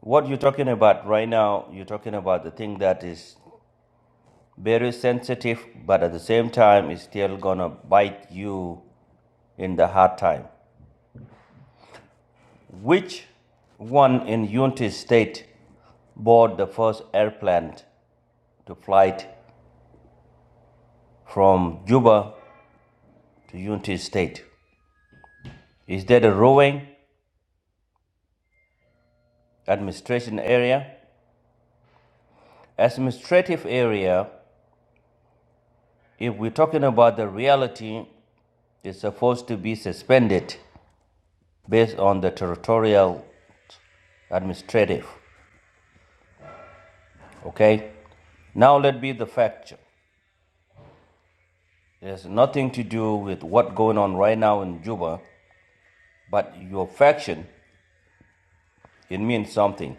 What you're talking about right now, you're talking about the thing that is very sensitive, but at the same time, is still gonna bite you in the hard time. Which one in United States bought the first airplane to fly from Juba to United States? Is that a rowing administration area? Administrative area, if we're talking about the reality, is supposed to be suspended based on the territorial administrative. Okay? Now let be the fact. It has nothing to do with what's going on right now in Juba, but your faction It means something.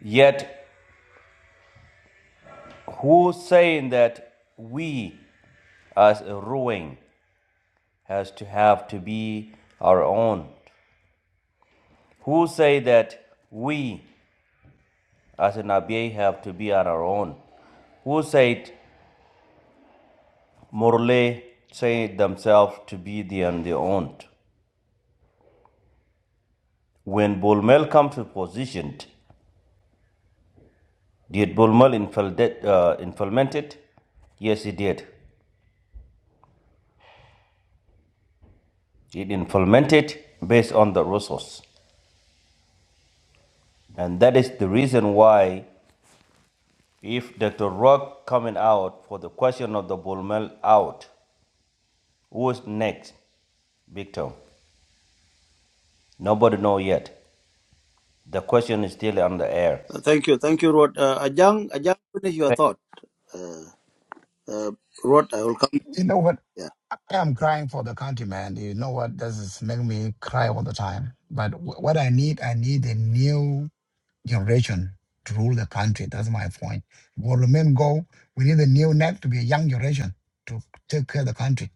Yet, who saying that we as a ruling has to have to be our own? Who say that we as an Abiy have to be on our own? Who said Morley say themselves to be the on their own? When Bulmel comes to position, did Bulmel infilde- uh, implement it? Yes, he did. It implemented based on the resource. And that is the reason why If Dr. Rock coming out for the question of the bull mill out, who's next? Victor. Nobody know yet. The question is still on the air.
Uh, thank you. Thank you, Rod. Uh, Ajang, Ajang, finish your thought. Uh, uh, Rod, I will come.
you know what
Yeah.
I am crying for the country, man. You know what? This is making me cry all the time. But wh- what I need, I need a new generation to rule the country. That's my point. We'll remain go, we need a new neck to be a young generation to take care of the country.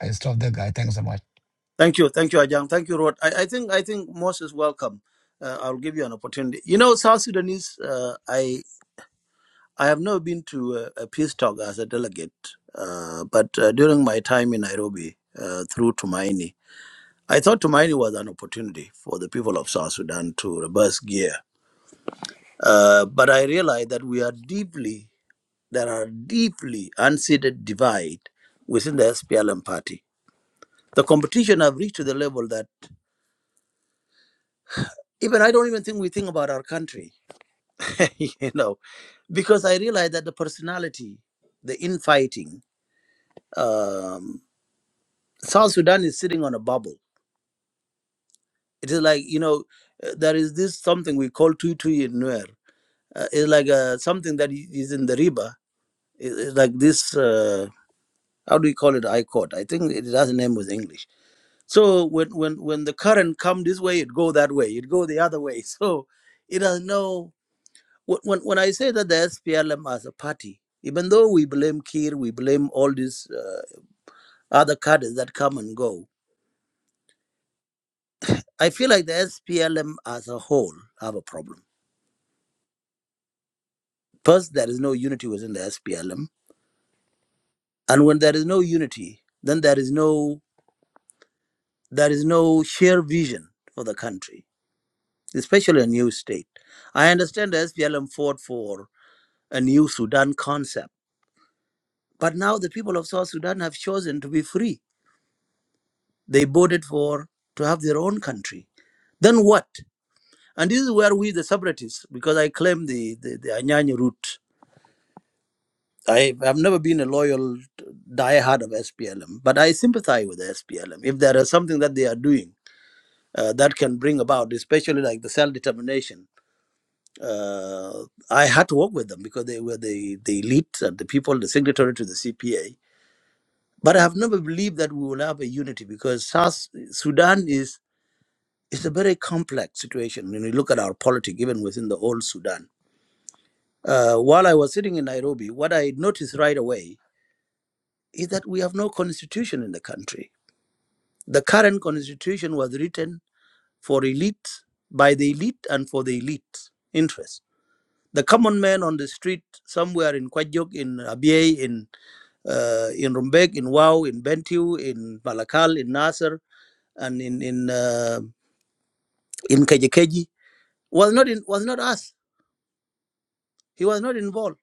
I stop that guy. Thanks so much.
Thank you. Thank you, Ajang. Thank you, Rod. I, I think I think most is welcome. Uh, I'll give you an opportunity. You know, South Sudanese. Uh, I I have never been to a, a peace talk as a delegate, uh, but uh, during my time in Nairobi uh, through Tumaini, I thought Tumaini was an opportunity for the people of South Sudan to reverse gear Uh, but I realize that we are deeply, there are deeply unseated divide within the SPLM party. The competition have reached to the level that even I don't even think we think about our country, you know, because I realize that the personality, the infighting, um, South Sudan is sitting on a bubble. It is like, you know, uh, there is this something we call tutu in Nuer. Uh, it's like uh, something that i- is in the river. It- It's like this. Uh, how do we call it? I court. I think it has a name with English. So when when when the current come this way, it go that way. It go the other way. So it has no. When when I say that the SPLM as a party, even though we blame Kir, we blame all these uh, other cadres that come and go. I feel like the SPLM as a whole have a problem. First, there is no unity within the SPLM, and when there is no unity, then there is no there is no shared vision for the country especially a new state. I understand the SPLM fought for a new Sudan concept, but now the people of South Sudan have chosen to be free. They voted for to have their own country. Then what? And this is where we, the separatists, because I claim the, the, the Anyanya route. I, I've never been a loyal diehard of SPLM, but I sympathize with the SPLM. If there is something that they are doing uh, that can bring about, especially like the self determination, Uh, I had to work with them because they were the, the elite and the people, the signatory to the CPA. But I have never believed that we will have a unity because South Sudan is is a very complex situation when you look at our politics, even within the old Sudan. Uh, while I was sitting in Nairobi, what I noticed right away is that we have no constitution in the country. The current constitution was written for elite by the elite and for the elite interests. the common man on the street somewhere in Kwajok, in Abyei, in uh, in Rumbek, in Wau, in Bentiu, in Malakal, in Nasser, and in in uh, in Kejekeji was not in was not us. He was not involved.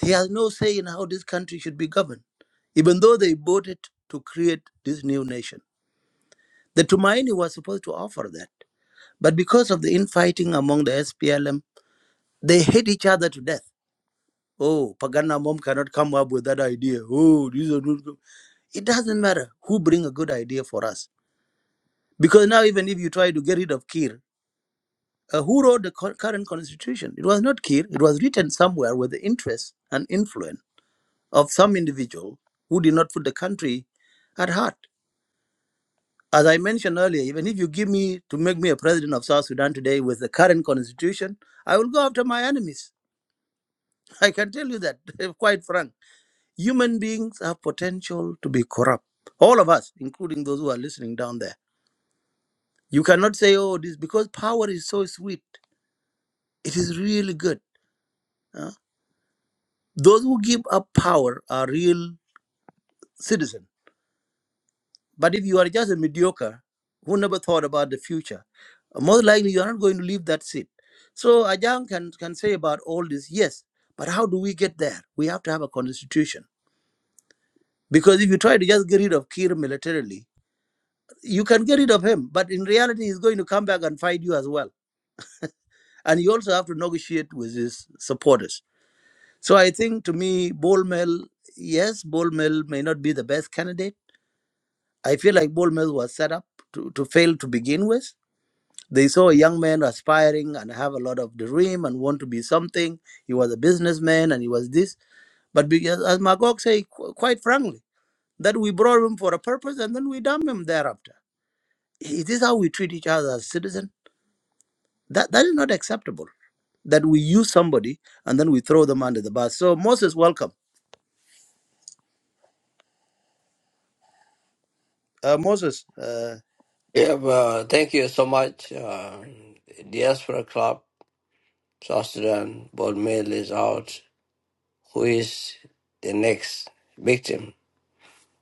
He has no say in how this country should be governed, even though they voted to create this new nation. The Tumaini was supposed to offer that, but because of the infighting among the SPLM, they hate each other to death. Oh, Pagana mom cannot come up with that idea. Oh, these are not. good. It doesn't matter who bring a good idea for us. Because now even if you try to get rid of Kir, uh, who wrote the cur- current constitution? It was not Kir. It was written somewhere with the interest and influence of some individual who did not put the country at heart. As I mentioned earlier, even if you give me to make me a president of South Sudan today with the current constitution, I will go after my enemies. I can tell you that, quite frank. Human beings have potential to be corrupt. All of us, including those who are listening down there. You cannot say, oh, this, because power is so sweet. It is really good. huh? Those who give up power are real citizens. But if you are just a mediocre who never thought about the future, most likely you are not going to leave that seat. So Ajahn can, can say about all this, yes, but how do we get there? We have to have a constitution. Because if you try to just get rid of Kir militarily, you can get rid of him, but in reality, he's going to come back and fight you as well. And you also have to negotiate with his supporters. So I think to me, Bol Mel, yes, Bol Mel may not be the best candidate. I feel like Bol Mel was set up to, to fail to begin with. They saw a young man aspiring and have a lot of dream and want to be something. He was a businessman and he was this. But because, as Magog say, qu- quite frankly, that we brought him for a purpose and then we dump him thereafter. Is this how we treat each other as citizens? That, that is not acceptable. That we use somebody and then we throw them under the bus. So Moses, welcome. Uh, Moses, uh,
Yeah, well, thank you so much. Uh, Diaspora Club South Sudan board mail is out. Who is the next victim?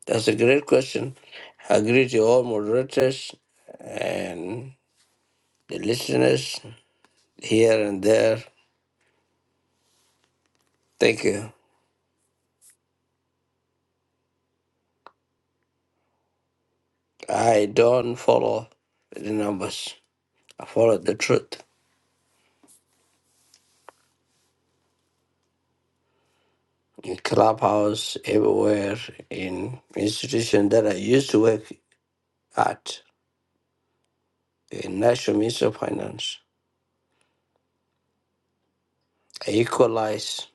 That's a great question. I agree to all moderators and the listeners here and there. Thank you. I don't follow the numbers. I follow the truth. In clubhouse, everywhere, in institution that I used to work at, in National Ministry of Finance. equalize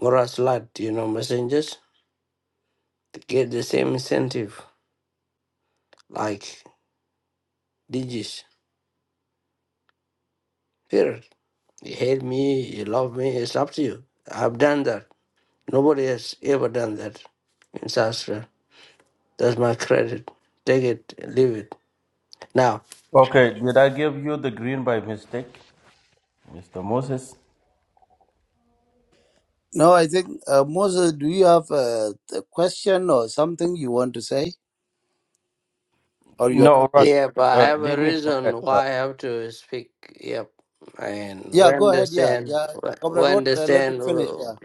Morris lot, you know, messengers to get the same incentive like digits. Here, you hate me, you love me, it's up to you. I've done that. Nobody has ever done that in South Sudan. That's my credit. Take it, leave it. Now,
Okay, did I give you the green by mistake, Mr. Moses?
No, I think, uh, Moses, do you have a, a question or something you want to say? Or you're
No, Rock.
yep, I
Uh,
have a
leave me for that.
reason
Uh,
why I have to speak. Yep. And we
Yeah, go ahead. Yeah,
understand,
yeah. Comrade
we
Roth, uh, let him
understand,
finish.
we're
Yeah.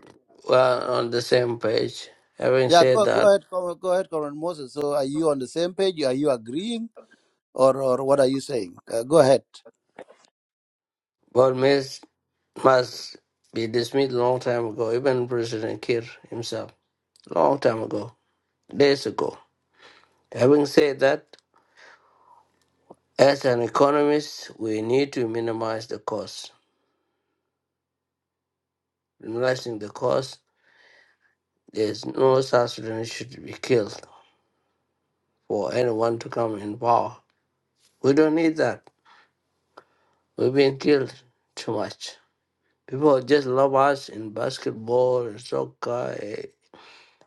on the same page. Having
Yeah,
said
go, go
that,
ahead, Com- go ahead, Comrade Moses. So are you on the same page? Are you agreeing? Or, or what are you saying? Uh, go ahead.
Paul Mills must be dismissed long time ago, even President Kir himself, long time ago, days ago. Having said that, as an economist, we need to minimize the cost. Minimizing the cost, there's no South Sudanese should be killed for anyone to come in power. We don't need that. We've been killed too much. People just love us in basketball and soccer. eh.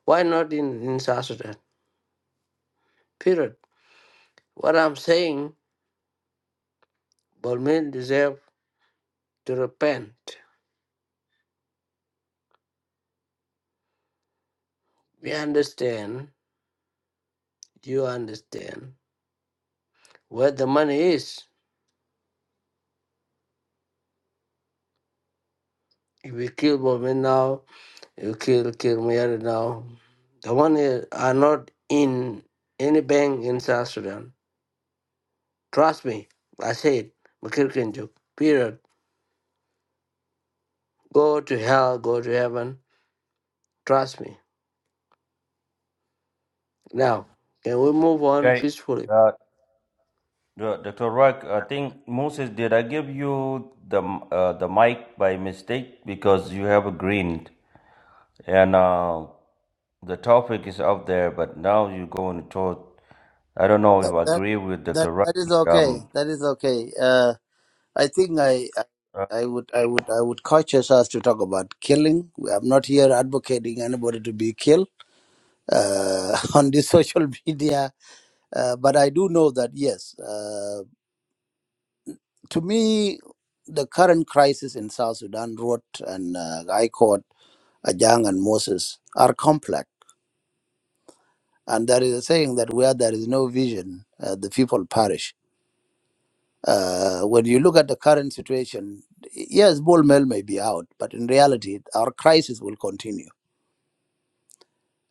Why not in, in South Sudan? Period. What I'm saying, Bolmin deserve. to repent. We understand, you understand where the money is. If we kill women now, you kill kill Mary now. The money are not in any bank in South Sudan. Trust me, I said, Makirkinjuk, period. Go to hell, go to heaven. Trust me. Now, can we move on
okay.
peacefully?
Uh, uh, Dr. Rock, I think Moses, did I give you the uh, the mic by mistake because you have a green and uh, the topic is up there, but now you're going to talk. I don't know if
That,
I
that,
agree with
that,
Dr. Rush,
that is
but
okay.
um,
That is okay. Uh, I think I, I
uh,
I would, I would, I would cautious us to talk about killing. I'm not here advocating anybody to be killed uh, on this social media Uh, but I do know that, yes, uh, to me, the current crisis in South Sudan, Road and uh, I caught Ajang and Moses, are complex. And there is a saying that where there is no vision, uh, the people perish. Uh, when you look at the current situation, yes, Bull Mel may be out, but in reality, our crisis will continue.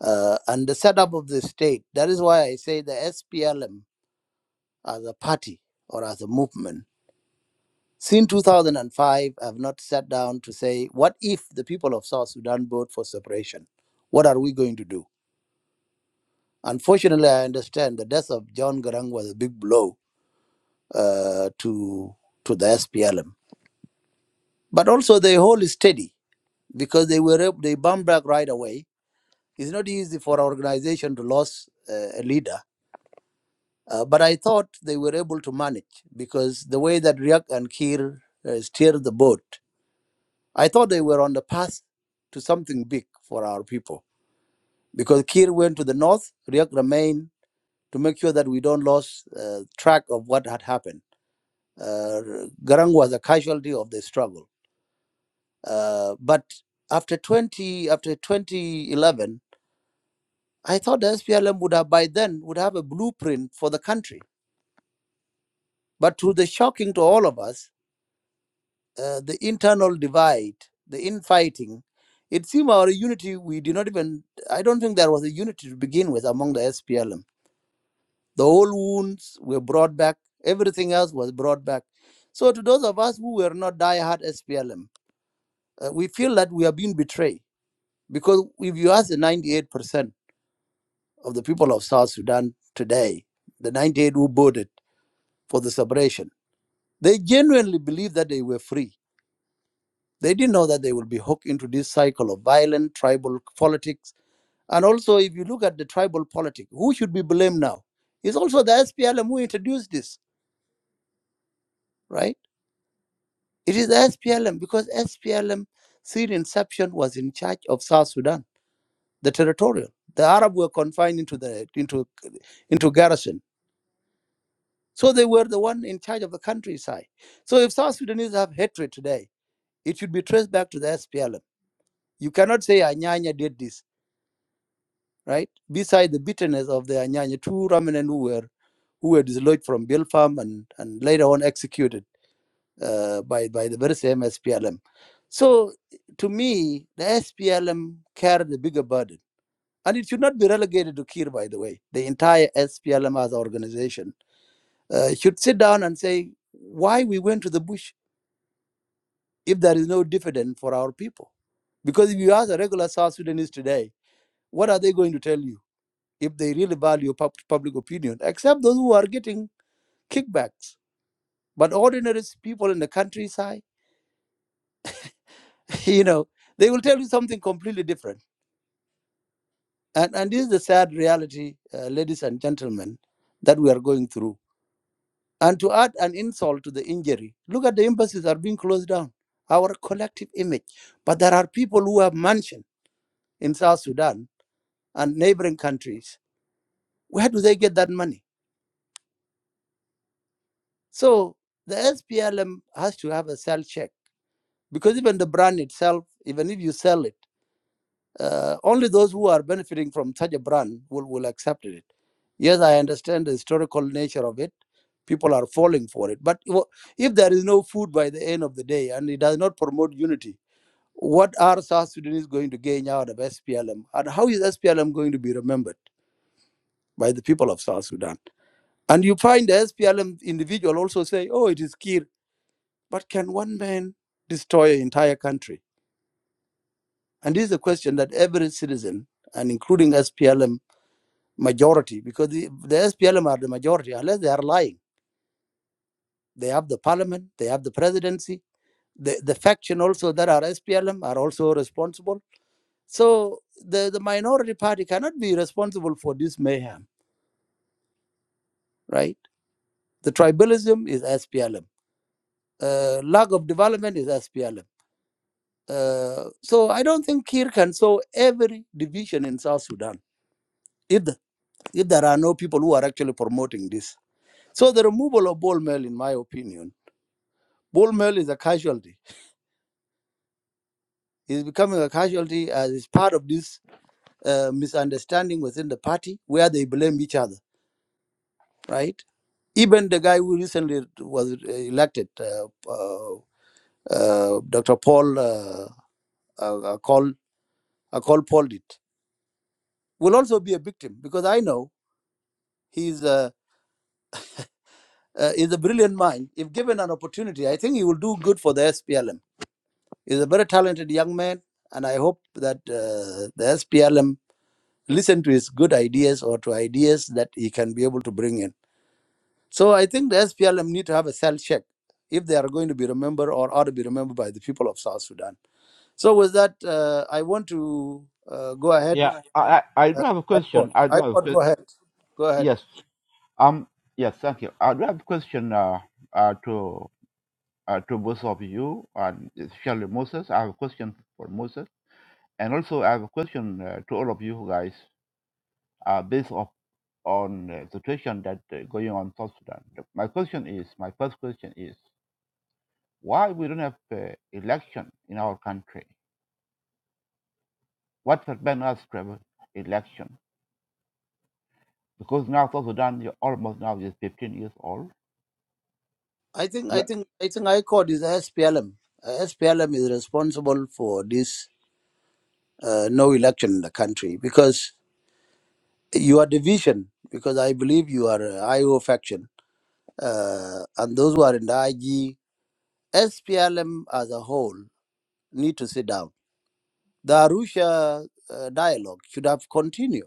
Uh, and the setup of the state, that is why I say the SPLM as a party or as a movement Since 2005, I've not sat down to say, what if the people of South Sudan vote for separation? What are we going to do? Unfortunately, I understand the death of John Garang was a big blow uh, to to the SPLM. But also the whole is steady because they were ab- they bounce back right away. It's not easy for an organization to lose uh, a leader, uh, but I thought they were able to manage because the way that Riek and Kir uh, steered the boat I thought they were on the path to something big for our people because Kir went to the north, Riek remained to make sure that we don't lose uh, track of what had happened. Uh, Garang was a casualty of the struggle. Uh, but after 20, after 2011, I thought the SPLM would have by then would have a blueprint for the country. But to the shocking to all of us, uh, the internal divide, the infighting. It seemed our unity, we did not even, I don't think there was a unity to begin with among the SPLM. The old wounds were brought back, everything else was brought back. So, to those of us who were not diehard SPLM, uh, we feel that we are being betrayed. Because if you ask the 98% of the people of South Sudan today, the 98 who voted for the separation, they genuinely believe that they were free They didn't know that they will be hooked into this cycle of violent tribal politics. And also, if you look at the tribal politics, who should be blamed now? It's also the SPLM who introduced this, right? It is the SPLM because SPLM, since inception, was in charge of South Sudan, the territorial. The Arab were confined into the into into garrison, so they were the one in charge of the countryside. So if South Sudanese have hatred today, it should be traced back to the SPLM. You cannot say Anyanya did this right? Beside the bitterness of the Anyanya, two Ramanan who were who were dislodged from Bill and, and later on executed uh, by, by the very same SPLM. So to me, the SPLM carried a bigger burden. And it should not be relegated to Kir, by the way. The entire SPLM as organization uh, should sit down and say why we went to the bush if there is no dividend for our people. Because if you ask a regular South Sudanese today, what are they going to tell you? if they really value pub- public opinion, except those who are getting kickbacks. But ordinary people in the countryside, you know, they will tell you something completely different. And, and this is the sad reality, uh, ladies and gentlemen, that we are going through. And to add an insult to the injury, look at the embassies are being closed down, our collective image. But there are people who have mansion in South Sudan and neighboring countries. Where do they get that money? So the SPLM has to have a self check because even the brand itself, even if you sell it, uh, only those who are benefiting from such a brand will, will accept it. Yes, I understand the historical nature of it. People are falling for it. But if there is no food by the end of the day and it does not promote unity, what are South Sudanese going to gain out of SPLM? And how is SPLM going to be remembered by the people of South Sudan? And you find the SPLM individual also say, oh, it is Kir. But can one man destroy an entire country? And this is a question that every citizen, and including SPLM majority, because the, the SPLM are the majority, unless they are lying. They have the parliament, they have the presidency. The, the faction also that are SPLM are also responsible. So the, the minority party cannot be responsible for this mayhem, right? The tribalism is SPLM. Uh, lack of development is SPLM. Uh, so I don't think Kir can solve every division in South Sudan if, the, if there are no people who are actually promoting this. So the removal of ball mill, in my opinion, ball mill is a casualty. He's becoming a casualty as it's part of this uh, misunderstanding within the party where they blame each other, right? Even the guy who recently was uh, elected, uh, uh, uh, Dr. Paul, uh, uh, call, uh, call Paul did, will also be a victim because I know he's a, uh, he's a brilliant mind. If given an opportunity, I think he will do good for the SPLM. He's a very talented young man and I hope that uh, the SPLM listen to his good ideas or to ideas that he can be able to bring in. So I think the SPLM need to have a self check if they are going to be remembered or ought to be remembered by the people of South Sudan. So with that, uh, I want to uh, go ahead. Uh, I caught. I caught. Go ahead. Go ahead. I think. I think. I think. I caught is SPLM. Uh, SPLM is responsible for this uh, no election in the country because you are division. Because I believe you are a IO faction, uh, and those who are in the IG SPLM as a whole need to sit down. The Arusha uh, dialogue should have continued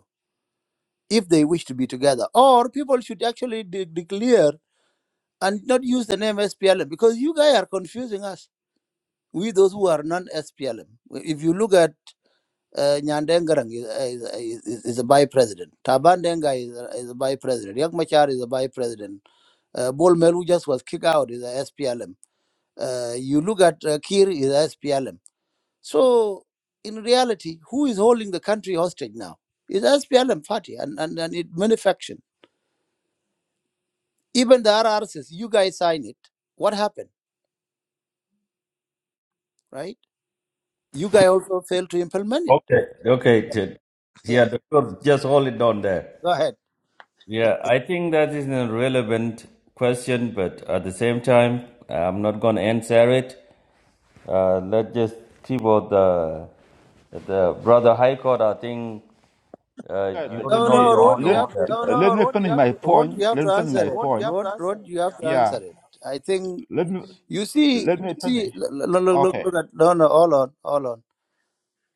if they wish to be together, or people should actually de- declare and not use the name SPLM because you guys are confusing us. We those who are non-SPLM. If you look at uh, Nyandengarang is, uh, is, is, is a vice president. Tabandenga is a, is a by president. Yak Machar is a vice president. Uh, Bol Melu just was kicked out is a SPLM. Uh, you look at uh, Kir is a SPLM So, in reality, who is holding the country hostage now? It's SPLM party and, and, and it manufactured. Even the R R RRCs, you guys signed it. What happened, right? You guys also failed to implement it.
okay, okay, t-
Yeah,
yeah, doctor, just hold it down there.
go ahead.
Yeah, I think that is a relevant question, but at the same time, I'm not going to answer it. Uh, let's just keep out the the brother High Court. I think uh, you ought to
No,
know
no,
your
Rod,
own
you have to,
answer. But,
Rod, you have to answer it. Rod, Rod, you have to answer it. I think you see, you see, look, look, look, look at, no, no, hold on, hold on.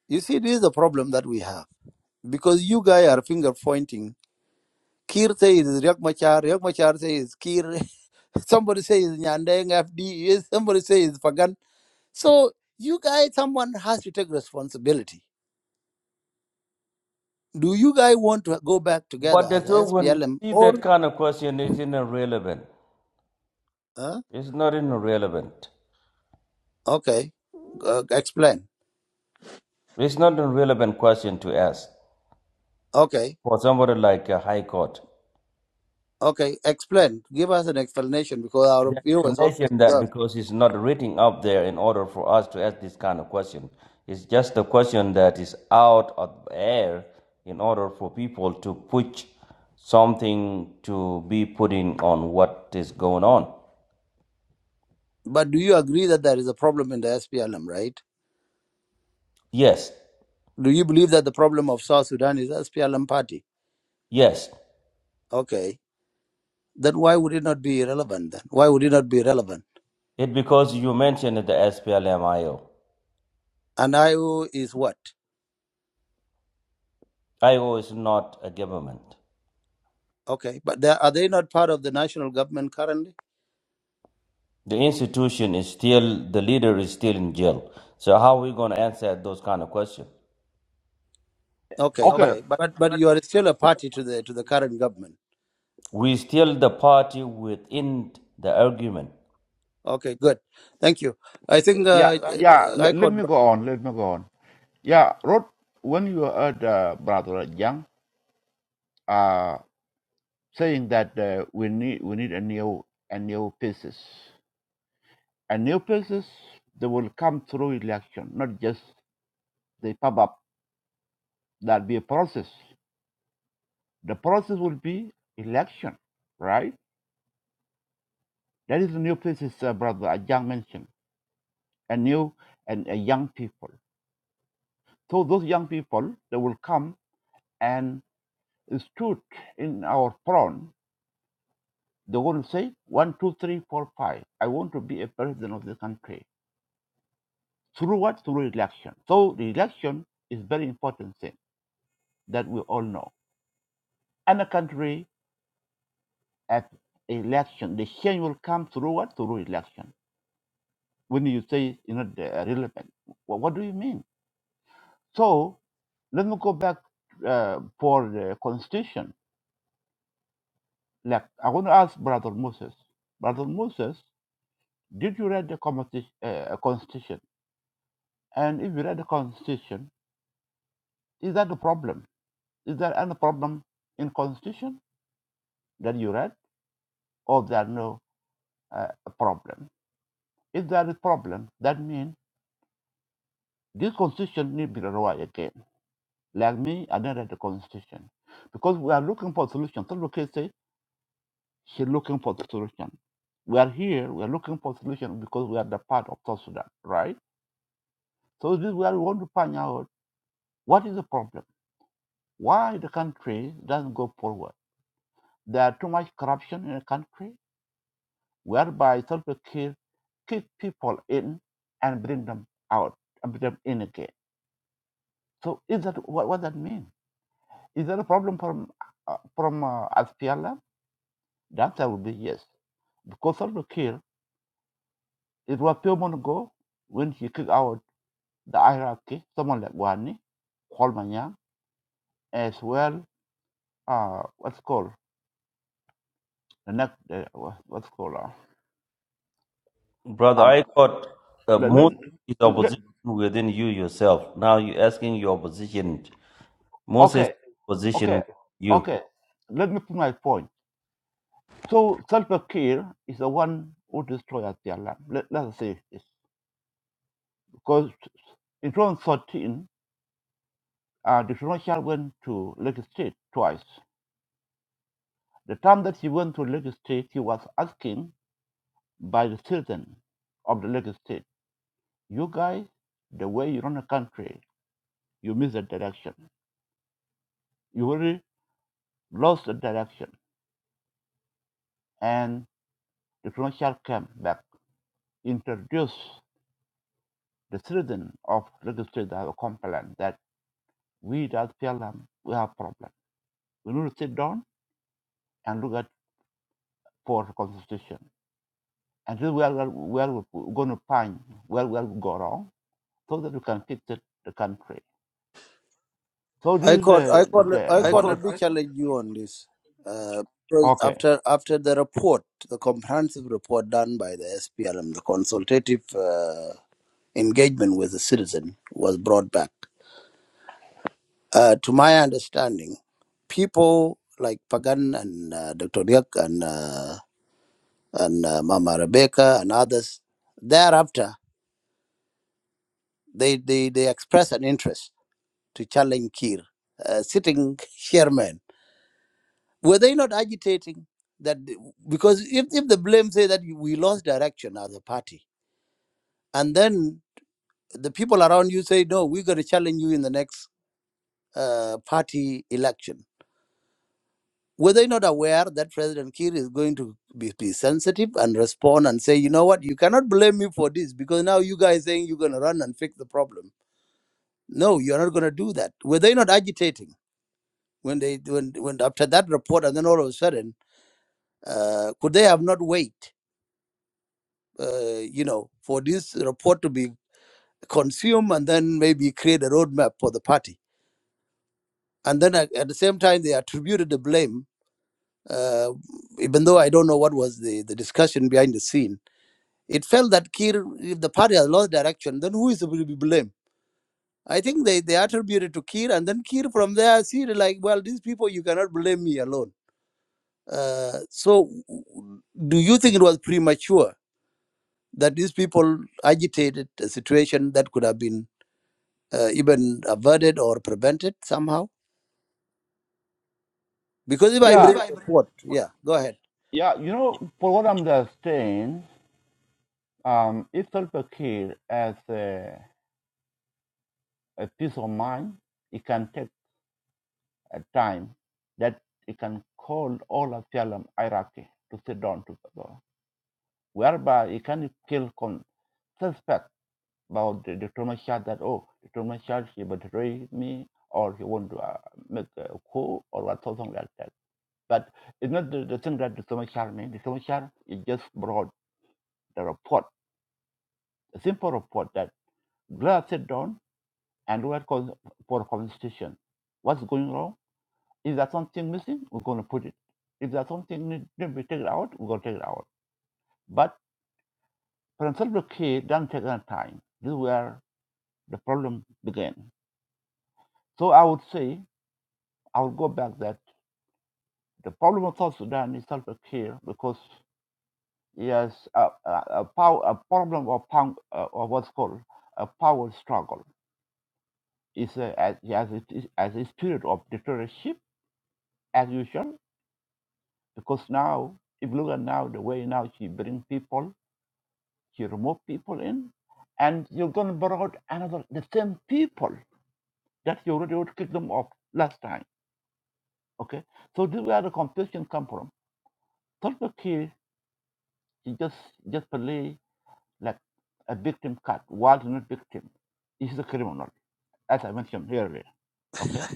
You see, this is the problem that we have because you guys are finger pointing Kir says Riek Machar, Riek Machar says Kir. Somebody says Nyandeng FD, somebody says Fagan. So you guys, someone has to take responsibility. Do you guys want to go back together
but
as
doctor, when you
SPLM
see
or?
that kind of question, it's irrelevant.
Huh?
It's not irrelevant.
Okay, uh, explain.
It's not a relevant question to ask
Okay,
for somebody like a high court.
okay, explain. Give us an explanation because our
The
viewers also.
explanation that
Yeah.
because it's not written up there in order for us to ask this kind of question. It's just a question that is out of air in order for people to push something to be putting on what is going on.
But do you agree that there is a problem in the SPLM, right?
Yes,
Do you believe that the problem of South Sudan is SPLM party?
yes.
Okay, then why would it not be relevant then? Why would it not be relevant?
It because you mentioned the SPLM IO.
And IO is what?
is not a government.
Okay, but they, are they not part of the national government currently?
The institution is still, the leader is still in jail. So how are we going to answer those kind of questions?
Okay, but but but you are still a party to the to the current government.
We still the party within the argument.
Okay, good. Thank you. I think uh, uh, I could
Brother, I got uh, most is opposition within you yourself. Now you're asking your opposition. Moses is opposition with you.
I could I could let, I could let me challenge you on this. Uh, because after after the report, the comprehensive report done by the SPLM, the consultative uh, engagement with the citizen was brought back. Uh, to my understanding, people like Pagan and uh, Dr. Riak and uh, and uh, Mama Rebecca and others. Thereafter, they, they, they expressed an interest to challenge Kir, uh, sitting chairman. Were they not agitating that? Because if, if the blame say that we lost direction as a party, and then the people around you say, no, we're going to challenge you in the next uh, party election. Were they not aware that President Kiir is going to be, be sensitive and respond and say, you know what, you cannot blame me for this because now you guys saying you're going to run and fix the problem No, you're not going to do that. Were they not agitating when they when when after that report and then all of a sudden uh, could they have not wait? Uh, you know, for this report to be consumed and then maybe create a roadmap for the party. And then at, at the same time, they attributed the blame. Uh, even though I don't know what was the, the discussion behind the scene, it felt that Kir, if the party has lost direction, then who is to be blamed? I think they, they attributed to Kir, and then Kir from there see like, well, these people you cannot blame me alone Uh, so, do you think it was premature that these people agitated a situation that could have been uh, even averted or prevented somehow? Because if I bring the report, yeah, go ahead.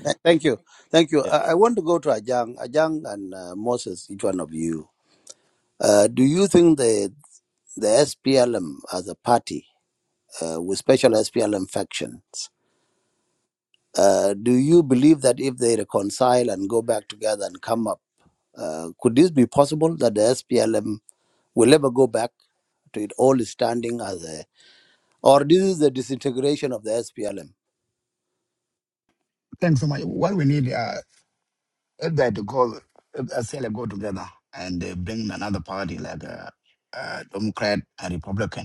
Th- Thank you. Thank you. I, I want to go to Ajang. Ajang and uh, Moses, each one of you. Uh, do you think the, the SPLM as a party uh, with special SPLM factions, uh, do you believe that if they reconcile and go back together and come up? Uh, could this be possible that the SPLM will ever go back to its old standing as a, or this is the disintegration of the SPLM?
Thanks so much. What we need, uh, that to go, uh, Australia go together and uh, bring another party like uh, uh, Democrat and Republican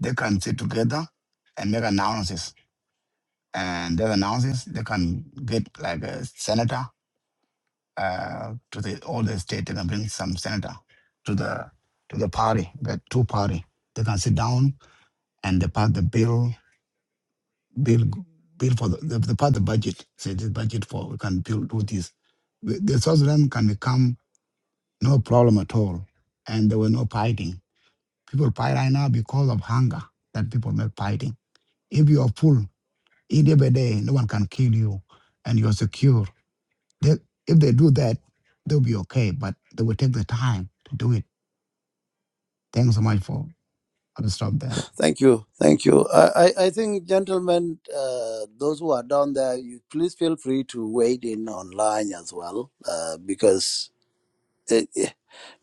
They can sit together and make announcements. And those announcements, they can get like a senator uh, to the all the state. They can bring some senator to the to the party, the two party. They can sit down and they pass the bill, bill, bill for the they, they pass the budget. Say this budget for we can build do this. The the South Sudan can become no problem at all, and there were no fighting. People fight right now because of hunger that people make fighting. If you are full In day by day, no one can kill you and you're secure. They, if they do that, they'll be okay, but they will take the time to do it. Thanks so much for, I'll stop there.
Thank you, thank you. I, I, I think, gentlemen, uh, those who are down there, you please feel free to wade in online as well, uh, because it, it-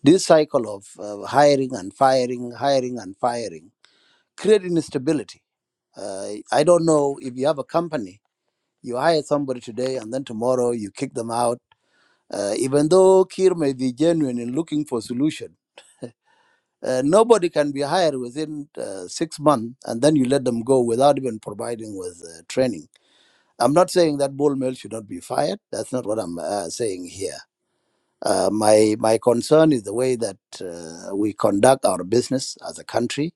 this cycle of uh, hiring and firing, hiring and firing, creating instability. Uh, I don't know if you have a company, you hire somebody today and then tomorrow you kick them out Uh, even though Kir may be genuine in looking for solution, uh, nobody can be hired within uh, six months and then you let them go without even providing with uh, training. I'm not saying that Bol mill should not be fired. That's not what I'm uh, saying here. Uh, my my concern is the way that uh, we conduct our business as a country.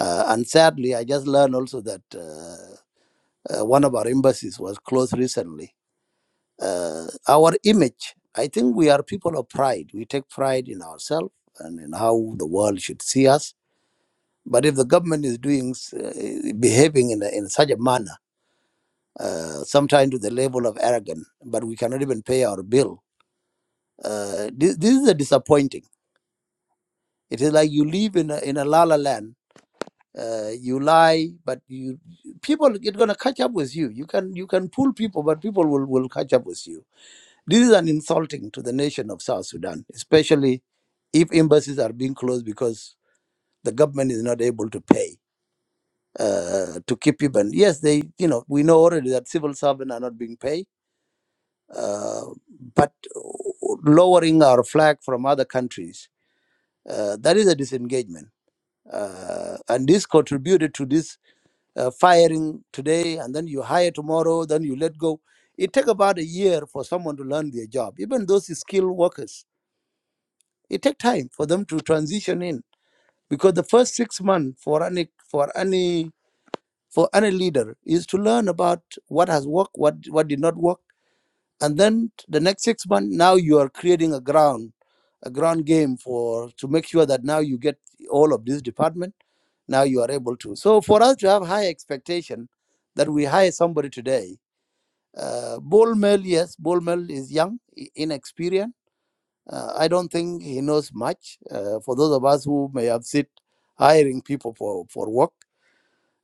Uh, and sadly, I just learned also that uh, uh, one of our embassies was closed recently uh, our image. I think we are people of pride. We take pride in ourselves and in how the world should see us. But if the government is doing, uh, behaving in, a, in such a manner, uh, sometimes to the level of arrogance, but we cannot even pay our bill, uh, this, this is a disappointing. It is like you live in a, in a la la land. Uh, you lie, but you people get gonna catch up with you. You can you can fool people, but people will will catch up with you This is an insulting to the nation of South Sudan, especially if embassies are being closed because the government is not able to pay uh, to keep people. And yes, they, you know, we know already that civil servants are not being paid, uh, but lowering our flag from other countries, uh, that is a disengagement. Uh, and this contributed to this uh, firing today, and then you hire tomorrow, then you let go. It takes about a year for someone to learn their job, even those skilled workers It takes time for them to transition in because the first six months for any for any for any leader is to learn about what has worked, what what did not work, and then the next six months now you are creating a ground a ground game for to make sure that now you get all of this department now you are able to so for us to have high expectation that we hire somebody today uh, Bol Mel, yes, Bol Mel is young, i- inexperienced uh, I don't think he knows much. Uh, for those of us who may have sit hiring people for, for work,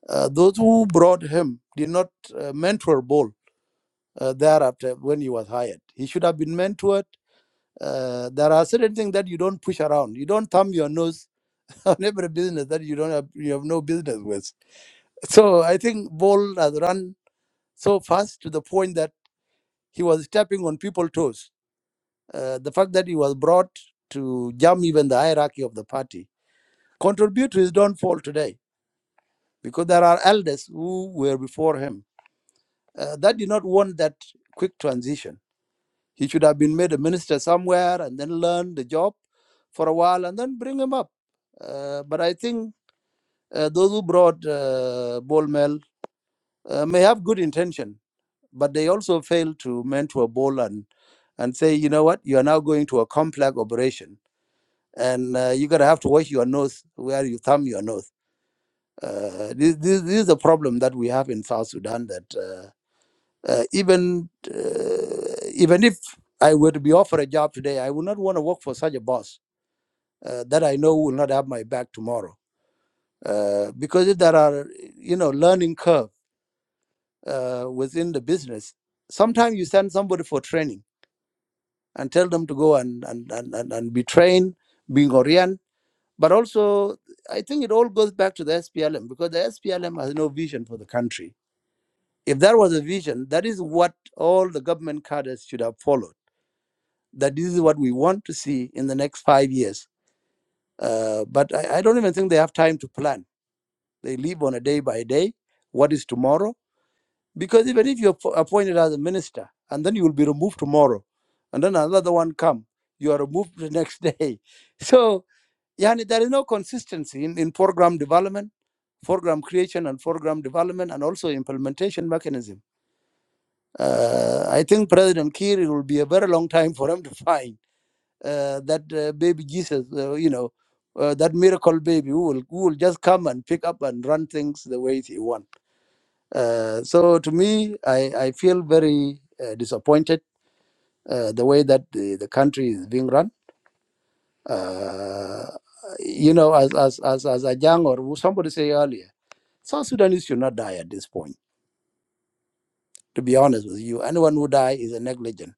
uh, those who brought him did not uh, mentor Bol uh, thereafter when he was hired. He should have been mentored. Uh, there are certain things that you don't push around. You don't thumb your nose on every business that you don't have, you have no business with. So I think Bol has run so fast to the point that he was stepping on people's toes. Uh, the fact that he was brought to jump even the hierarchy of the party Contribute don't fall today because there are elders who were before him uh, that did not want that quick transition. He should have been made a minister somewhere and then learn the job for a while and then bring him up. Uh, but I think uh, those who brought uh, Bol Mel uh, may have good intention, but they also fail to mentor Bol and, and say, you know what, you are now going to a complex operation and uh, you're going to have to wash your nose where you thumb your nose Uh, this, this, this is a problem that we have in South Sudan that uh, uh, even uh, even if I were to be offered a job today, I would not want to work for such a boss uh, that I know will not have my back tomorrow. Uh, because if there are you know learning curve uh, within the business, sometimes you send somebody for training and tell them to go and and, and, and, and be trained, being oriented. But also, I think it all goes back to the SPLM because the SPLM has no vision for the country If that was a vision, that is what all the government cadres should have followed. That this is what we want to see in the next five years. Uh, but I, I don't even think they have time to plan. They live on a day by day. What is tomorrow? Because even if you're appointed as a minister and then you will be removed tomorrow, and then another one come, you are removed the next day. So, yani, there is no consistency in, in program development, program creation, and program development, and also implementation mechanism Uh, I think President Kiir it will be a very long time for him to find uh, that uh, baby Jesus, uh, you know, uh, that miracle baby who will, who will just come and pick up and run things the way he wants. Uh, so to me, I, I feel very uh, disappointed uh, the way that the, the country is being run. Uh, you know, as as as as Ajang or somebody say earlier, South Sudanese should not die at this point. To be honest with you, anyone who die is a negligent,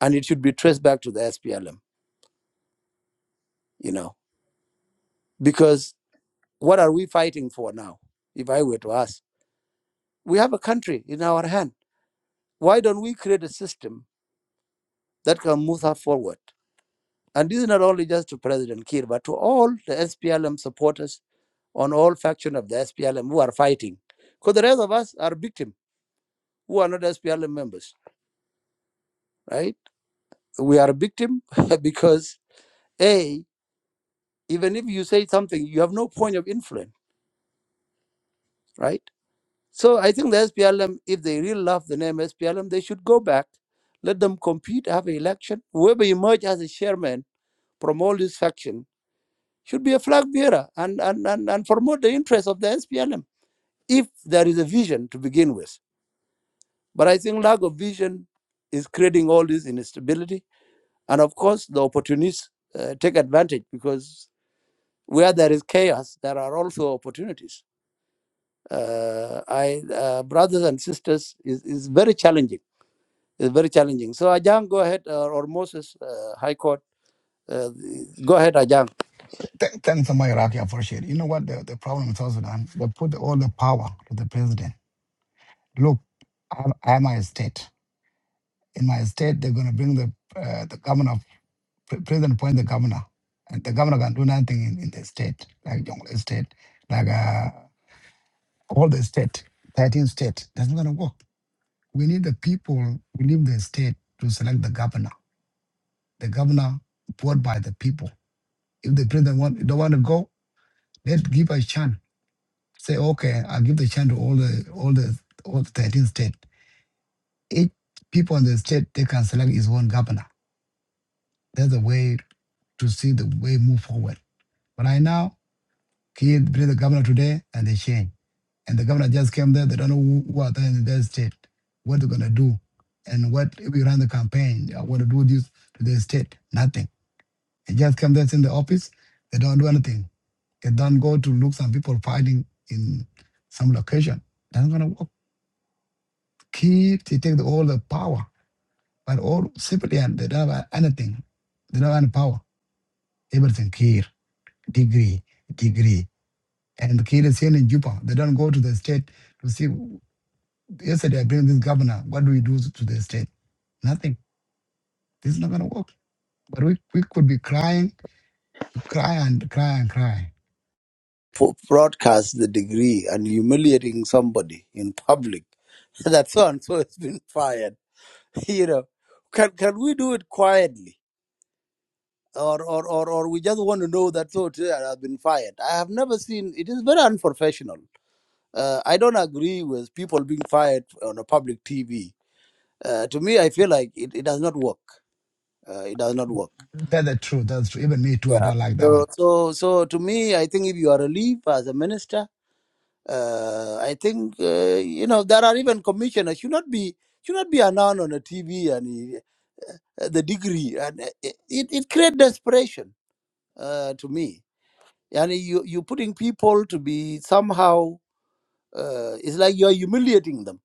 and it should be traced back to the SPLM you know because what are we fighting for now if i were to ask we have a country in our hand why don't we create a system that can move us forward and this is not only just to president kiir but to all the splm supporters on all faction of the splm who are fighting because the rest of us are victim who are not splm members right we are a victim because a even if you say something you have no point of influence right So I think the SPLM, if they really love the name SPLM, they should go back, let them compete, have an election. Whoever emerge as a chairman from all this faction should be a flag bearer and, and, and, and promote the interests of the SPLM, if there is a vision to begin with. But I think lack of vision is creating all this instability. And of course, the opportunists uh, take advantage because where there is chaos, there are also opportunities. Uh, I, uh, brothers and sisters, is is very challenging It's very challenging. So Ajang, go ahead, uh, or Moses, uh, High Court, uh, go ahead, Ajang.
Th- th- thanks so much, Iraqi. I appreciate it. You know what? The, the problem in South Sudan, they put all the power to the president. Look, I'm, I'm a state. In my state, they're going to bring the uh, the governor, pre- president appoint the governor. And the governor can do nothing in, in the state, like Jonglei state, like uh, all the state, 13 state. That's not going to work We need the people, we need the state to select the governor. The governor brought by the people. If the president want, don't want to go, let's give a chance. Say, okay, I'll give the chance to all the all the all the 13 states. Each people in the state they can select his own governor. That's the way to see the way move forward. But right now, he bring the governor today and they change. And the governor just came there, they don't know who, who are there in their state, what they're gonna do, and what if we run the campaign, I wanna do this to the state, nothing They just come there in the office. They don't do anything. They don't go to look some people fighting in some location. That's gonna work. Keep they take all the power, but all civilian they don't have anything. They don't have any power. Everything here, degree, degree, and Kir is here in Juba. They don't go to the state to see. Yesterday I bring this governor. What do we do to the state? Nothing. This is not gonna work. But we, we could be crying, cry and cry and cry.
for broadcast the degree and humiliating somebody in public that so and so has been fired. You know, can can we do it quietly? Or, or, or, or we just want to know that so today I have been fired. I have never seen it is very unprofessional. Uh, I don't agree with people being fired on a public TV. Uh, to me, I feel like it, it does not work. Uh, it does not work.
That's the truth. That's true. Even me too. I
Yeah.
don't like that one.
So, so, so to me, I think if you are a leave as a minister, uh, I think uh, you know there are even commissioners should not be should not be announced on the TV and uh, the degree, and uh, it it, it creates desperation uh, to me. And you you putting people to be somehow uh, it's like you are humiliating them.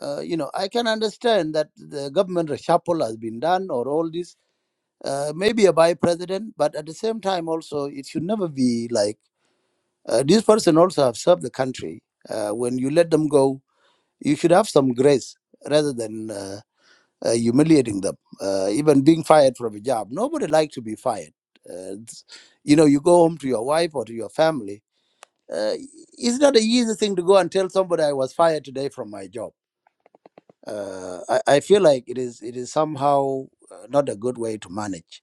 Uh, you know, I can understand that the government reshuffle has been done or all this, uh, maybe a by president, but at the same time also it should never be like Uh, this person also have served the country. Uh, when you let them go, you should have some grace rather than uh, uh, humiliating them. Uh, even being fired from a job, nobody likes to be fired. Uh, it's- you know, you go home to your wife or to your family. Uh, it's not an easy thing to go and tell somebody I was fired today from my job. Uh, I, I feel like it is it is somehow uh, not a good way to manage.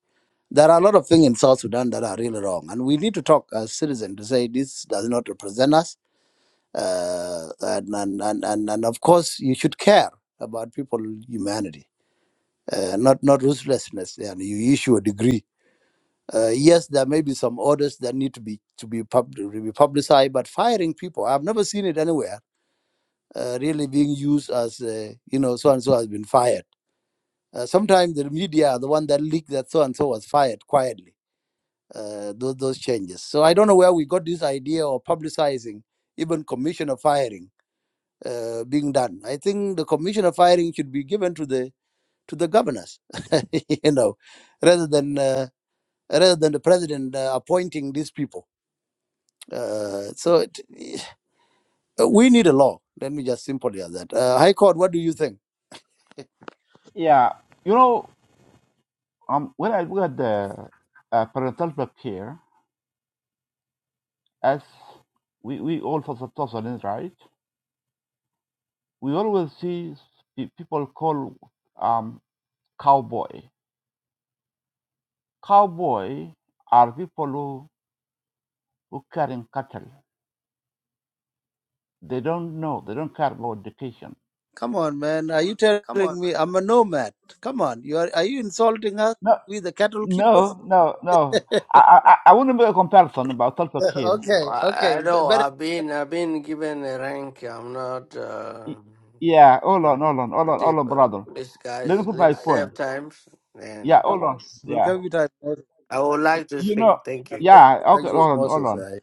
There are a lot of things in South Sudan that are really wrong, and we need to talk as citizens to say this does not represent us uh, and, and, and, and, and of course you should care about people humanity uh, not not ruthlessness and you issue a degree uh, yes there may be some orders that need to be to be, pub- to be publicized but firing people i've never seen it anywhere uh, really being used as uh, you know so and so has been fired uh, sometimes the media are the one that leaked that so and so was fired quietly uh, those, those changes so i don't know where we got this idea of publicizing even commission of firing uh, being done. I think the commission of firing should be given to the to the governors, you know, rather than uh, rather than the president uh, appointing these people. Uh, so it, uh, we need a law. Let me just simply add that. Uh, High Court, what do you think? Come on, man. Are you telling me I'm a nomad? Come on. You are, are you insulting us? We the cattle keepers? okay,
I, I
okay. b-
know
Better.
I've been I've been given a rank. I'm not uh, but but if, uh, please guys, let's save time. And
We'll come with time. Moses.
I would like to speak. Thank you.
Thank you, thank you, Moses. I,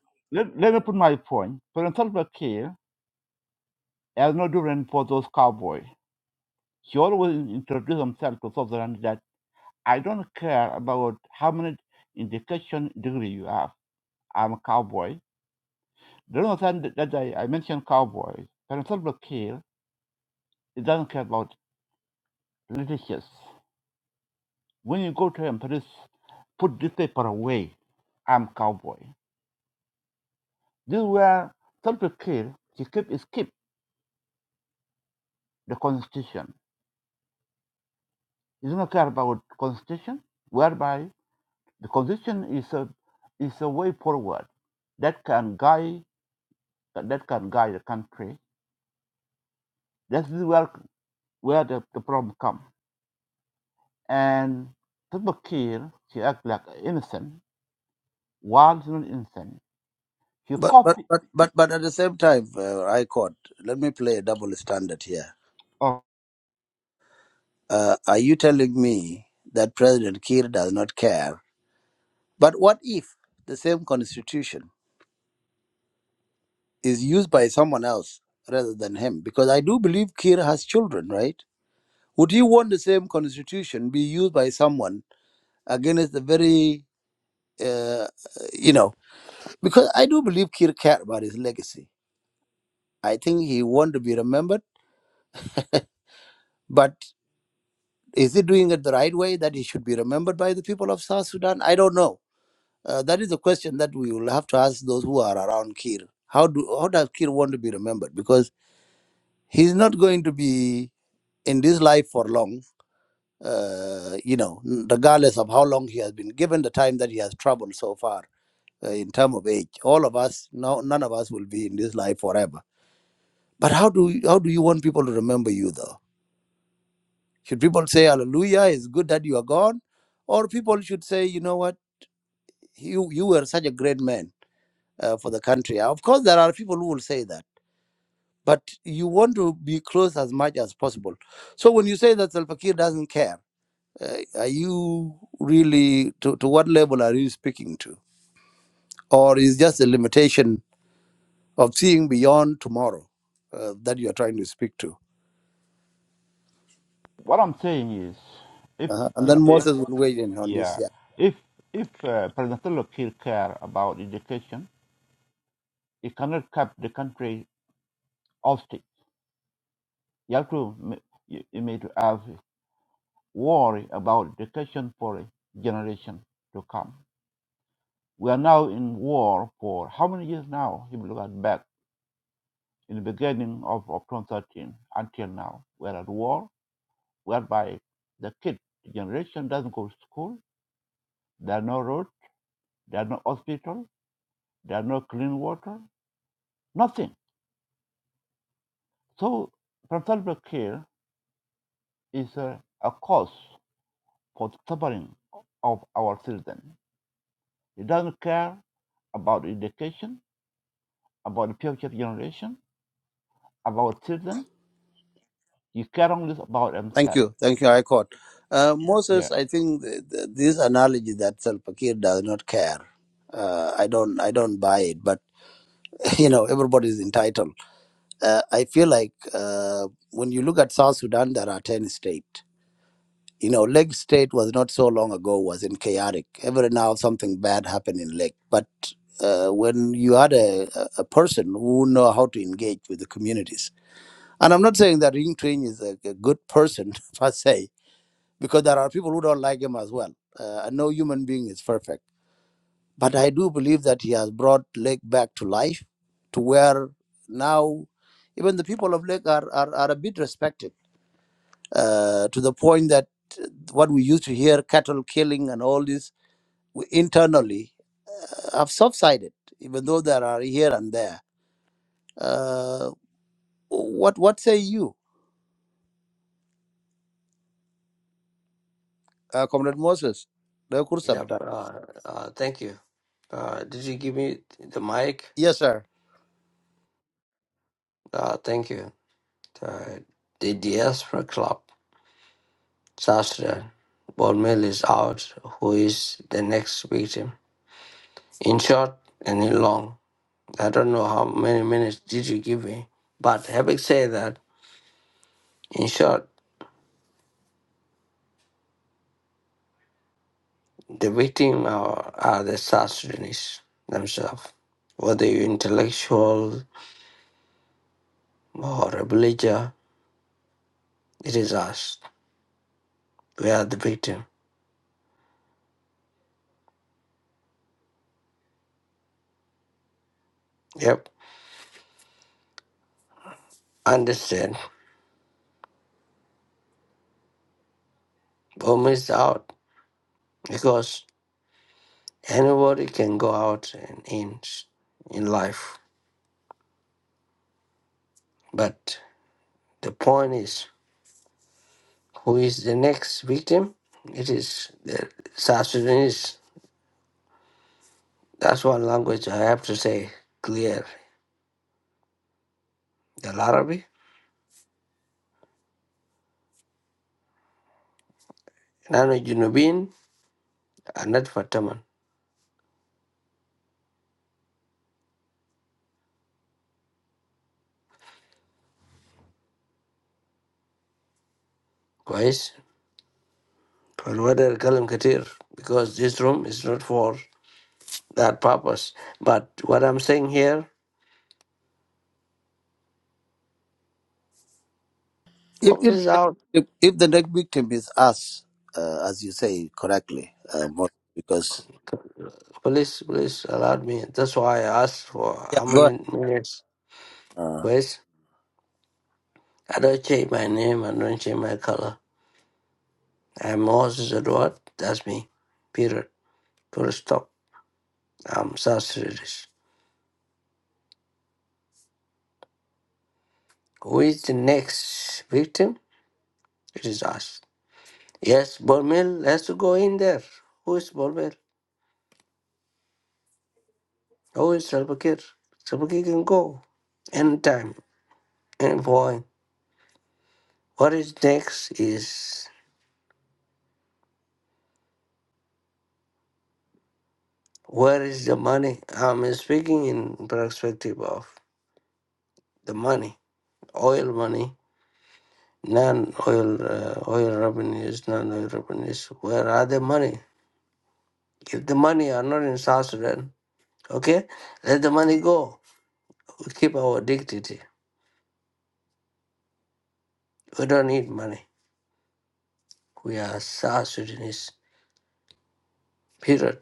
but but but but but at the same time, uh, I caught. Let me play a double standard here. Uh, are you telling me that President Kiir does not care? But what if the same constitution is used by someone else rather than him? Because I do believe Kiir has children, right? Would you want the same constitution be used by someone against the very, uh, uh, you know, because I do believe Kir cared about his legacy. I think he want to be remembered, but is he doing it the right way that he should be remembered by the people of South Sudan? I don't know. Uh, that is a question that we will have to ask those who are around Kir. How do how does Kir want to be remembered? Because he's not going to be in this life for long. Uh, you know, regardless of how long he has been given the time that he has traveled so far uh, in term of age. All of us, no, none of us will be in this life forever. But how do how do you want people to remember you though? Should people say Hallelujah? It's good that you are gone, or people should say, you know what, you you were such a great man uh, for the country. Uh, Of course, there are people who will say that, but you want to be close as much as possible. So when you say that Salva Kiir doesn't care, uh, are you really to, to what level are you speaking to, or is just a limitation? of seeing beyond tomorrow uh, that you are trying to speak to. Uh, and then Moses will weigh in on this. Yeah. Thank you. Thank you, High Court. Uh, Moses, I think th- th- this analogy that Salva Kiir does not care. Uh, I don't. I don't buy it. But you know, everybody is entitled. Uh, I feel like uh, when you look at South Sudan, there are ten states. You know, Lake State was not so long ago was in chaotic. Every now something bad happened in Lake, but uh, when you had a, a a person who know how to engage with the communities, and I'm not saying that Ring Train is a, a good person per se, because there are people who don't like him as well. Uh, and no human being is perfect, but I do believe that he has brought Lake back to life, to where now even the people of Lake are are, are a bit respected uh, to the point that what we used to hear, cattle killing and all this, we internally uh, have subsided, even though there are here and there. Uh, what what say you, uh, Comrade Moses? The Kursa
Yep.
Bidan.
Uh, uh, thank you. Uh, did you give me the mic?
Yes, sir.
Uh, thank you. Uh, the Diaspora Club, South Sudan. Ball Mill is out. Who is the next victim? In short and in long. I don't know how many minutes did you give me. But having said that, in short, the victim are, are the South Sudanese themselves. Whether you're intellectual or a villager, it is us. We are the victim. Yep. Understand or miss out because anybody can go out and in in life. But the point is, who is the next victim? It is the South Sudanese That's one language I have to say clear. The Arabic. Nano Junubin, نحن جنوبين ندفع الثمن كويس فالوضع الكلام كتير because this room is not for that purpose but what I'm saying here
If,
what
if,
is
the,
out
if, if the next victim is us, uh, as you say correctly, uh, Moses, because
please please allow me that's why I asked for
yeah,
how
go
many
ahead.
minutes
Uh,
كويس I don't change my name I don't change my color I'm Moses Edward that's me period full stop I'm South Sudanese who is the next victim It is us. Yes, Bormel has to go in there. Who is Bormel? Who is Salbakir? Salbakir can go anytime, any point. What is next is where is the money? I'm speaking in perspective of the money, oil money, non-oil uh, oil revenues, non-oil revenues. Where are the money? If the money are not in South Sudan, okay, let the money go. We keep our dignity. We don't need money. we are South Sudanese. Period.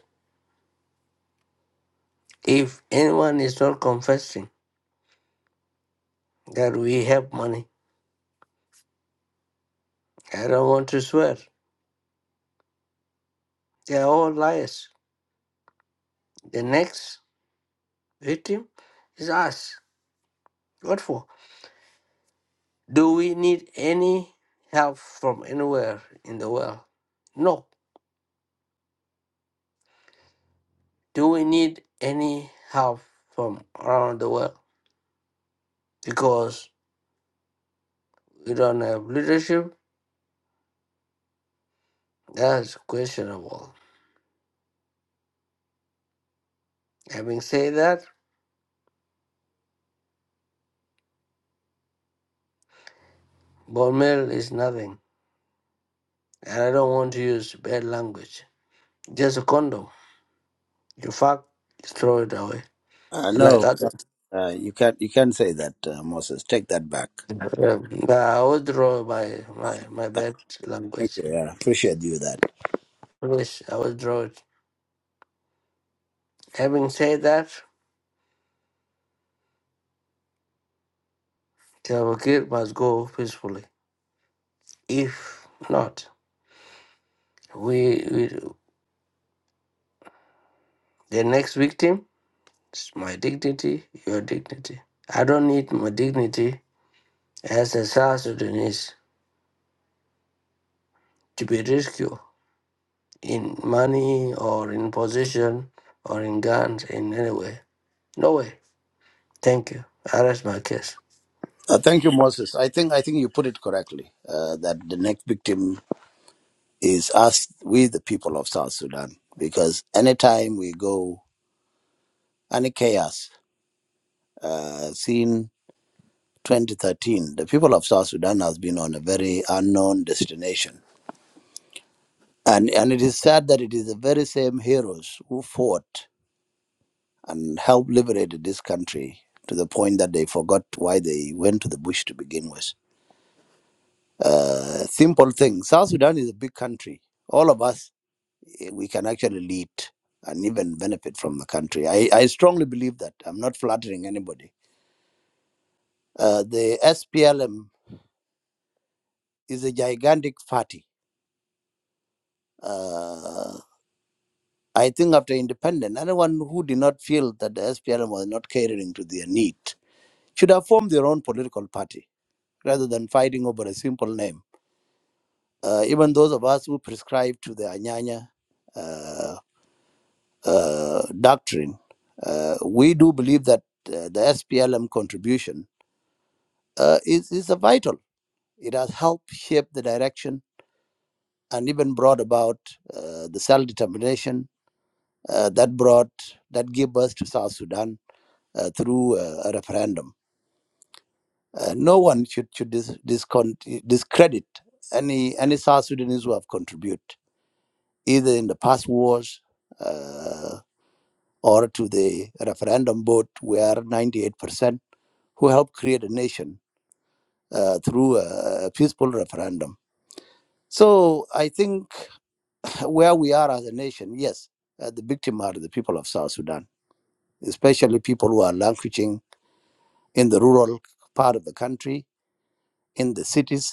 If anyone is not confessing that we have money, I don't want to swear. They are all liars. The next victim is us. What for? Do we need any help from anywhere in the world? No. Do we need any help from around the world? Because we don't have leadership? That's questionable. Having said that, bone meal is nothing. And I don't want to use bad language. Just a condom. You fuck, just throw it away.
uh,
Like
no,
that.
uh, you can't you can't say that, uh, Moses. Take that back.
Yeah. Nah, I withdraw my, my, my bad
Thank
language.
you. Yeah, appreciate you that.
Please, I withdraw it. Having said that, Tabakir must go peacefully. If not, we, we the next victim is my dignity, your dignity. I don't need my dignity as a South Sudanese to be rescued. in money or in position or in guns in any way. No way. Thank you. I rest my case.
Uh, thank you, Moses. I think I think you put it correctly. Uh, that the next victim is us, we the people of South Sudan, because anytime we go any chaos, uh, seen. 2013, the people of South Sudan has been on a very unknown destination. And, and it is sad that it is the very same heroes who fought and helped liberate this country to the point that they forgot why they went to the bush to begin with. Uh, simple thing South Sudan is a big country. All of us, eh, we can actually lead and even benefit from the country. I, I strongly believe that. I'm not flattering anybody. Uh, the SPLM is a gigantic party. Uh, I think after independence, anyone who did not feel that the SPLM was not catering to their need should have formed their own political party rather than fighting over a simple name. Uh, even those of us who prescribe to the Anyanya uh, uh, doctrine, uh, we do believe that uh, the SPLM contribution uh, is, is a vital. It has helped shape the direction and even brought about uh, the self determination uh, that brought, that gave birth to South Sudan uh, through uh, a referendum. Uh, no one should should dis- discount, discredit any any South Sudanese who have contributed either in the past wars uh, or to the referendum vote, where 98% who helped create a nation uh, through a, a peaceful referendum. So I think where we are as a nation, yes, uh, the victim are the people of South Sudan, especially people who are languishing in the rural part of the country, in the cities,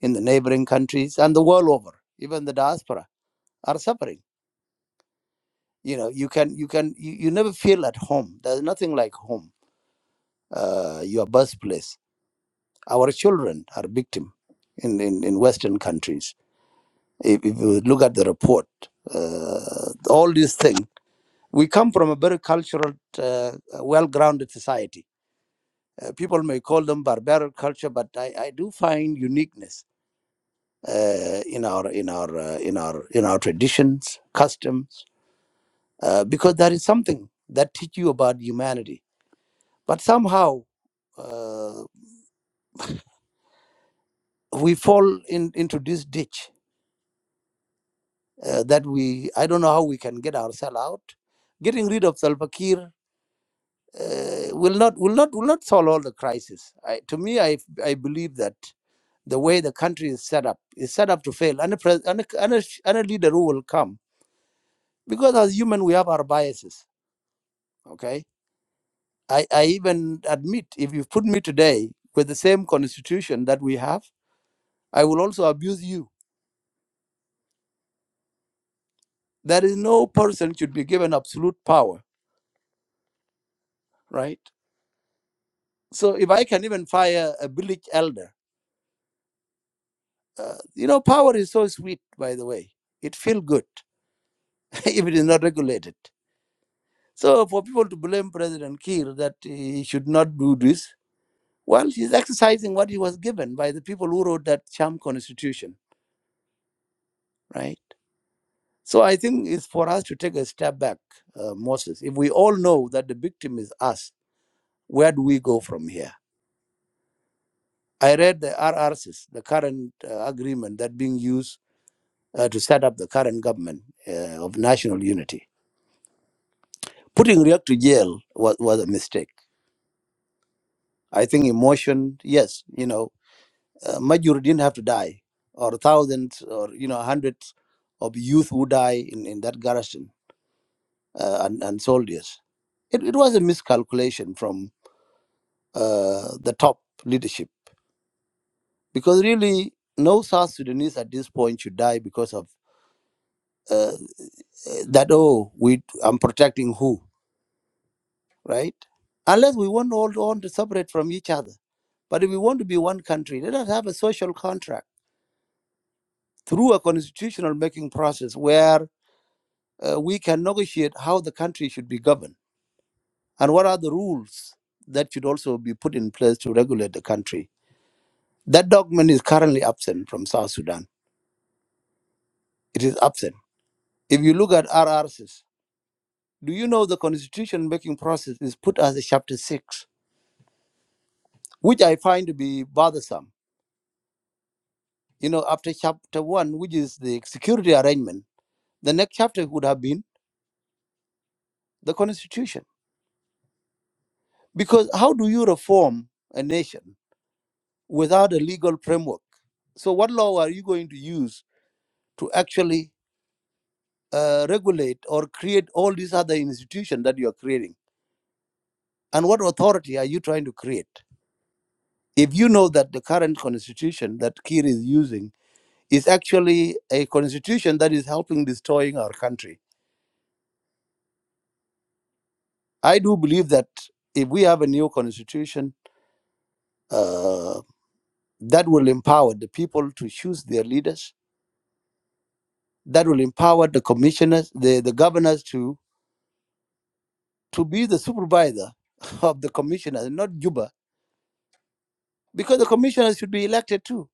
in the neighboring countries and the world over, even the diaspora, are suffering. You know, you can, you can, you, you never feel at home. There's nothing like home, uh, your birthplace. Our children are victim in, in, in Western countries. If, if you look at the report, uh, all these things, we come from a very cultural, uh, well-grounded society. Uh, people may call them barbaric culture, but I, I do find uniqueness uh, in our in our uh, in our in our traditions, customs uh, because there is something that teach you about humanity. But somehow uh, we fall in, into this ditch uh, that we I don't know how we can get ourselves out. Getting rid of Salva Kiir uh, will not will not will not solve all the crisis. I, to me, I I believe that the way the country is set up is set up to fail. Any pres- any, any, any leader who will come because as human we have our biases. Okay I, I even admit if you put me today with the same constitution that we have, I will also abuse you. There is no person should be given absolute power, right? So if I can even fire a village elder, uh, you know, power is so sweet, by the way. It feels good if it is not regulated. So for people to blame President Kiir that he should not do this, well, he's exercising what he was given by the people who wrote that sham constitution, right? So I think it's for us to take a step back, uh, Moses. If we all know that the victim is us, where do we go from here? I read the RRCs, the current uh, agreement that being used uh, to set up the current government uh, of national unity. Putting Riek to jail was, was a mistake. I think emotion, yes, you know, uh, Majur didn't have to die, or thousands, or you know, hundreds of youth who die in, in that garrison uh, and, and soldiers. It, it was a miscalculation from. uh, the top leadership because really no South Sudanese at this point should die because of uh, that. Oh, we I'm protecting who, right? Unless we want all on to separate from each other. But if we want to be one country, let us have a social contract through a constitutional making process where uh, we can negotiate how the country should be governed and what are the rules that should also be put in place to regulate the country. That document is currently absent from South Sudan. It is absent If you look at RRCs, do you know the constitution making process is put as a chapter six, which I find to be bothersome. You know, after chapter one, which is the security arrangement, the next chapter would have been the constitution. Because how do you reform a nation without a legal framework? So, what law are you going to use to actually uh, regulate or create all these other institutions that you are creating? And what authority are you trying to create? if you know that the current constitution that Kiir is using is actually a constitution that is helping destroying our country, I do believe that if we have a new constitution uh, that will empower the people to choose their leaders, that will empower the commissioners, the, the governors to to be the supervisor of the commissioners, not Juba, because the commissioners should be elected too.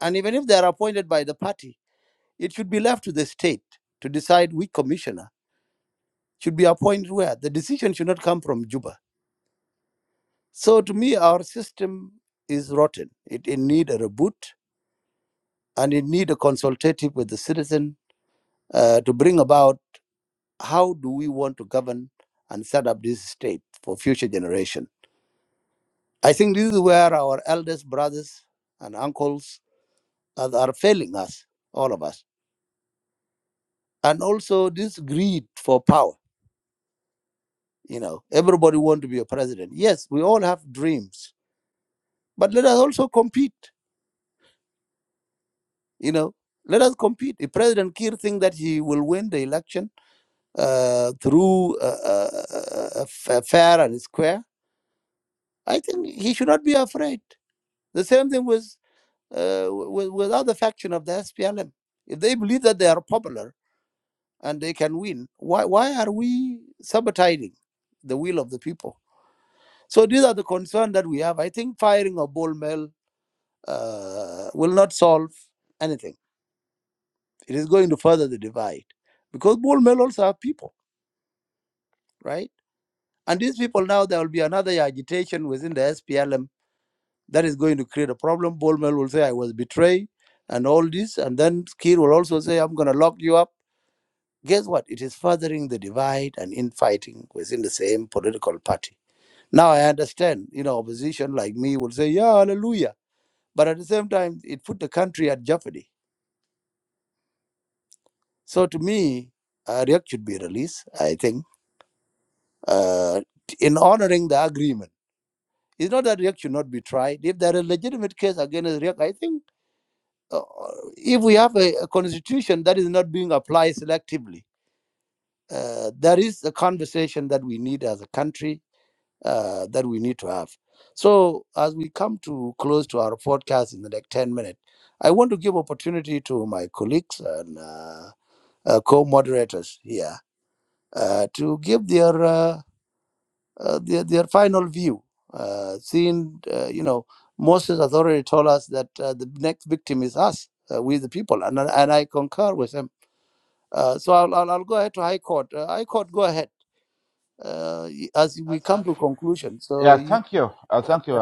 And even if they are appointed by the party, it should be left to the state to decide which commissioner. should be a point where the decision should not come from Juba. So to me, our system is rotten. It, it need a reboot and it need a consultative with the citizen uh, to bring about how do we want to govern and set up this state for future generation. I think this is where our eldest brothers and uncles are, are failing us, all of us. And also this greed for power. You know, everybody want to be a president. Yes, we all have dreams, but let us also compete You know, let us compete. If President Kiir thinks that he will win the election uh, through uh, uh, uh, uh, uh, fair and square, I think he should not be afraid. The same thing with uh, with, with other faction of the SPLM. If they believe that they are popular and they can win, why why are we sabotaging the will of the people? So these are the concerns that we have. I think firing a bull mill uh, will not solve anything It is going to further the divide because bull men also have people, right? And these people now, there will be another agitation within the SPLM that is going to create a problem. Bull men will say, I was betrayed and all this. And then Kir will also say, I'm going to lock you up. Guess what? It is furthering the divide and infighting within the same political party. Now I understand, you know, opposition like me will say, yeah, hallelujah. But at the same time, it put the country at jeopardy. So to me, uh, Riek should be released. I think uh, in honoring the agreement. It's not that Riek should not be tried. If there is a legitimate case against Riek, I think uh, uh, if we have a, a constitution that is not being applied selectively, uh, there is a conversation that we need as a country uh, that we need to have. So as we come to close to our podcast in the next 10 minutes, I want to give opportunity to my colleagues and uh, uh, co-moderators here uh, to give their uh, uh, their, their final view. Uh, seeing, uh, you know, Moses has already told us that uh, the next victim is us, uh, we the people, and I- and I concur with him. Uh, so I'll, I'll I'll go ahead to High Court. Uh, High Court, go ahead uh, y- as we come to conclusion. So you, yeah, go ahead.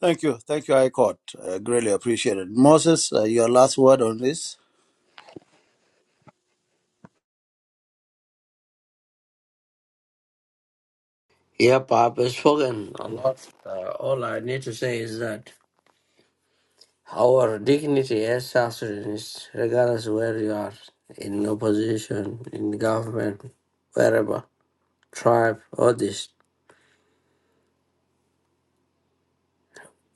Thank you. Thank you, High Court. Uh, greatly appreciated. Moses, uh, your last word on this?
Yep, I've spoken a lot. Uh, all I need to say is that our dignity as South Sudanese, regardless where you are, in opposition, in government, wherever, tribe, all this,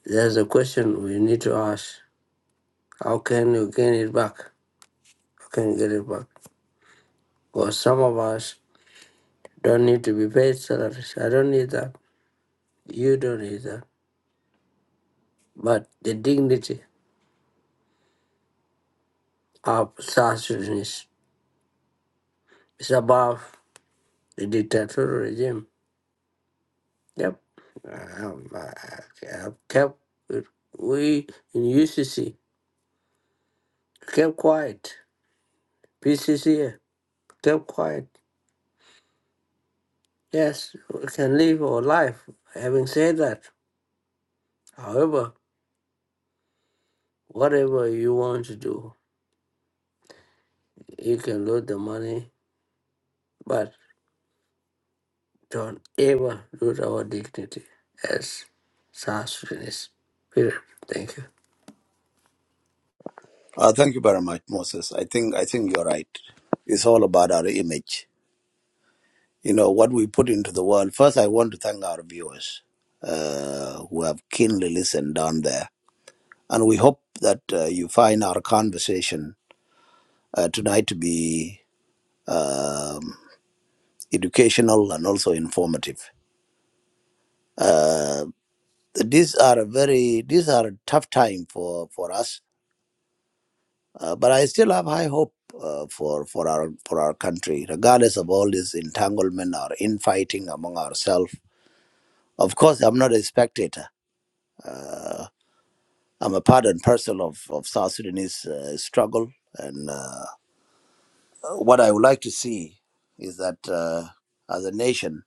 there's a question we need to ask. How can you gain it back? How can you get it back? Because some of us don't need to be paid salaries. I don't need that. You don't need that, But the dignity of South Sudanese is above the dictatorial regime. Yep. Um, I, I i kept we in UCC kept quiet. PCC kept quiet. Yes, we can live our life. Having said that, however, whatever you want to do, you can lose the money, but. Don't ever lose our dignity as South Sudanese. Period. Thank you.
Uh, thank you very much, Moses. I think I think you're right. It's all about our image. you know what we put into the world. First, I want to thank our viewers uh, who have keenly listened down there, and we hope that uh, you find our conversation uh, tonight to be um, educational and also informative. Uh, these are a very these are a tough time for for us, uh, but I still have high hope. Uh, for for our for our country, regardless of all this entanglement or infighting among ourselves, of course, I'm not a spectator. Uh, I'm a part and parcel of, of South Sudanese uh, struggle. And uh, what I would like to see is that uh, as a nation,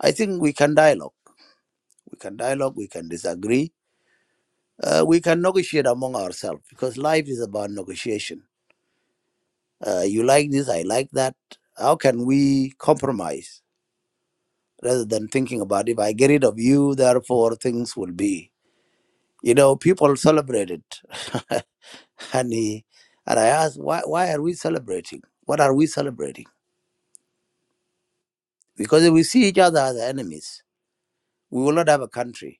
I think we can dialogue. We can dialogue, we can disagree, uh, we can negotiate among ourselves because life is about negotiation. Uh, you like this, I like that. How can we compromise rather than thinking about if I get rid of you, therefore things will be? You know, people celebrate it. And, he, and I asked, why, why are we celebrating? What are we celebrating? Because if we see each other as enemies, we will not have a country.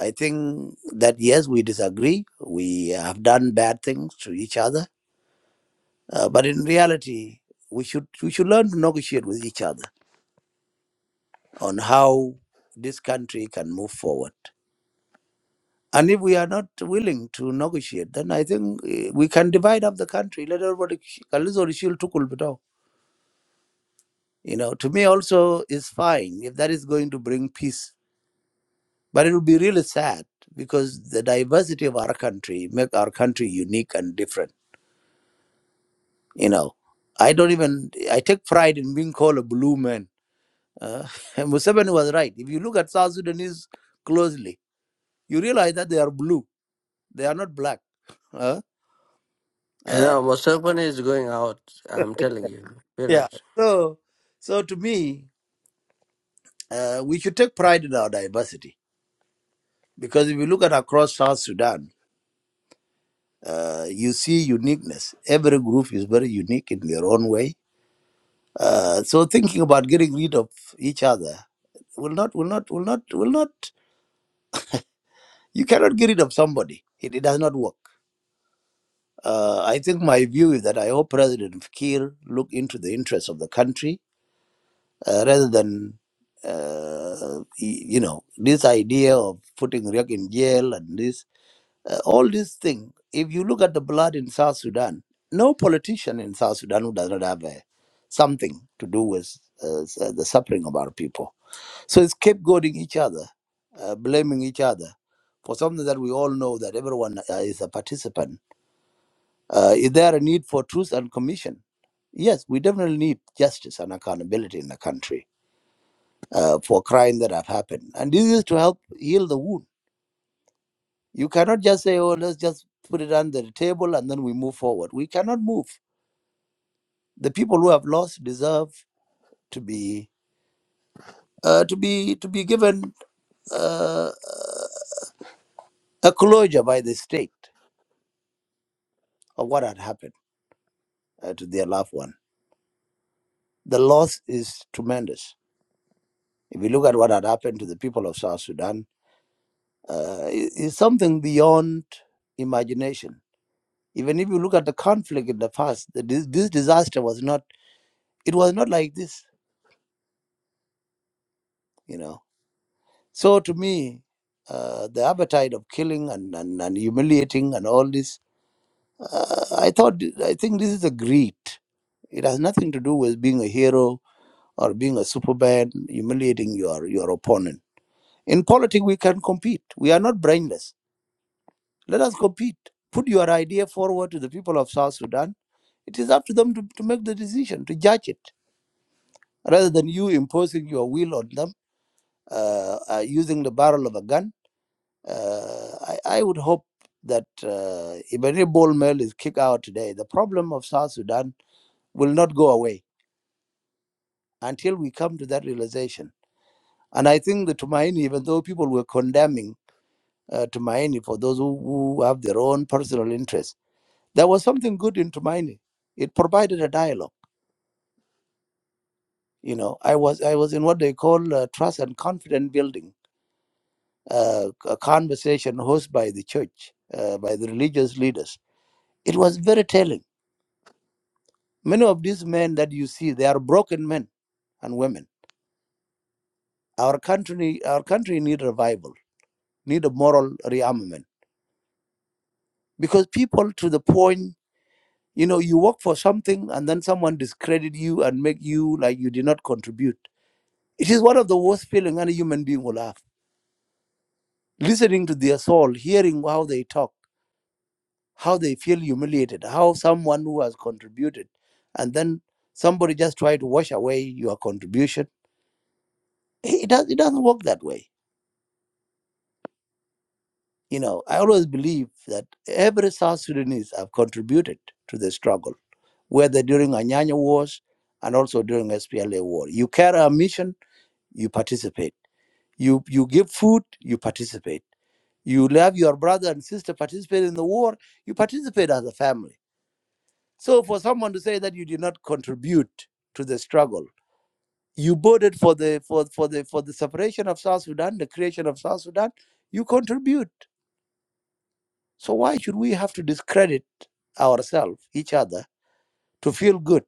I think that yes, we disagree. We have done bad things to each other. Uh, but in reality, we should, we should learn to negotiate with each other on how this country can move forward. And if we are not willing to negotiate, then I think eh, we can divide up the country. Let everybody. you know to me also is fine if that is going to bring peace but it would be really sad because the diversity of our country make our country unique and different you know i don't even i take pride in being called a blue man uh, and Museveni was right if you look at south sudanese closely you realize that they are blue they are not black uh, uh,
Yeah, Museveni is going out. I'm telling you.
yeah
Period.
so so to me uh, we should take pride in our diversity because if you look at across south sudan Uh, you see uniqueness. Every group is very unique in their own way. Uh, so thinking about getting rid of each other will not, will not, will not, will not. You cannot get rid of somebody. It, it does not work. Uh, I think my view is that I hope President Kiir look into the interests of the country uh, rather than, uh, y- you know, this idea of putting Riek in jail and this. Uh, all these things, if you look at the blood in South Sudan, no politician in South Sudan who does not have a, something to do with uh, s- uh, the suffering of our people. So it's scapegoating each other, uh, blaming each other for something that we all know that everyone uh, is a participant. Uh, is there a need for truth and commission? Yes, we definitely need justice and accountability in the country uh, for crime that have happened. And this is to help heal the wound You cannot just say, oh, let's just put it under the table and then we move forward. We cannot move. The people who have lost deserve to be uh, to be to be given uh, a closure by the state of what had happened uh, to their loved one. The loss is tremendous. If you look at what had happened to the people of South Sudan, uh, it- it's something beyond imagination. Even if you look at the conflict in the past, the, dis- this disaster was not. It was not like this. You know So to me, uh, the appetite of killing and, and, and humiliating and all this, uh, I thought, I think this is a greed. It has nothing to do with being a hero or being a superman, humiliating your, your opponent. In politics, we can compete. We are not brainless. Let us compete. Put your idea forward to the people of South Sudan. It is up to them to, to make the decision, to judge it, rather than you imposing your will on them uh, uh, using the barrel of a gun Uh, I, I would hope that uh, if any ball mill is kicked out today, the problem of South Sudan will not go away until we come to that realization. And I think the Tumaini, even though people were condemning uh, Tumaini for those who, who have their own personal interests, there was something good in Tumaini. It provided a dialogue. You know, I was I was in what they call uh, trust and confidence building, uh, a conversation hosted by the church, uh, by the religious leaders. It was very telling Many of these men that you see, they are broken men and women. Our country, our country need revival, need a moral rearmament. Because people to the point, you know, you work for something and then someone discredit you and make you like you did not contribute. It is one of the worst feelings any human being will have. Listening to their soul, hearing how they talk, how they feel humiliated, how someone who has contributed, and then somebody just try to wash away your contribution. it does, it doesn't work that way You know, I always believe that every South Sudanese have contributed to the struggle, whether during Anyanya Wars and also during SPLA War. You carry a mission, you participate. You you give food, you participate. You love your brother and sister participate in the war, you participate as a family. So for someone to say that you did not contribute to the struggle, you voted for the for, for the for the separation of South Sudan, the creation of South Sudan, you contribute. So why should we have to discredit ourselves, each other, to feel good?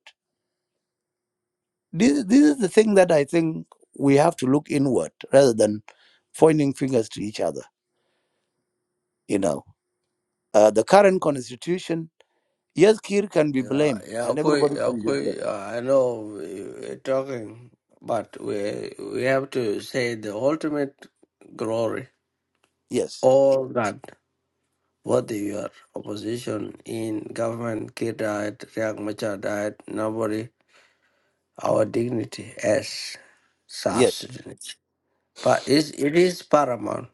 This, this is the thing that I think we have to look inward rather than pointing fingers to each other. You know, uh, the current constitution, yes, Kir can be
Yeah,
blamed,
yeah,
and
Pui-
everybody
yeah,
can be blamed.
Pui, uh, I know we- we're talking, but we we have to say the ultimate glory.
Yes,
All that, whether you are opposition, in government, Kir died, Riek Machar died, nobody, our dignity as South
yes,
Sudanese. But it's, it is paramount.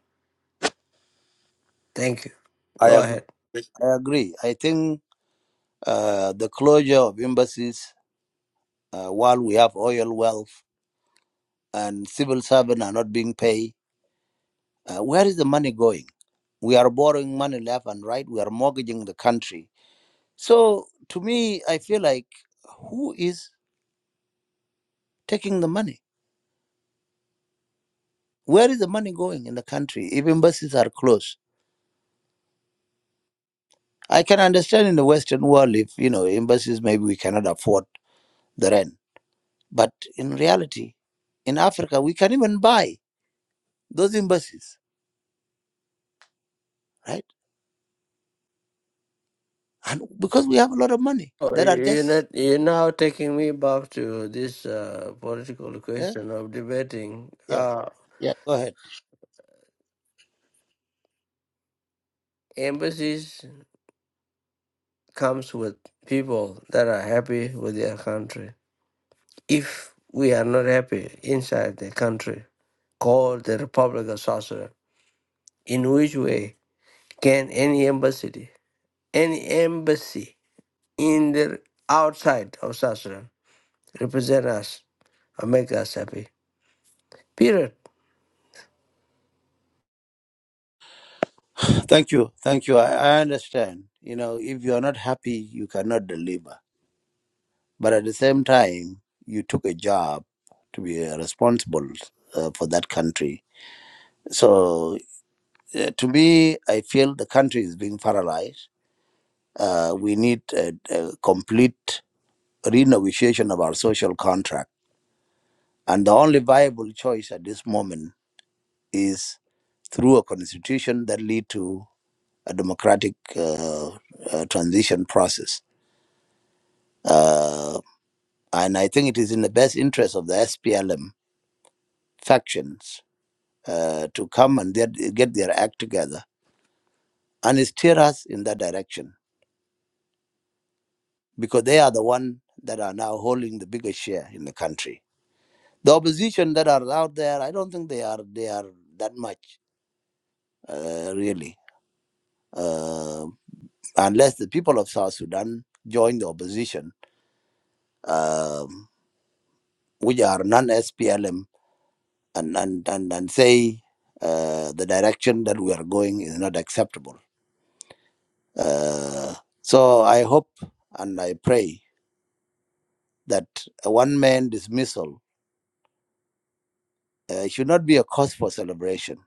Thank you.
I
Go
agree.
ahead.
I agree. I think uh, the closure of embassies, uh, while we have oil wealth and civil servants are not being paid, uh, where is the money going? We are borrowing money left and right. We are mortgaging the country. So to me, I feel like who is taking the money? Where is the money going in the country if embassies are closed? I can understand in the Western world if, you know, embassies maybe we cannot afford the rent. But in reality, in Africa, we can even buy those embassies, right? And because we have a lot of money
Oh,
that are
you- You're
just,
not, you're now taking me back to this uh, political
eh?
question of debating.
yeah,
Uh,
yeah, go ahead.
embassies comes with people that are happy with their country. If we are not happy inside the country called the Republic of South Sudan, in which way can any embassy, any embassy in the outside of South Sudan represent us or make us happy? Period.
Thank you. Thank you. I, I understand. You know, if you are not happy, you cannot deliver But at the same time, you took a job to be uh, responsible uh, for that country. So uh, to me, I feel the country is being paralyzed. Uh, we need a, a complete renegotiation of our social contract. And the only viable choice at this moment is through a constitution that lead to a democratic uh, uh, transition process. Uh, and I think it is in the best interest of the SPLM factions uh, to come and get, get their act together and steer us in that direction because they are the one that are now holding the biggest share in the country. The opposition that are out there, I don't think they are they are that much uh, really, uh, unless the people of South Sudan join the opposition, um, which are non-SPLM, and and and, and say uh, the direction that we are going is not acceptable. Uh, so I hope and I pray that a one man dismissal uh, should not be a cause for celebration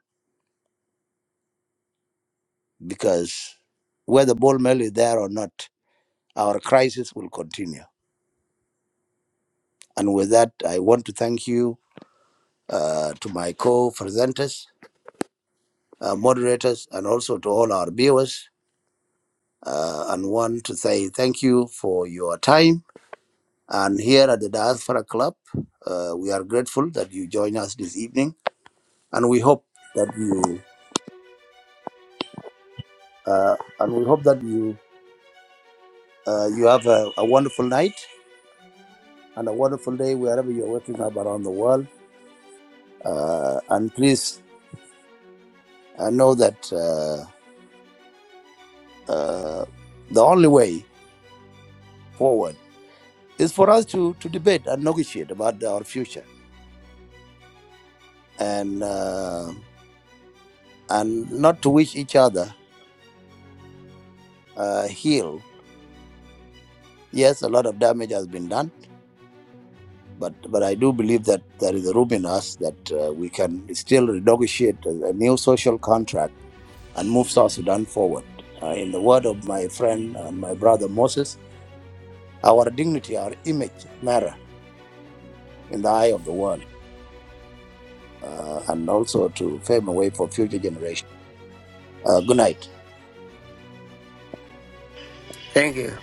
because whether Bol Mel is there or not, our crisis will continue. And with that, I want to thank you uh, to my co presenters, uh, moderators, and also to all our viewers. Uh, and want to say thank you for your time. And here at the Diaspora Club, uh, we are grateful that you join us this evening, and we hope that you uh, and we hope that you Uh, you have a, a wonderful night and a wonderful day wherever you're working up around the world. Uh, and please uh, know that uh, uh, the only way forward is for us to, to debate and negotiate about our future and uh, and not to wish each other uh, heal. Yes, a lot of damage has been done, but but I do believe that there is a room in us that uh, we can still negotiate a a new social contract and move South Sudan forward. Uh, in the word of my friend and my brother Moses, our dignity, our image matter in the eye of the world uh, and also to pave a way for future generations. Uh, good night.
Thank you.